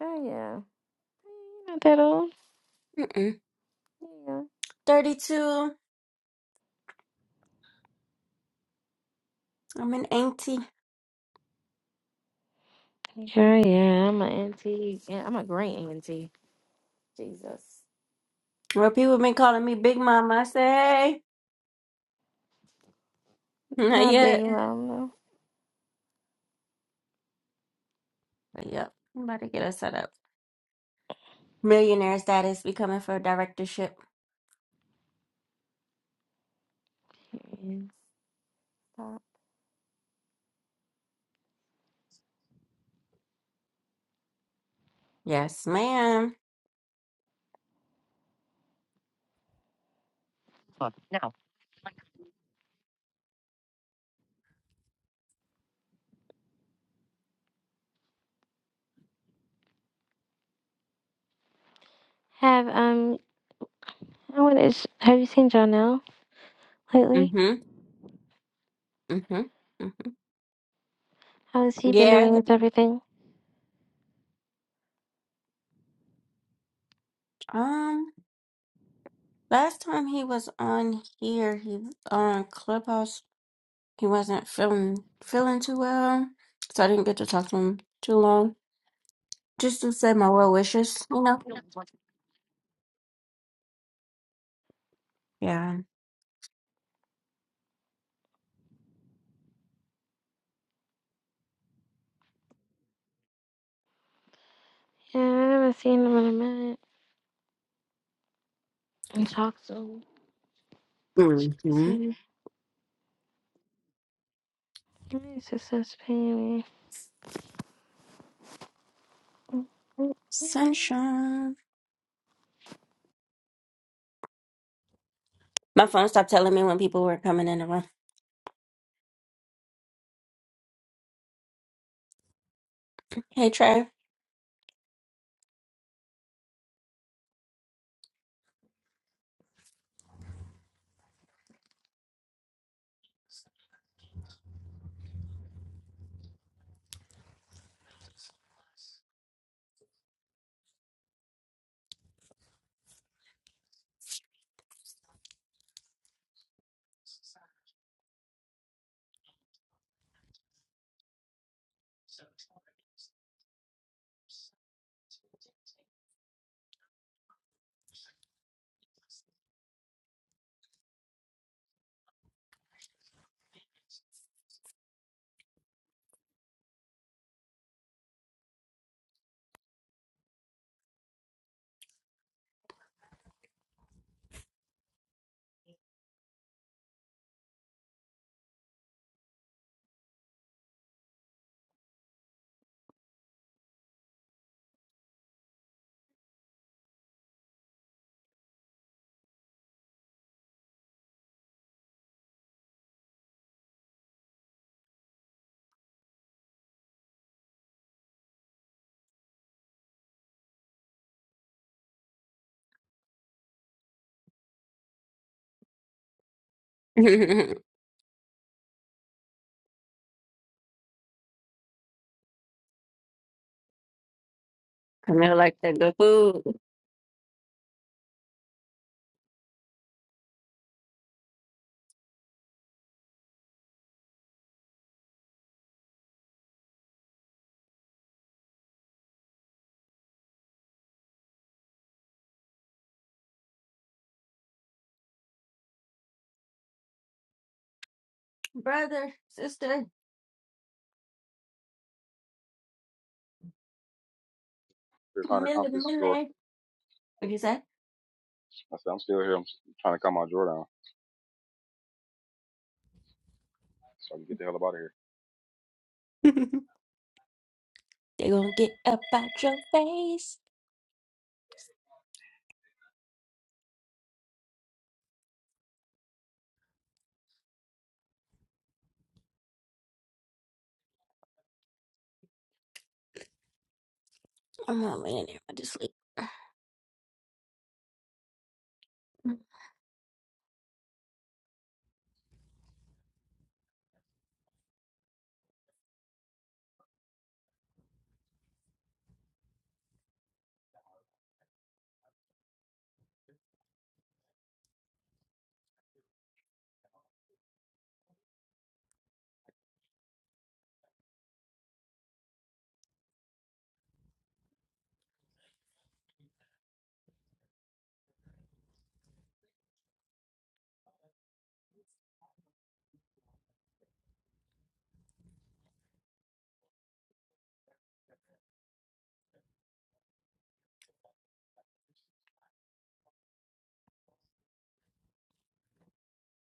Speaker 4: Oh yeah, you're not that old.
Speaker 1: Mm-mm.
Speaker 4: Yeah.
Speaker 1: 32. I'm an auntie.
Speaker 4: Sure, yeah, I'm an auntie. Yeah, I'm a great auntie. Jesus,
Speaker 1: Well, people been calling me Big Mama. I say, hey, not
Speaker 4: not
Speaker 1: yet.
Speaker 4: big mom though.
Speaker 1: But yep, I'm about to get us set up. Millionaire status, becoming for a directorship.
Speaker 4: not stop.
Speaker 1: Yes, ma'am.
Speaker 4: Have um, I how it is? Have you seen Jonelle lately?
Speaker 1: Mm-hmm. Mm-hmm. Mm-hmm.
Speaker 4: How has he been
Speaker 1: Yeah.
Speaker 4: doing with everything?
Speaker 1: Um, last time he was on here, he on Clubhouse, he wasn't feeling feeling too well. So I didn't get to talk to him too long. Just to say my well wishes, you know? Yeah.
Speaker 4: Yeah, I haven't seen him in a minute and talked to him. So
Speaker 1: Mm-hmm.
Speaker 4: he's just such a pain.
Speaker 1: Sunshine. My phone stopped telling me when people were coming in the room. Hey Trey. Camille like that good food. brother, sister,
Speaker 3: Here trying to come
Speaker 1: Camilla,
Speaker 3: to this drawer.
Speaker 1: Millie. What'd you say?
Speaker 3: I said, I'm still here. I'm trying to calm my drawer down so I can get the hell up out of here.
Speaker 1: They gonna get up out your face. I'm not laying in there. I just sleep.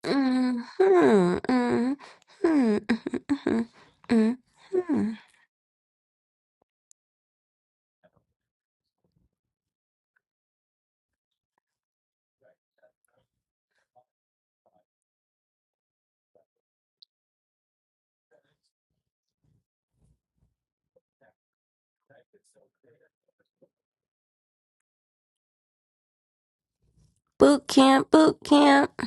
Speaker 1: Mm-hmm, hmm hmm hmm Boot camp, boot camp.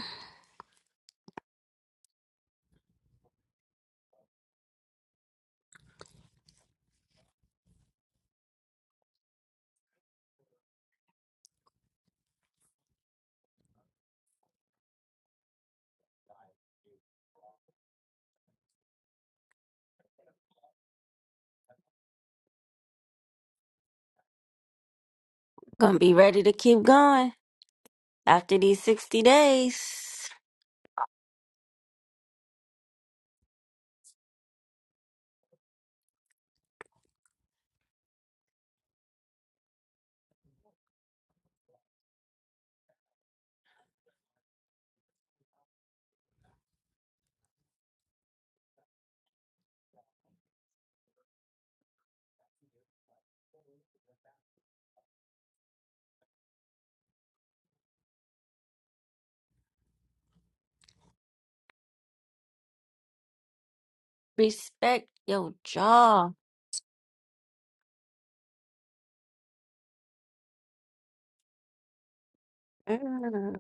Speaker 1: Gonna be ready to keep going after these 60 days. Respect your job. Mm.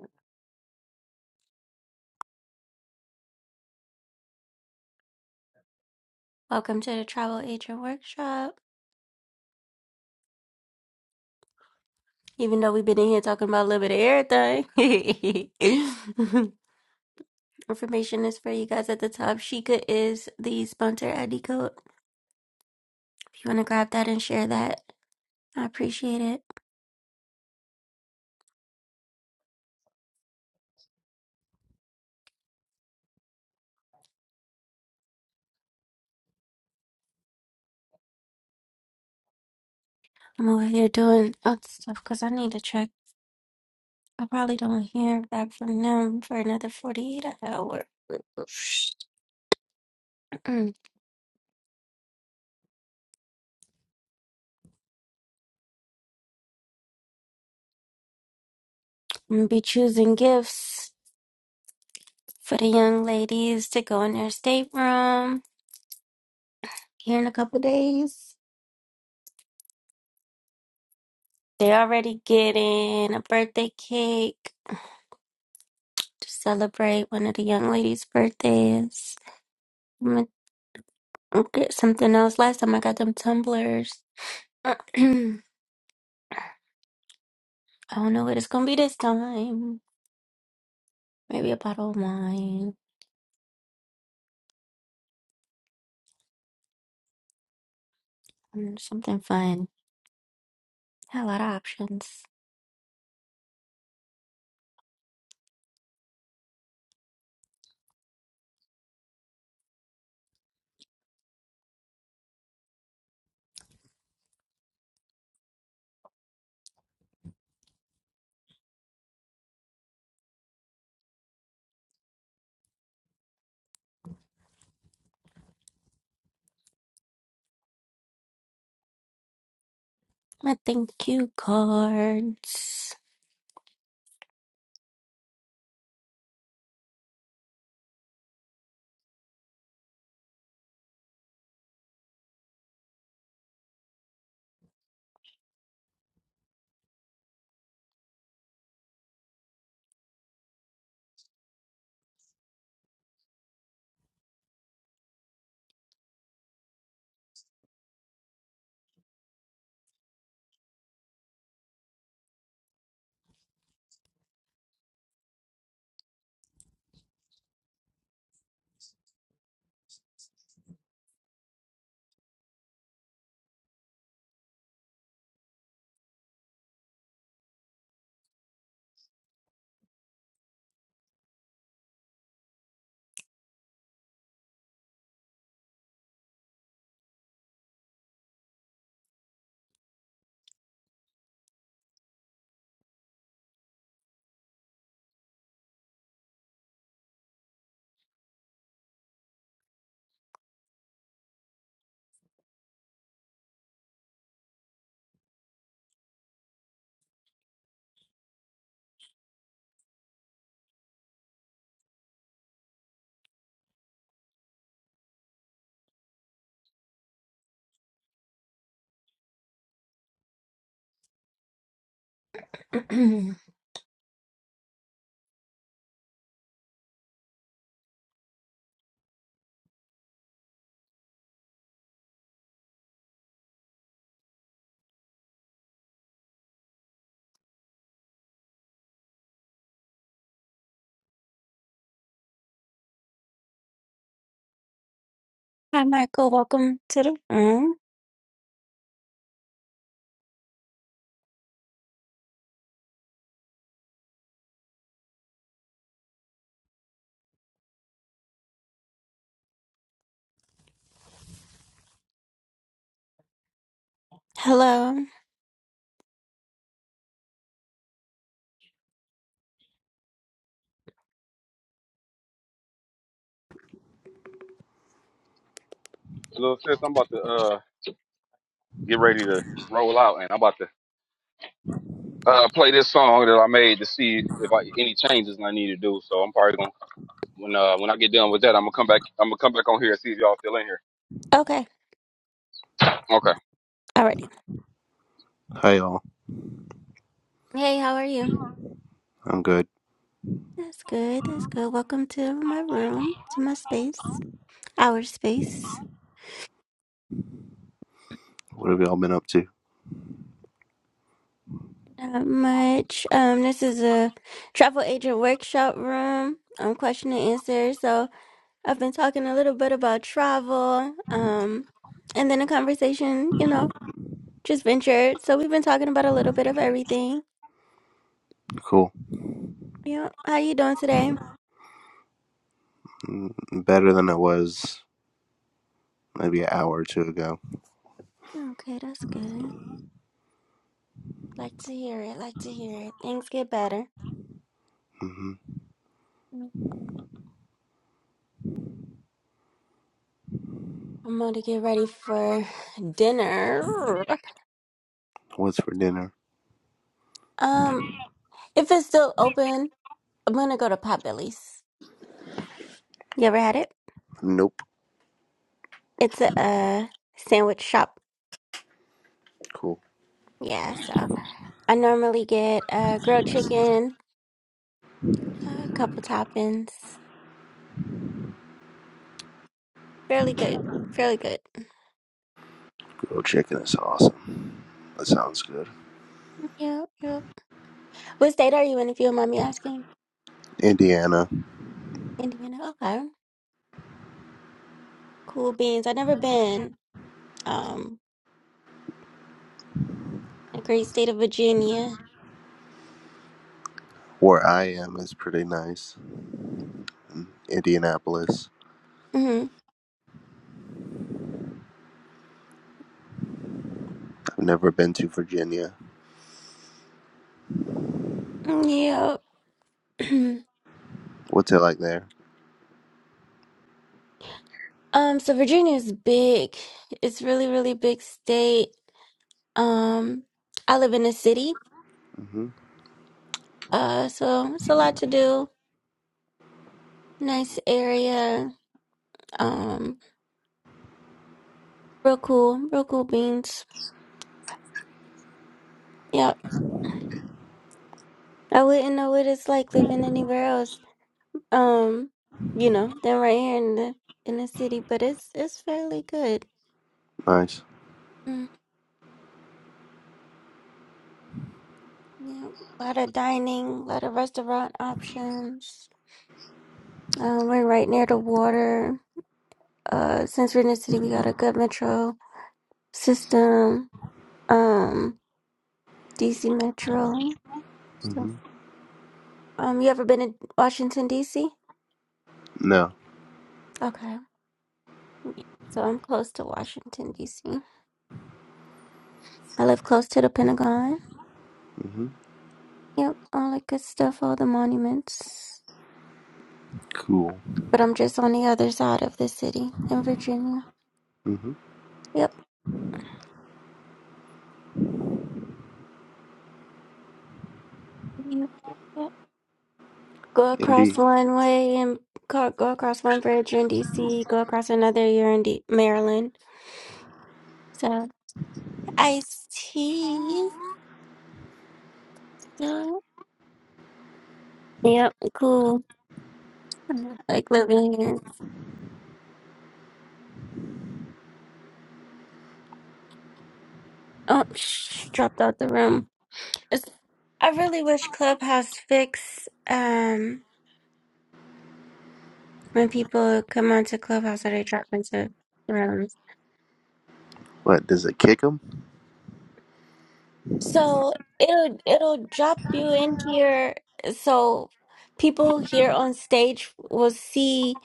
Speaker 1: Welcome to the Travel Agent Workshop. Even though we've been in here talking about a little bit of everything. information is for you guys at the top. Sheikah is the sponsor ID code. If you want to grab that and share that, I appreciate it. I'm over here doing other stuff because I need to check. I probably don't hear back from them for another 48 hours. I'm going to be choosing gifts for the young ladies to go in their stateroom here in a couple days. they already getting a birthday cake to celebrate one of the young ladies' birthdays. I'll get something else. Last time I got them tumblers. I don't know what it's gonna be this time. Maybe a bottle of wine or something fun. Got a lot of options. My thank you cards. Hi, Michael. Welcome to the room. Hello.
Speaker 3: Little sis, I'm about to uh get ready to roll out, and I'm about to uh play this song that I made to see if I any changes I need to do. So I'm probably gonna when uh when I get done with that, I'm gonna come back. I'm gonna come back on here and see if y'all still in here.
Speaker 1: Okay.
Speaker 3: Okay.
Speaker 1: Alrighty.
Speaker 11: Hi all,
Speaker 1: Hey, how are you?
Speaker 11: I'm good.
Speaker 1: That's good. That's good. Welcome to my room, to my space, our space.
Speaker 11: What have y'all been up to?
Speaker 1: Not much. Um, this is a travel agent workshop room. Um, question and answer. So I've been talking a little bit about travel. Um, and then a conversation, you know, just ventured. So we've been talking about a little bit of everything.
Speaker 11: Cool.
Speaker 1: Yeah. How you doing today?
Speaker 11: Mm, Better than I was maybe an hour or two ago.
Speaker 1: Okay, that's good. Like to hear it. Like to hear it. Things get better.
Speaker 11: hmm
Speaker 1: I'm going to get ready for dinner.
Speaker 11: What's for dinner?
Speaker 1: Um, if it's still open, I'm gonna go to Potbelly's. You ever had it?
Speaker 11: Nope.
Speaker 1: It's a, uh sandwich shop.
Speaker 11: Cool.
Speaker 1: Yeah, so I normally get uh grilled chicken, a couple toppings. Fairly good. Fairly good. Mm-hmm,
Speaker 11: Grilled chicken is awesome. That sounds good.
Speaker 1: Yeah, yeah. What state are you in if you don't mind me asking?
Speaker 11: Indiana,
Speaker 1: Indiana. Okay. Cool beans. I've never been. Um, the great state of Virginia.
Speaker 11: where I am, is pretty nice. Indianapolis.
Speaker 1: Mm-hmm.
Speaker 11: I've never been to Virginia.
Speaker 1: mm, Yeah.
Speaker 11: What's it like there?
Speaker 1: um, so Virginia is big. It's really, really big state. Um, I live in a city.
Speaker 11: hmm
Speaker 1: Uh, so it's a lot to do. Nice area. Um, real cool, real cool beans. Yeah, I wouldn't know what it's like living anywhere else. Um, you know, than right here in the in the city, but it's it's fairly good.
Speaker 11: Nice.
Speaker 1: Mm, yeah, a lot of dining, a lot of restaurant options. Uh, we're right near the water. Uh, since we're in the city, we got a good metro system. Um, DC Metro. So,
Speaker 11: hmm
Speaker 1: um, you ever been in Washington D.C.?
Speaker 11: No.
Speaker 1: Okay, so I'm close to Washington D.C. I live close to the Pentagon.
Speaker 11: hmm
Speaker 1: Yep, all that good stuff, all the monuments.
Speaker 11: Cool.
Speaker 1: But I'm just on the other side of the city in Virginia.
Speaker 11: hmm
Speaker 1: Yep, yep, yep. yep. Go
Speaker 11: Indy.
Speaker 1: across one way and go, go across one bridge, you're in DC. Go across another, you're in D- Maryland. So, iced tea. So, yep, cool. Mhm. Like living here. Oh, shh, dropped out the room. It's, I really wish Clubhouse fixed. Um, When people come onto Clubhouse, are they dropped into rooms?
Speaker 11: What does it kick them?
Speaker 1: So it'll it'll drop you in here. So people here on stage will see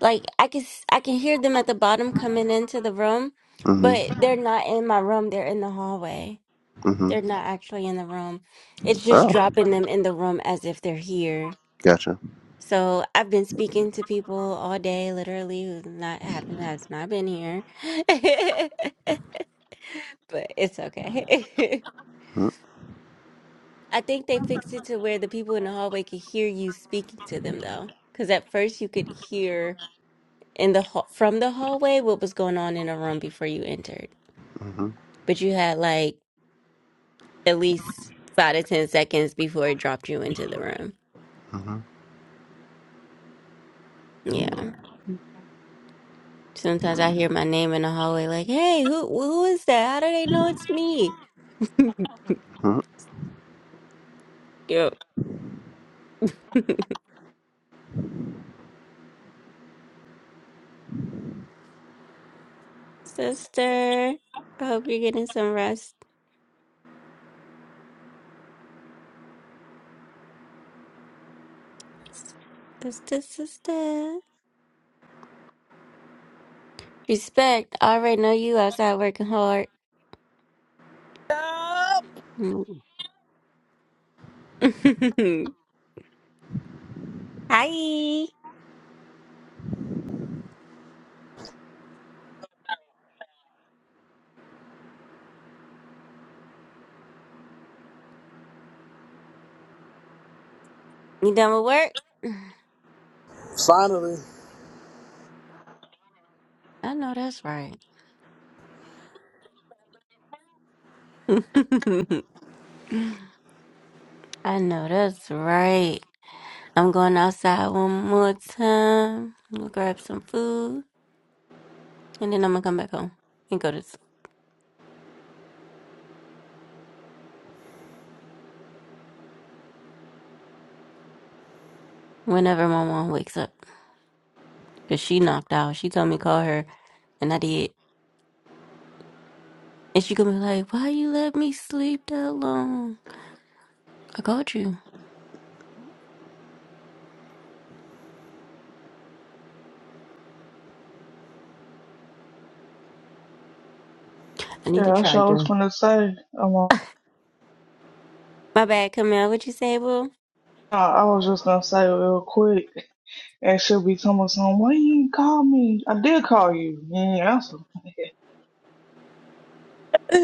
Speaker 1: like I can s- I can hear them at the bottom coming into the room, but they're not in my room. They're in the hallway.
Speaker 11: hmm hmm
Speaker 1: They're not actually in the room. It's just
Speaker 11: Oh,
Speaker 1: dropping them in the room as if they're here.
Speaker 11: gotcha.
Speaker 1: So I've been speaking to people all day, literally, who's not haven't has not been here. But it's okay.
Speaker 11: Mm-hmm.
Speaker 1: I think they fixed it to where the people in the hallway could hear you speaking to them though. Because at first you could hear in the hall from the hallway what was going on in a room before you entered.
Speaker 11: Mm-hmm.
Speaker 1: But you had like at least five to ten seconds before it dropped you into the room.
Speaker 11: Mm-hmm.
Speaker 1: Yeah. Sometimes I hear my name in the hallway like, hey, who who is that? How do they know it's me?
Speaker 11: Mm-hmm.
Speaker 1: Yep. Sister, I hope you're getting some rest. Sister, sister. Respect. I already know you outside working hard.
Speaker 12: Yup.
Speaker 1: Mm. Hi. You done with work?
Speaker 12: Finally,
Speaker 1: I know that's right. I know that's right. I'm going outside one more time. I'm gonna grab some food and then I'm gonna come back home and go to s- whenever my mom wakes up. Cause she knocked out. She told me to call her, and I did. And she gonna be like, "Why you let me sleep that long? I called you. I need to
Speaker 9: Yeah, I
Speaker 1: try
Speaker 9: sure was
Speaker 1: again."
Speaker 9: gonna say. I'm on.
Speaker 1: My bad, Camille. What you say, boo?
Speaker 9: was just gonna say real quick, and she'll be telling me something. Why you ain't call me? I did call you. You ain't answer.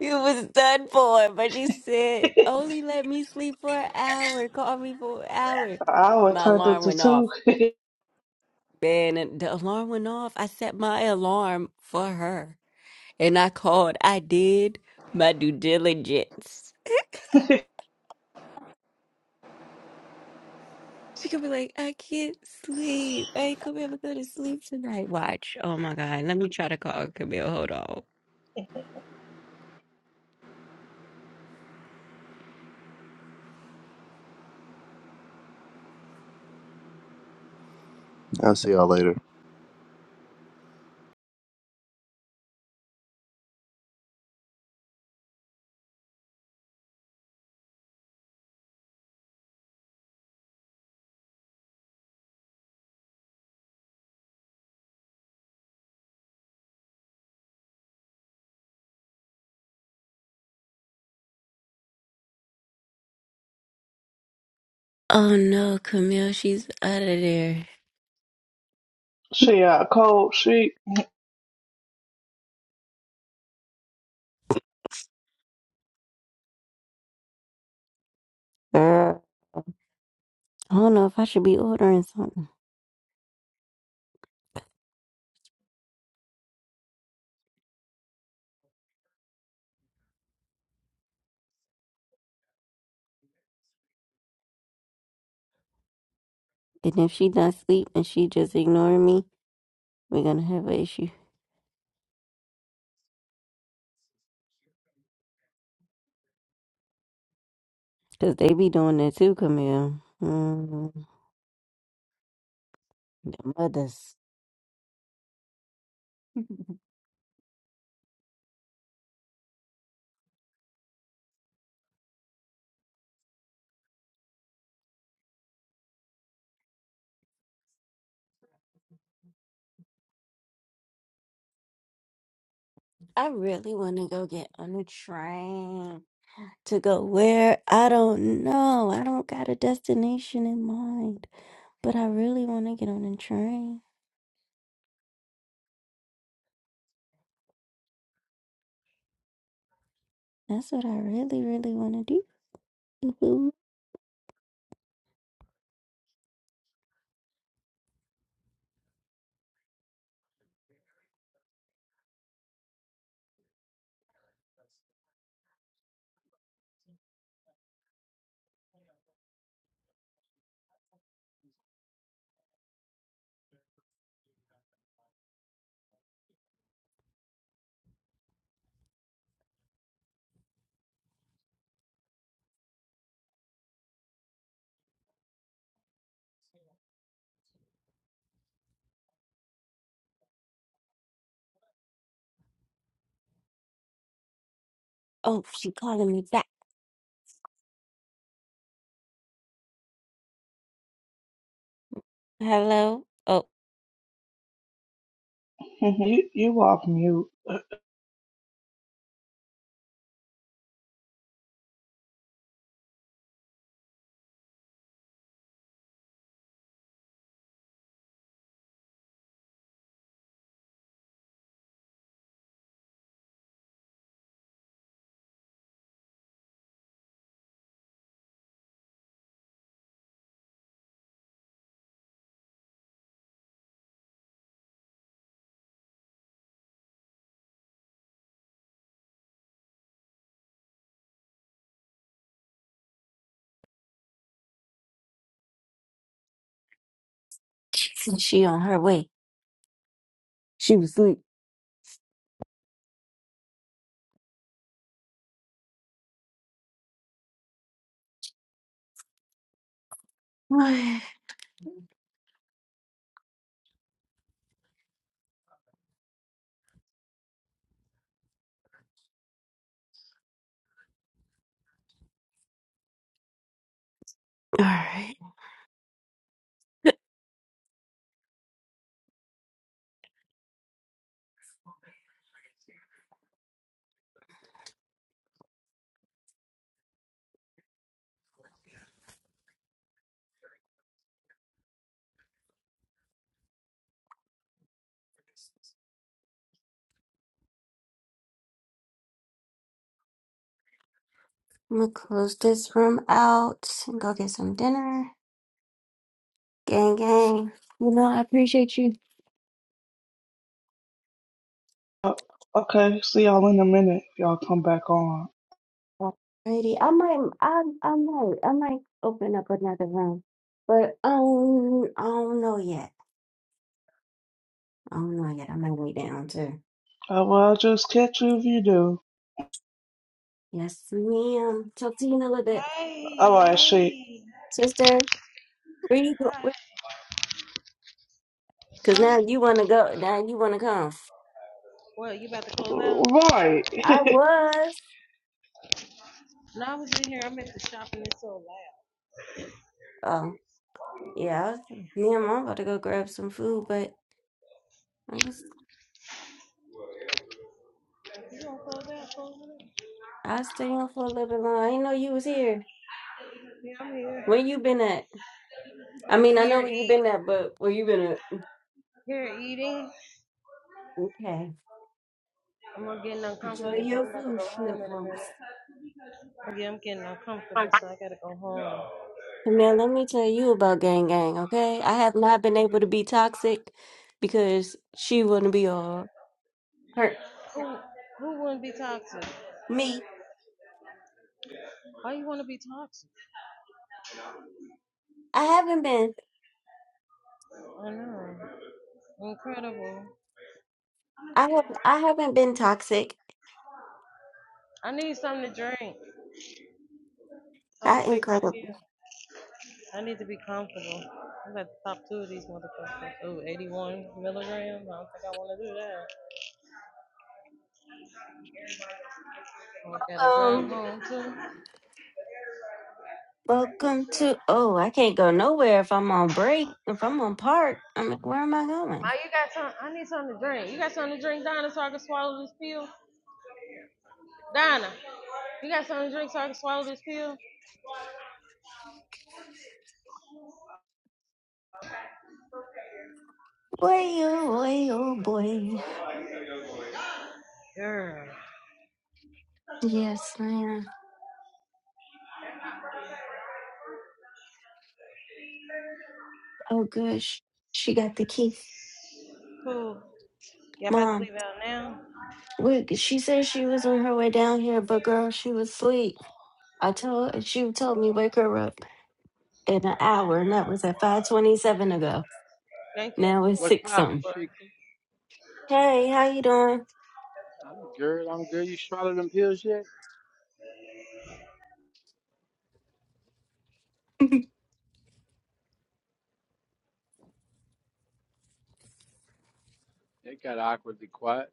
Speaker 1: You was done for, but you said only let me sleep for an hour. Call me for an hour.
Speaker 9: I was
Speaker 1: My
Speaker 9: turned up
Speaker 1: alarm
Speaker 9: to
Speaker 1: went off.
Speaker 9: two.
Speaker 1: Man, and the alarm went off. I set my alarm for her, and I called. I did my due diligence. She could be like, I can't sleep. I ain't gonna be able to go to sleep tonight. Watch. Oh my God. Let me try to call Camille. Hold on.
Speaker 11: I'll see y'all later.
Speaker 1: Oh no, Camille, she's out of there.
Speaker 9: she out cold. She
Speaker 1: Girl, I don't know if I should be ordering something. And if she not sleep and she just ignore me, we're gonna have an issue. Cause they be doing that too, Camille. Mm, the mothers. I really want to go get on a train to go where I don't know. I don't got a destination in mind, but I really want to get on a train. That's what I really, really want to do. Oh, she calling me back. Hello. Oh,
Speaker 9: you you off mute.
Speaker 1: she on her way. She was asleep. All right. I'm gonna close this room out and go get some dinner. Gang, gang. You know, I appreciate you.
Speaker 9: Uh, okay, see y'all in a minute. If y'all come back on.
Speaker 1: Alrighty, I might, I, I might, I might open up another room, but I don't, I don't know yet. I don't know yet. I might wait down too.
Speaker 9: I will just catch you if you do.
Speaker 1: Yes, ma'am. Talk to you in a little bit,
Speaker 9: All
Speaker 5: Hey,
Speaker 9: right, she.
Speaker 5: hey.
Speaker 1: sister. Where you go?
Speaker 5: Alright,
Speaker 1: where- Cause
Speaker 5: huh?
Speaker 1: now you wanna go. Now you wanna come.
Speaker 5: Well, you about to close out?
Speaker 9: Right.
Speaker 1: I was.
Speaker 5: No, I was in here. I'm at the shop and it's so loud.
Speaker 1: Oh, yeah. I was, ma'am, I'm about to go grab some food, but I was.
Speaker 5: You gonna close out? Close out?
Speaker 1: I stay on for a little bit long. I didn't know you was here.
Speaker 5: Yeah, I'm here.
Speaker 1: Where you been at? I mean,
Speaker 5: If
Speaker 1: I
Speaker 5: you're
Speaker 1: know where you
Speaker 5: eat,
Speaker 1: been at, but where you been at?
Speaker 5: here eating,
Speaker 1: Okay.
Speaker 5: I'm gonna getting
Speaker 1: Enjoy
Speaker 5: uncomfortable, so
Speaker 1: your
Speaker 5: I'm about to
Speaker 1: food,
Speaker 5: go home in a minute.
Speaker 1: Schnookums.
Speaker 5: Yeah, I'm getting uncomfortable, so I gotta go home.
Speaker 1: Man, let me tell you about Gang Gang, okay? I have not been able to be toxic because she wouldn't be all hurt.
Speaker 5: Who who wouldn't be toxic?
Speaker 1: Me.
Speaker 5: Why you wanna be toxic?
Speaker 1: I haven't been.
Speaker 5: I know. Incredible.
Speaker 1: I have I haven't been toxic.
Speaker 5: I need something to drink so I
Speaker 1: I
Speaker 5: can take my
Speaker 1: incredible.
Speaker 5: pill. I need to be comfortable. I'm about to pop two of these motherfuckers. Ooh, 81 milligrams. I don't think I want to do that. I gotta drive
Speaker 1: Um
Speaker 5: home too.
Speaker 1: welcome to oh, I can't go nowhere if I'm on break. If I'm on park, I'm like, where am I going?
Speaker 5: Ma, you got some? I need something to drink. You got something to drink, Donna, so I can swallow this pill? Donna, you got something to drink so I can swallow this pill?
Speaker 1: Boy, oh boy, oh boy.
Speaker 5: Girl.
Speaker 1: Yes, man. Oh gosh, she got the key.
Speaker 5: Who? Y'all about to
Speaker 1: Mom,
Speaker 5: leave out now?
Speaker 1: we, she said she was on her way down here, but girl, she was asleep. I told she told me wake her up in an hour, and that was at five twenty seven ago.
Speaker 5: Thank you.
Speaker 1: Now it's
Speaker 13: What's
Speaker 1: six
Speaker 13: poppin',
Speaker 1: something.
Speaker 5: Bruh.
Speaker 13: Sheik?
Speaker 1: Hey, how you doing?
Speaker 13: I'm good. I'm good. You swallowed them pills yet? It got awkwardly quiet.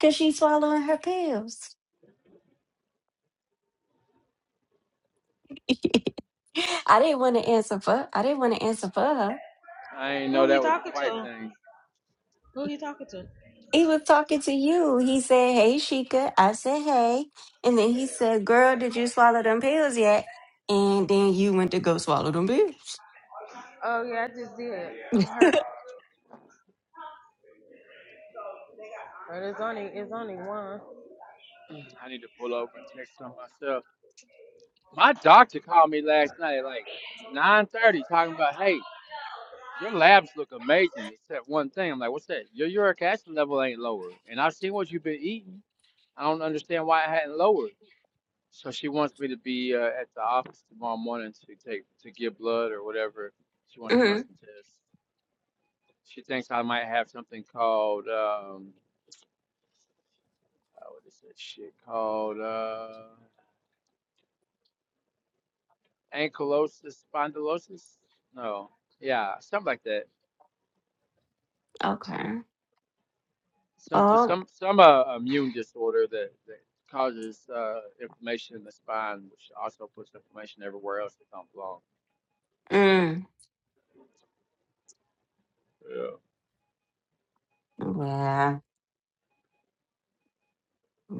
Speaker 1: Cause she's swallowing her pills. I didn't want to
Speaker 13: I,
Speaker 1: answer for. I didn't want to answer for
Speaker 13: I,
Speaker 1: her.
Speaker 13: I ain't know
Speaker 5: Who he
Speaker 13: that was a
Speaker 5: talking
Speaker 13: quiet
Speaker 5: to?
Speaker 13: thing.
Speaker 5: Who he talking to?
Speaker 1: He was talking to you. He said, Hey, Sheikah. I said, Hey. And then he said, Girl, did you swallow them pills yet? And then you went to go swallow them pills.
Speaker 5: Oh yeah, I just did. I'm hurt. But it's only it's only one.
Speaker 13: I need to pull over and check on myself. My doctor called me last night at like 9:30, talking about, "Hey, your labs look amazing, except one thing." I'm like, "What's that? Your uric acid level ain't lower, and I've seen what you've been eating. I don't understand why it hadn't lowered." So she wants me to be uh, at the office tomorrow morning to take to get blood or whatever. She wants to run
Speaker 1: hmm
Speaker 13: some tests. She thinks I might have something called um, uh, what is that shit called? Uh, ankylosis spondylosis? No, yeah, something like that.
Speaker 1: Okay.
Speaker 13: Some
Speaker 1: Oh,
Speaker 13: some some uh, immune disorder that, that causes uh, inflammation in the spine, which also puts inflammation everywhere else that don't belong.
Speaker 1: mm.
Speaker 13: Yeah.
Speaker 1: yeah.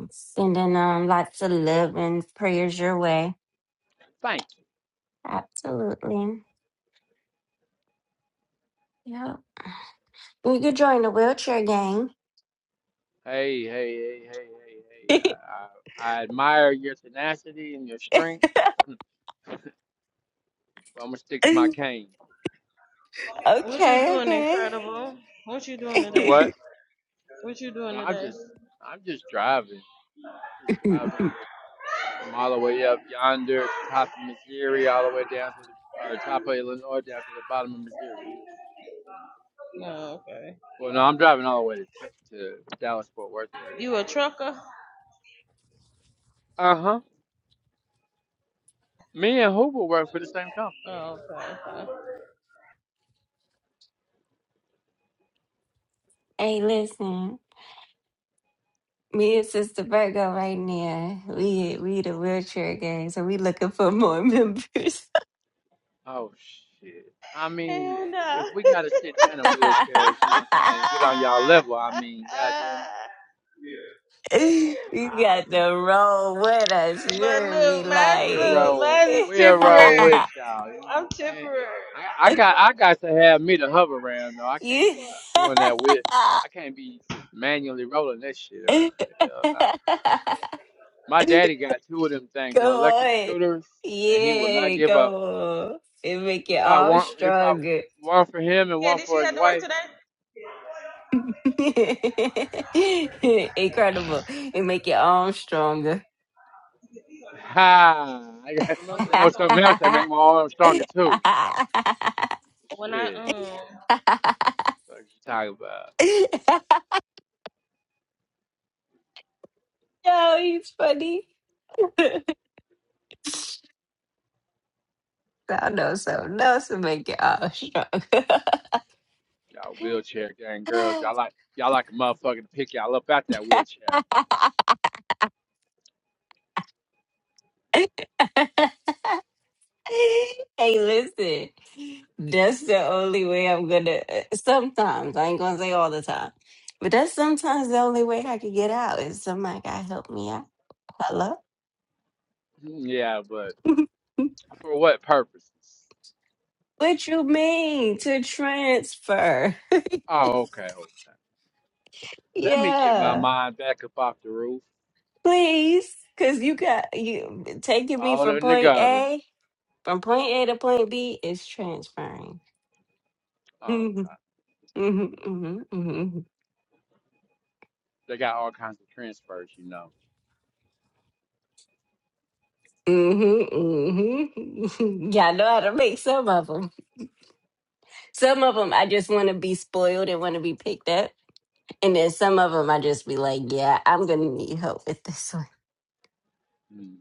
Speaker 1: Sending um lots of love and prayers your way.
Speaker 13: Thank you.
Speaker 1: Absolutely. Yeah. You could join the wheelchair gang.
Speaker 13: Hey, hey, hey, hey, hey, hey. I, I, I admire your tenacity and your strength, but I'm gonna stick to my cane.
Speaker 5: What you doing,
Speaker 1: okay,
Speaker 5: Incredible? What you
Speaker 1: okay.
Speaker 5: doing
Speaker 13: Do
Speaker 5: today?
Speaker 13: what?
Speaker 5: What you doing
Speaker 13: Well, I'm
Speaker 5: today?
Speaker 13: just I'm just driving. I'm just driving from all the way up yonder to top of Missouri, all the way down to the or top of Illinois, down to the bottom of Missouri.
Speaker 5: No, okay.
Speaker 13: Well, no, I'm driving all the way to Te- to Dallas Fort Worth area.
Speaker 5: You a
Speaker 13: But
Speaker 5: trucker?
Speaker 13: uh huh, me and Hoover work for the same company.
Speaker 5: Oh, okay. okay.
Speaker 1: hey, listen. Me and Sister Virgo right now. We we the wheelchair gang, so we looking for more members.
Speaker 13: Oh shit! I mean,
Speaker 5: And uh
Speaker 13: if we gotta sit down in wheelchairs, you know what I'm saying, and get on y'all level, I mean, goddamn it.
Speaker 1: you got to roll with us. You
Speaker 5: But
Speaker 1: hear me,
Speaker 5: look,
Speaker 13: we
Speaker 5: mine look,
Speaker 1: like
Speaker 13: roll.
Speaker 5: mine is
Speaker 13: we roll
Speaker 5: temporary.
Speaker 13: with y'all. You know what
Speaker 5: I'm
Speaker 13: I'm saying?
Speaker 5: temporary.
Speaker 13: I, I got I got to have me to hover around though. I can't
Speaker 1: you.
Speaker 13: be doing that with I can't be manually rolling that shit around. Hell no. My daddy got two of them things on
Speaker 1: go
Speaker 13: electric
Speaker 1: on,
Speaker 13: scooters and he will not
Speaker 1: yeah,
Speaker 13: give up.
Speaker 1: go on. It make you
Speaker 13: He bought
Speaker 1: all
Speaker 13: one he bought
Speaker 1: stronger.
Speaker 13: one for him and one
Speaker 5: Candice,
Speaker 13: for
Speaker 5: you
Speaker 13: his
Speaker 5: had to work
Speaker 13: wife.
Speaker 5: today?
Speaker 1: Incredible. It make you all stronger.
Speaker 13: Ha I, got-
Speaker 5: Love
Speaker 1: Yo,
Speaker 13: I know
Speaker 5: that.
Speaker 13: something else that make my arm stronger too.
Speaker 5: When I
Speaker 13: Shit.
Speaker 5: um
Speaker 13: What you talking about?
Speaker 1: he's funny. I know something know to make it all strong.
Speaker 13: Y'all wheelchair gang girls. Y'all like y'all like a motherfucker to pick y'all up out that wheelchair.
Speaker 1: hey, listen. That's the only way I'm gonna. Sometimes I ain't gonna say all the time, but that's sometimes the only way I can get out is somebody gotta help me out. Hello.
Speaker 13: Mm, Yeah, but for what purposes?
Speaker 1: What you mean to transfer?
Speaker 13: Oh, okay. okay. Let me get my
Speaker 1: Yeah,
Speaker 13: mind back up off the roof.
Speaker 1: please, because you got you taking me
Speaker 13: On
Speaker 1: from
Speaker 13: in the
Speaker 1: point
Speaker 13: gutter.
Speaker 1: A, from point A to point B is transferring.
Speaker 13: Oh,
Speaker 1: hmm
Speaker 13: okay.
Speaker 1: hmm hmm hmm
Speaker 13: They got all kinds of transfers, you know.
Speaker 1: hmm hmm Yeah, I know how to make some of them. Some of them I just want to be spoiled and want to be picked up, and then some of them I just be like, yeah, I'm gonna need help with this one.
Speaker 13: hmm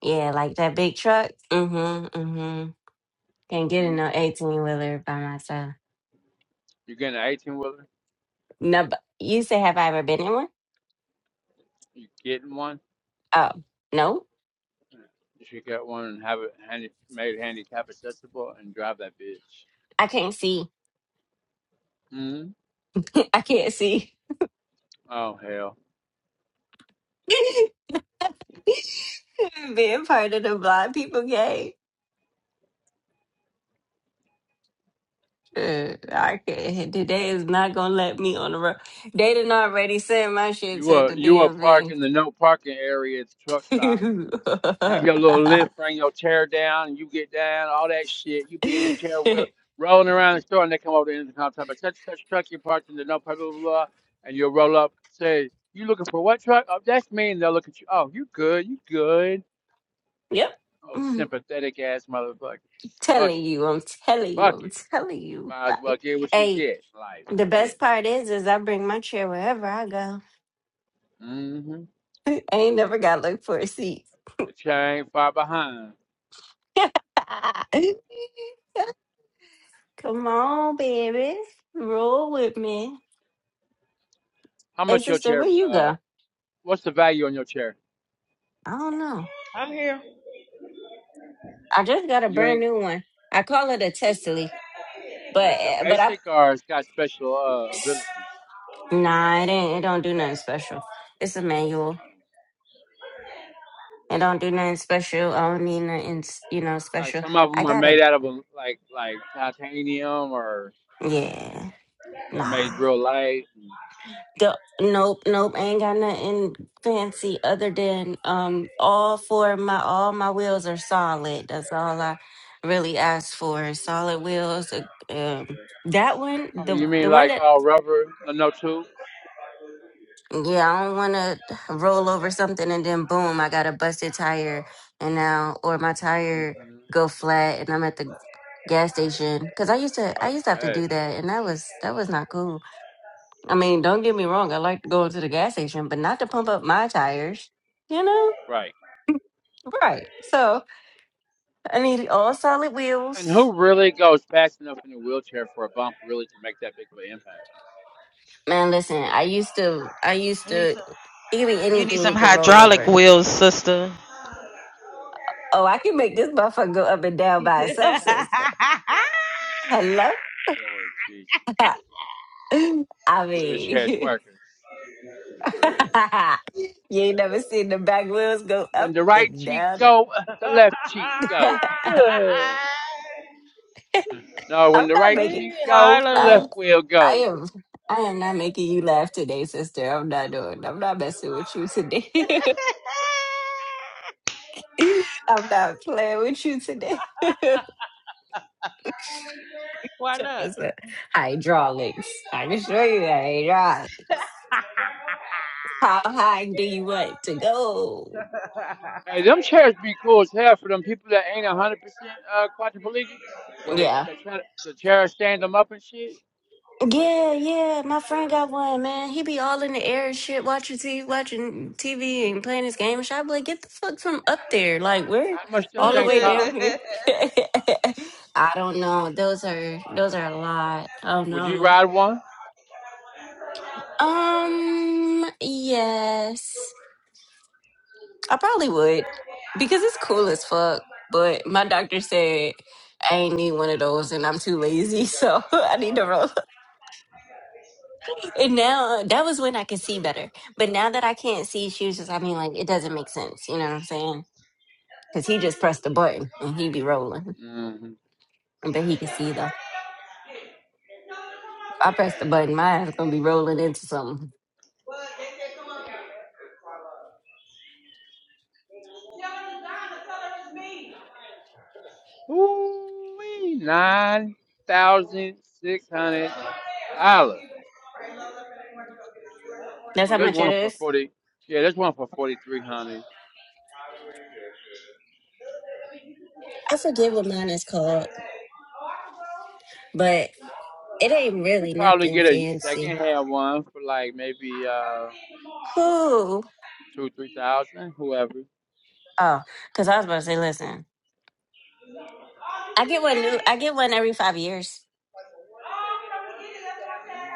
Speaker 1: Yeah, like that big truck. hmm hmm Can't get in
Speaker 13: hmm
Speaker 1: no 18 wheeler by myself.
Speaker 13: You getting an eighteen wheeler?
Speaker 1: No, but you say, have I ever been in one?
Speaker 13: You getting one?
Speaker 1: Oh, no.
Speaker 13: Yeah. You should get one and have it handy, made handicap accessible and drive that bitch.
Speaker 1: I can't see.
Speaker 13: hmm
Speaker 1: I can't see.
Speaker 13: Oh hell.
Speaker 1: Being part of the blind people gang. Uh, I can't. Today is not gonna let me on the road. They done already send my shit
Speaker 13: You
Speaker 1: to
Speaker 13: were
Speaker 1: the
Speaker 13: you were
Speaker 1: DMV.
Speaker 13: parking the no parking area at the truck stop. have your little lift, bring your chair down, and you get down, all that shit. You be in the chair with rolling around the store, and they come over to the intercom talking about such such truck you parked in the no blah blah blah, blah, and you'll roll up, say, "You looking for what truck?" Oh, that's me, and they'll look at you. Oh, you good? You good?
Speaker 1: yep.
Speaker 13: Oh,
Speaker 1: Mm.
Speaker 13: sympathetic ass motherfucker. Fuck
Speaker 1: Telling
Speaker 13: it,
Speaker 1: you, I'm telling you,
Speaker 13: fuck
Speaker 1: I'm
Speaker 13: it.
Speaker 1: telling you.
Speaker 13: Might as well get what you
Speaker 1: Bye.
Speaker 13: get. Like
Speaker 1: The best
Speaker 13: shit.
Speaker 1: part is, is I bring my chair wherever I go.
Speaker 13: Mm-hmm.
Speaker 1: I ain't never got to look for a seat.
Speaker 13: The chair ain't far behind.
Speaker 1: Come on, baby, roll with me.
Speaker 13: How
Speaker 1: Hey,
Speaker 13: much your
Speaker 1: sister,
Speaker 13: chair?
Speaker 1: where you
Speaker 13: Uh,
Speaker 1: go?
Speaker 13: what's the value on your chair?
Speaker 1: I don't know.
Speaker 5: I'm here.
Speaker 1: I just got a
Speaker 13: You ain't.
Speaker 1: brand new one. I call it a testily, but
Speaker 13: It's a
Speaker 1: but I
Speaker 13: basic or it's got special uh, abilities.
Speaker 1: nah, it ain't. It don't do nothing special. It's a manual.
Speaker 13: Um,
Speaker 1: It don't do nothing special. I don't need nothing, you know,
Speaker 13: like
Speaker 1: special.
Speaker 13: some of
Speaker 1: I
Speaker 13: them are
Speaker 1: got a
Speaker 13: made out of a, like like titanium or
Speaker 1: yeah.
Speaker 13: they're
Speaker 1: Nah.
Speaker 13: made real light.
Speaker 1: The, nope, nope. I ain't got nothing fancy other than um all four of my all my wheels are solid. That's all I really asked for. is Solid wheels. uh, Um, that one,
Speaker 13: Oh,
Speaker 1: the
Speaker 13: you
Speaker 1: the
Speaker 13: mean
Speaker 1: one
Speaker 13: like
Speaker 1: that
Speaker 13: all rubber, no, no tubes?
Speaker 1: yeah, I don't want to roll over something and then boom, I got a busted tire and now or my tire
Speaker 13: hmm
Speaker 1: go flat and I'm at the gas station because I used to I
Speaker 13: Fuck
Speaker 1: used to have to
Speaker 13: that.
Speaker 1: do that and that was that was not cool. I mean, don't get me wrong. I like to go to the gas station, but not to pump up my tires, you know?
Speaker 13: Right.
Speaker 1: Right. So I need all solid
Speaker 13: And
Speaker 1: wheels.
Speaker 13: who really goes fast enough in a wheelchair for a bump really to make that big of an impact?
Speaker 1: Man, listen, I used to, I used
Speaker 5: You need
Speaker 1: to, it
Speaker 5: some
Speaker 1: could be
Speaker 5: You need
Speaker 1: anything
Speaker 5: some
Speaker 1: you could roll
Speaker 5: hydraulic
Speaker 1: over.
Speaker 5: wheels, sister.
Speaker 1: Oh, I can make this motherfucker go up and down by itself, sister. Hello?
Speaker 13: Oh Jesus.
Speaker 1: I
Speaker 13: Wheelchair
Speaker 1: mean,
Speaker 13: twerkers.
Speaker 1: you ain't never seen the back wheels go
Speaker 13: When
Speaker 1: up
Speaker 13: the right
Speaker 1: and
Speaker 13: cheek
Speaker 1: down.
Speaker 13: go, the left cheek go. No,
Speaker 1: I'm
Speaker 13: when the
Speaker 1: not
Speaker 13: right
Speaker 1: making.
Speaker 13: cheek
Speaker 5: hey,
Speaker 13: go, the left
Speaker 5: Harlem.
Speaker 13: will
Speaker 1: I
Speaker 13: go.
Speaker 1: am I am not making you laugh today, sister. I'm not doing I'm not messing with you today. I'm not playing with you today. Tell
Speaker 5: Why not?
Speaker 1: us, uh, Hydraulics. I can show you that hydraulics. How high do you want to go?
Speaker 13: Hey, them chairs be cool as hell for them people that ain't a hundred percent uh quadriplegic. When they
Speaker 1: Yeah.
Speaker 13: they try to, the chair stand them up and shit.
Speaker 1: Yeah, yeah, my friend got one, man. He be all in the air and shit, watching TV, watching TV
Speaker 13: Mm.
Speaker 1: and playing his game and shit. I be like, get the fuck from up there. Like, we're
Speaker 13: How much them
Speaker 1: all the
Speaker 5: we
Speaker 13: things
Speaker 1: way down
Speaker 13: cost?
Speaker 1: here. I don't know. Those are those are a lot. Oh
Speaker 13: Would you
Speaker 1: no.
Speaker 13: ride one?
Speaker 1: Um, yes. I probably would. Because it's cool as fuck. But my doctor said I ain't need one of those and I'm too lazy, so I need to roll. And now uh, that was when I could see better. But now that I can't see, she was just, I mean, like, it doesn't make sense. You know what I'm saying? Because he just pressed the button and he be rolling.
Speaker 13: Mm-hmm.
Speaker 1: But he can see though. If I press the button, mine's going to be rolling into something.
Speaker 13: Ooh, nine thousand six hundred dollars.
Speaker 1: That's
Speaker 13: Oh,
Speaker 1: how
Speaker 13: there's
Speaker 1: much it
Speaker 13: one for
Speaker 1: is.
Speaker 13: forty. Yeah, there's one for forty three hundred.
Speaker 1: I forget what mine is called, but it ain't
Speaker 13: You
Speaker 1: really
Speaker 13: could probably
Speaker 1: nothing
Speaker 13: get a second
Speaker 1: fancy.
Speaker 13: hand one for like maybe uh
Speaker 1: Who?
Speaker 13: two three thousand, whoever.
Speaker 1: Oh, because I was about to say, listen, I get one new, I get one every five years.
Speaker 13: Mm-hmm.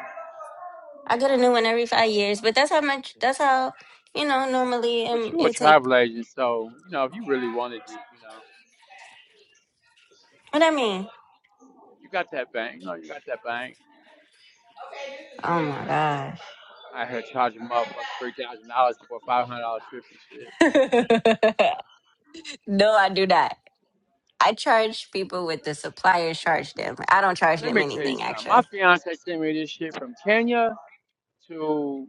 Speaker 1: I get a new one every five years, but that's how much, that's how, you know, normally
Speaker 13: But
Speaker 1: um,
Speaker 13: you a
Speaker 1: it take,
Speaker 13: travel agent, so you know if you really wanted it, you know,
Speaker 1: what I mean?
Speaker 13: you got that bank. You know, you got that bank.
Speaker 1: Oh my gosh.
Speaker 13: I had charging motherfucking three thousand dollars for a five hundred dollar trip and shit.
Speaker 1: no, I do not. I charge people with the supplier charge them. I don't charge
Speaker 13: Let
Speaker 1: them
Speaker 13: me tell you
Speaker 1: anything
Speaker 13: something. My
Speaker 1: actually.
Speaker 13: fiance sent me this shit from Kenya to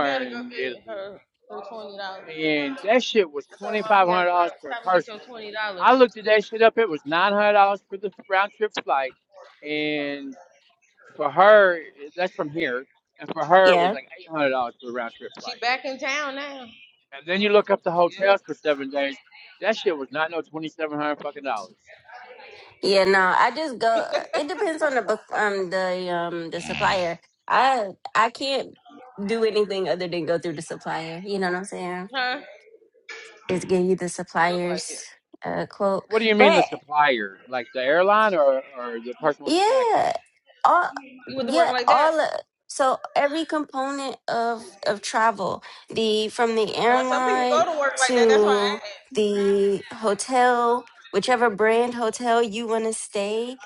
Speaker 5: gotta go
Speaker 13: in
Speaker 5: get
Speaker 13: Italy,
Speaker 5: her her twenty dollars.
Speaker 13: and that shit was
Speaker 5: I told
Speaker 13: twenty
Speaker 5: mom
Speaker 13: five
Speaker 5: we gotta
Speaker 13: hundred dollars
Speaker 5: drive.
Speaker 13: per
Speaker 5: Stop and get your
Speaker 13: person.
Speaker 5: twenty
Speaker 13: I
Speaker 5: dollars.
Speaker 13: looked at that shit up. It was nine hundred dollars for the round trip flight, and for her, that's from here, and for her it was
Speaker 1: Yeah.
Speaker 13: like eight hundred dollars for the round trip
Speaker 5: She
Speaker 13: flight.
Speaker 5: back in town now.
Speaker 13: And then you look up the
Speaker 5: You?
Speaker 13: hotels for seven days. That shit was not no twenty seven hundred fucking dollars.
Speaker 1: Yeah, no, I just go it depends on the bu- um the um the supplier. I I can't do anything other than go through the supplier. You know what I'm saying?
Speaker 5: Huh? You
Speaker 1: Just give you the
Speaker 5: look like it.
Speaker 1: supplier's uh quote.
Speaker 13: What do you mean the
Speaker 1: But
Speaker 13: supplier? Like the airline or, or the person with the package?
Speaker 1: Yeah, all
Speaker 5: You went to work
Speaker 1: yeah,
Speaker 5: like that?
Speaker 1: all uh, so every component of of travel, the from the
Speaker 5: Now some people go
Speaker 1: airline
Speaker 5: to work like that. That's why I
Speaker 1: to
Speaker 5: asked.
Speaker 1: the hotel, whichever brand hotel you want to stay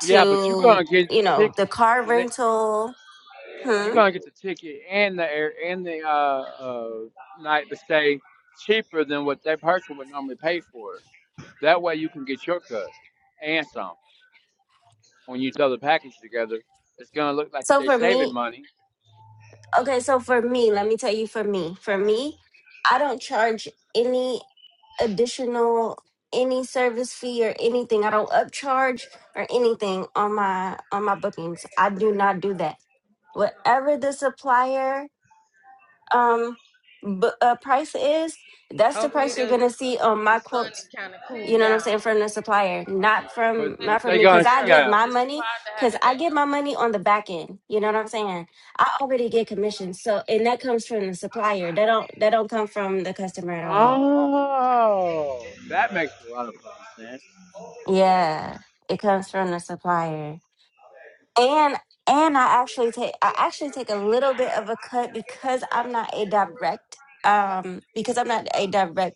Speaker 13: Yeah, but you're gonna get the
Speaker 1: you know, the
Speaker 13: ticket
Speaker 1: car
Speaker 13: and it,
Speaker 1: rental.
Speaker 13: you're
Speaker 1: Hmm.
Speaker 13: gonna get the ticket and the air and the uh uh night to stay cheaper than what that person would normally pay for. That way you can get your cut and some. When you throw the package together, it's gonna look like
Speaker 1: So
Speaker 13: they're
Speaker 1: for
Speaker 13: saving
Speaker 1: me,
Speaker 13: money,
Speaker 1: Okay, so for me, let me tell you for me. For me, I don't charge any additional any service fee or anything. I don't upcharge or anything on my on my bookings. I do not do that. Whatever the supplier um bu- uh, price is, that's the
Speaker 5: Hopefully
Speaker 1: price you're
Speaker 5: the
Speaker 1: going to see on
Speaker 5: the
Speaker 1: my
Speaker 5: sun
Speaker 1: quotes
Speaker 5: kind of
Speaker 1: you
Speaker 5: cooled
Speaker 1: know what I'm
Speaker 5: down.
Speaker 1: saying? From the supplier, not
Speaker 13: but
Speaker 1: from
Speaker 5: I had to
Speaker 13: but
Speaker 1: not from
Speaker 13: they're
Speaker 5: pin
Speaker 1: me,
Speaker 5: my
Speaker 13: gonna
Speaker 1: because I
Speaker 5: hair
Speaker 13: see
Speaker 5: up.
Speaker 1: get
Speaker 13: a
Speaker 1: my
Speaker 5: It's too
Speaker 1: money,
Speaker 5: hot to have
Speaker 1: because
Speaker 5: it
Speaker 1: I get
Speaker 5: down.
Speaker 1: my money on the back end. You know what I'm saying? I already get commission, so and that comes from the supplier. That don't that don't come from the customer at all.
Speaker 13: Oh, that makes a lot of fucking sense.
Speaker 1: Yeah, it comes from the supplier, and and I actually take I actually take a little bit of a cut because I'm not a direct um because I'm not a direct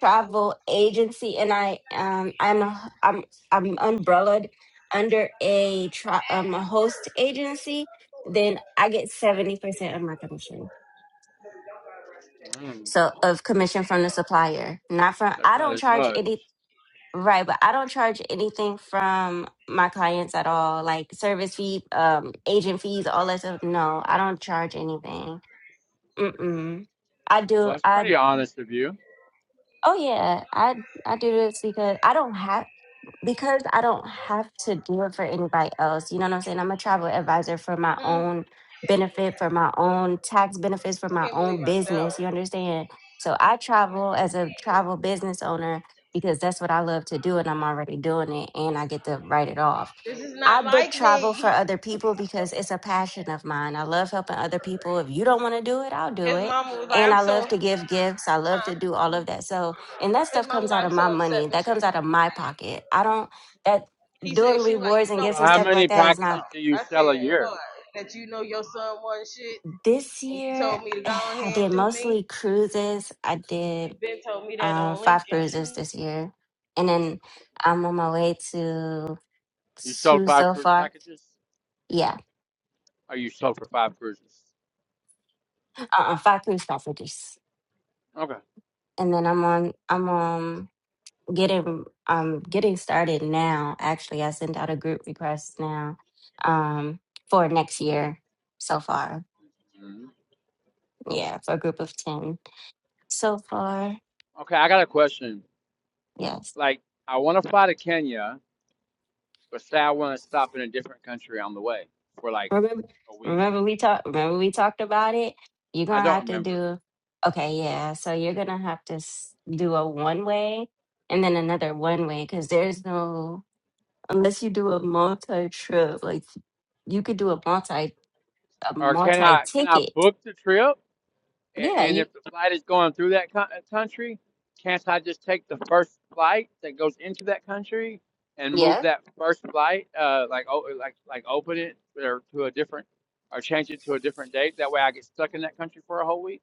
Speaker 1: travel agency, and I um I'm a, I'm I'm umbrellaed under a tra- um a host agency. Then I get seventy percent of my commission.
Speaker 13: Mm,
Speaker 1: So of commission from the supplier, not from.
Speaker 13: that's
Speaker 1: I
Speaker 13: not
Speaker 1: don't
Speaker 13: as
Speaker 1: charge
Speaker 13: much.
Speaker 1: any right, but I don't charge anything from my clients at all, like service fee, um, agent fees, all that stuff. No, I don't charge anything. Mm mm. I
Speaker 13: Well,
Speaker 1: do.
Speaker 13: that's
Speaker 1: I
Speaker 13: pretty honest of you.
Speaker 1: oh yeah. I I do this because I don't have. because I don't have to do it for anybody else, you know what I'm saying? I'm a travel advisor for my
Speaker 5: Mm,
Speaker 1: own benefit, for my own tax benefits, for
Speaker 5: I
Speaker 1: my
Speaker 5: can't believe
Speaker 1: own
Speaker 5: myself.
Speaker 1: business. You understand? So I travel as a travel business owner because that's what I love to do and I'm already doing it and I get to write it off.
Speaker 5: This is
Speaker 1: I
Speaker 5: not
Speaker 1: book
Speaker 5: like
Speaker 1: travel for
Speaker 5: me.
Speaker 1: other people because it's a passion of mine. I love helping other people. If you don't want to do it, I'll do
Speaker 5: His
Speaker 1: it.
Speaker 5: mama was like,
Speaker 1: And
Speaker 5: I'm
Speaker 1: I
Speaker 5: so,
Speaker 1: love to give gifts. I love
Speaker 5: huh?
Speaker 1: to do all of
Speaker 13: Mhm.
Speaker 1: that. So and that
Speaker 5: His
Speaker 1: stuff
Speaker 5: mama was
Speaker 1: comes out
Speaker 5: like, I'm
Speaker 1: of my
Speaker 5: so upset
Speaker 1: money
Speaker 5: with
Speaker 1: that
Speaker 5: you.
Speaker 1: comes out of my pocket i don't that
Speaker 5: He said,
Speaker 1: doing
Speaker 5: she was like,
Speaker 1: rewards
Speaker 5: you
Speaker 1: and
Speaker 5: know
Speaker 13: So,
Speaker 1: gifts and
Speaker 5: we
Speaker 13: how
Speaker 5: had
Speaker 1: stuff
Speaker 5: that
Speaker 1: like
Speaker 13: many
Speaker 1: that is
Speaker 5: damn
Speaker 1: not
Speaker 13: packages
Speaker 5: talk.
Speaker 13: do you
Speaker 5: I
Speaker 13: sell a
Speaker 5: said,
Speaker 13: year?
Speaker 5: what? That you know your son won shit
Speaker 1: this
Speaker 5: and you
Speaker 1: year
Speaker 5: told me to go
Speaker 1: i
Speaker 5: ahead and
Speaker 1: did
Speaker 5: do me?
Speaker 1: mostly cruises i
Speaker 5: She
Speaker 1: did
Speaker 5: been told me that
Speaker 1: um,
Speaker 5: on Lincoln.
Speaker 1: five
Speaker 5: She was
Speaker 1: cruises this year and then i'm on my way to
Speaker 13: You sold
Speaker 1: two
Speaker 13: five
Speaker 1: so
Speaker 13: cruise
Speaker 1: far
Speaker 13: packages?
Speaker 1: yeah
Speaker 13: Or you sold for five cruises?
Speaker 1: uh, uh, five cruise packages
Speaker 13: Okay.
Speaker 1: and then i'm on i'm on getting um getting started now. Actually, I sent out a group request now um for next year so far.
Speaker 13: Mhm.
Speaker 1: Yeah, for a group of 10 so far.
Speaker 13: Okay, I got a question.
Speaker 1: Yes.
Speaker 13: Like, I want to fly to Kenya, but say I want to stop in a different country on the way for like
Speaker 1: Remember
Speaker 13: a week.
Speaker 1: remember we talked remember we talked about it? You're
Speaker 13: I
Speaker 1: going to
Speaker 13: don't
Speaker 1: have to
Speaker 13: remember.
Speaker 1: do Okay, yeah. So you're going to have to s- do a one way and then another one way cuz there's no unless you do a multi trip like you could do a multi a
Speaker 13: Or can
Speaker 1: multi
Speaker 13: I can I
Speaker 1: ticket.
Speaker 13: book the trip? And,
Speaker 1: Yeah, you
Speaker 13: if the flight is going through that country, can't I just take the first flight that goes into that country and
Speaker 1: yeah
Speaker 13: move that first flight, uh, like oh, like like open it or to a different, or change it to a different date? That way, I get stuck in that country for a whole week.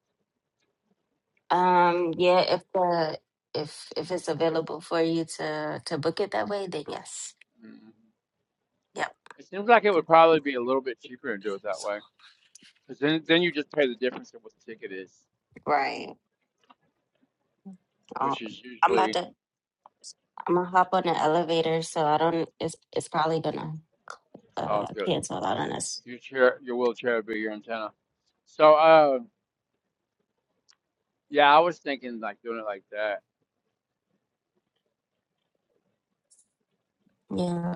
Speaker 1: Um, yeah, if the if if it's available for you to to book it that way, then yes.
Speaker 13: Mhm.
Speaker 1: Yep.
Speaker 13: It seems like it would probably be a little bit cheaper to do it that way, because then then you just pay the difference of what the ticket is,
Speaker 1: Right. Uh,
Speaker 13: which is
Speaker 1: I'm about
Speaker 13: usually
Speaker 1: to I'm gonna hop on the elevator, so I don't it's it's probably gonna
Speaker 13: it's all
Speaker 1: uh
Speaker 13: good.
Speaker 1: cancel out on us.
Speaker 13: Your chair, your wheelchair would be your antenna. So, uh, yeah, I was thinking like doing it like that.
Speaker 1: Yeah.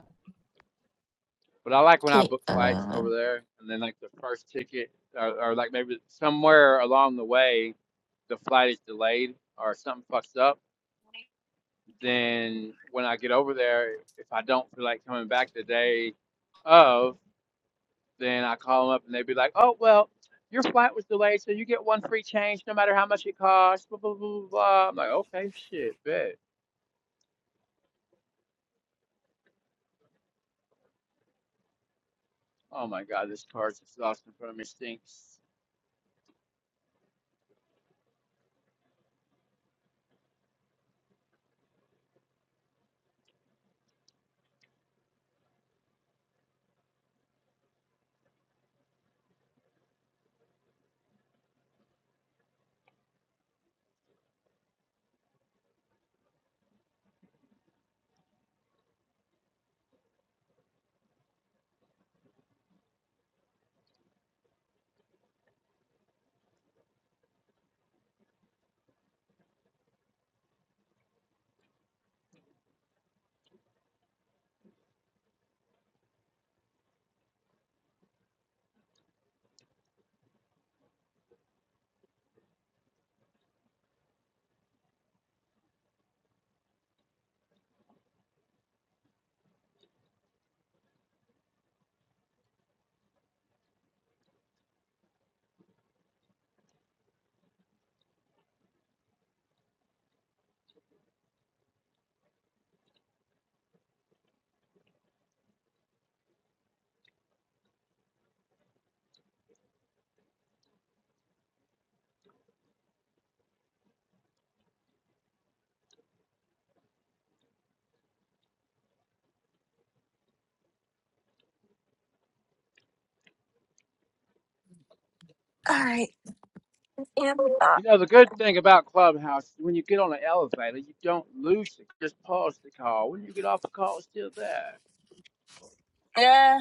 Speaker 13: But I like when I
Speaker 1: Okay.
Speaker 13: book flights
Speaker 1: uh
Speaker 13: over there, and then like the first ticket, or, or like maybe somewhere along the way, the flight is delayed or something fucks up. Then when I get over there, if I don't feel like coming back the day of, then I call them up and they'd be like, "Oh well, your flight was delayed, so you get one free change, no matter how much it costs." Blah blah blah blah. I'm like, "Okay, shit, bet." Oh my god, this card's exhausting for me stinks.
Speaker 1: all right. Yeah. we are.
Speaker 13: You know, the good thing about Clubhouse, when you get on an elevator, you don't lose it. Just pause the call. When you get off the call, it's still there.
Speaker 1: Yeah.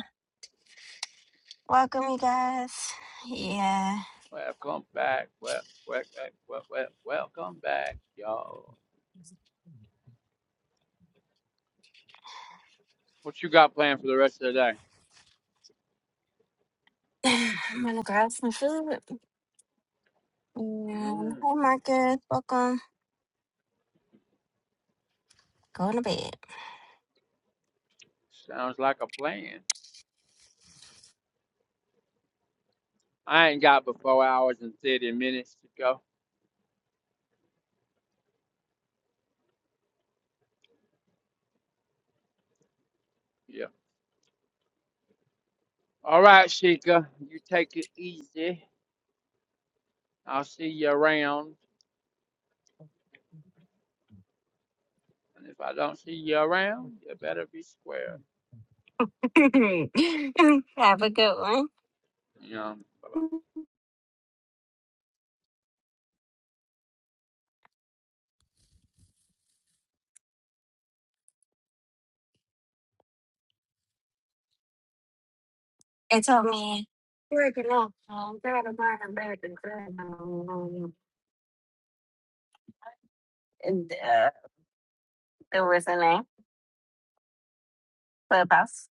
Speaker 1: Welcome you guys. Yeah.
Speaker 13: Welcome back. Well, well, well, well, welcome back, y'all. What you got planned for the rest of the day?
Speaker 1: I'm gonna grab some food. And
Speaker 13: Mm,
Speaker 1: hi Marcus, welcome. Going to bed.
Speaker 13: sounds like a plan. I ain't got but four hours and 30 minutes to go. Yeah. All right, Sheikah, you take it easy. I'll see you around. And if I don't see you around, you better be square.
Speaker 1: Have a good
Speaker 13: Yeah. Bye-bye.
Speaker 1: one. It told me working off um got a better American um, and uh there was a name Clubhouse.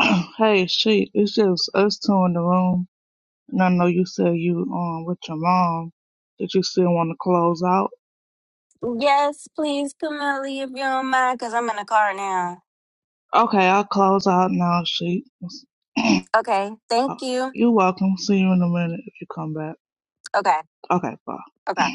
Speaker 9: hey, she, it's just us two in the room. And I know you said you um with your mom that you still want to close out.
Speaker 1: Yes, please, Camille, if you don't mind, because I'm in the car now.
Speaker 9: Okay, I'll close out now, she.
Speaker 1: Okay, thank you.
Speaker 9: You're welcome. See you in a minute if you come back.
Speaker 1: Okay,
Speaker 9: Okay, bye.
Speaker 1: okay.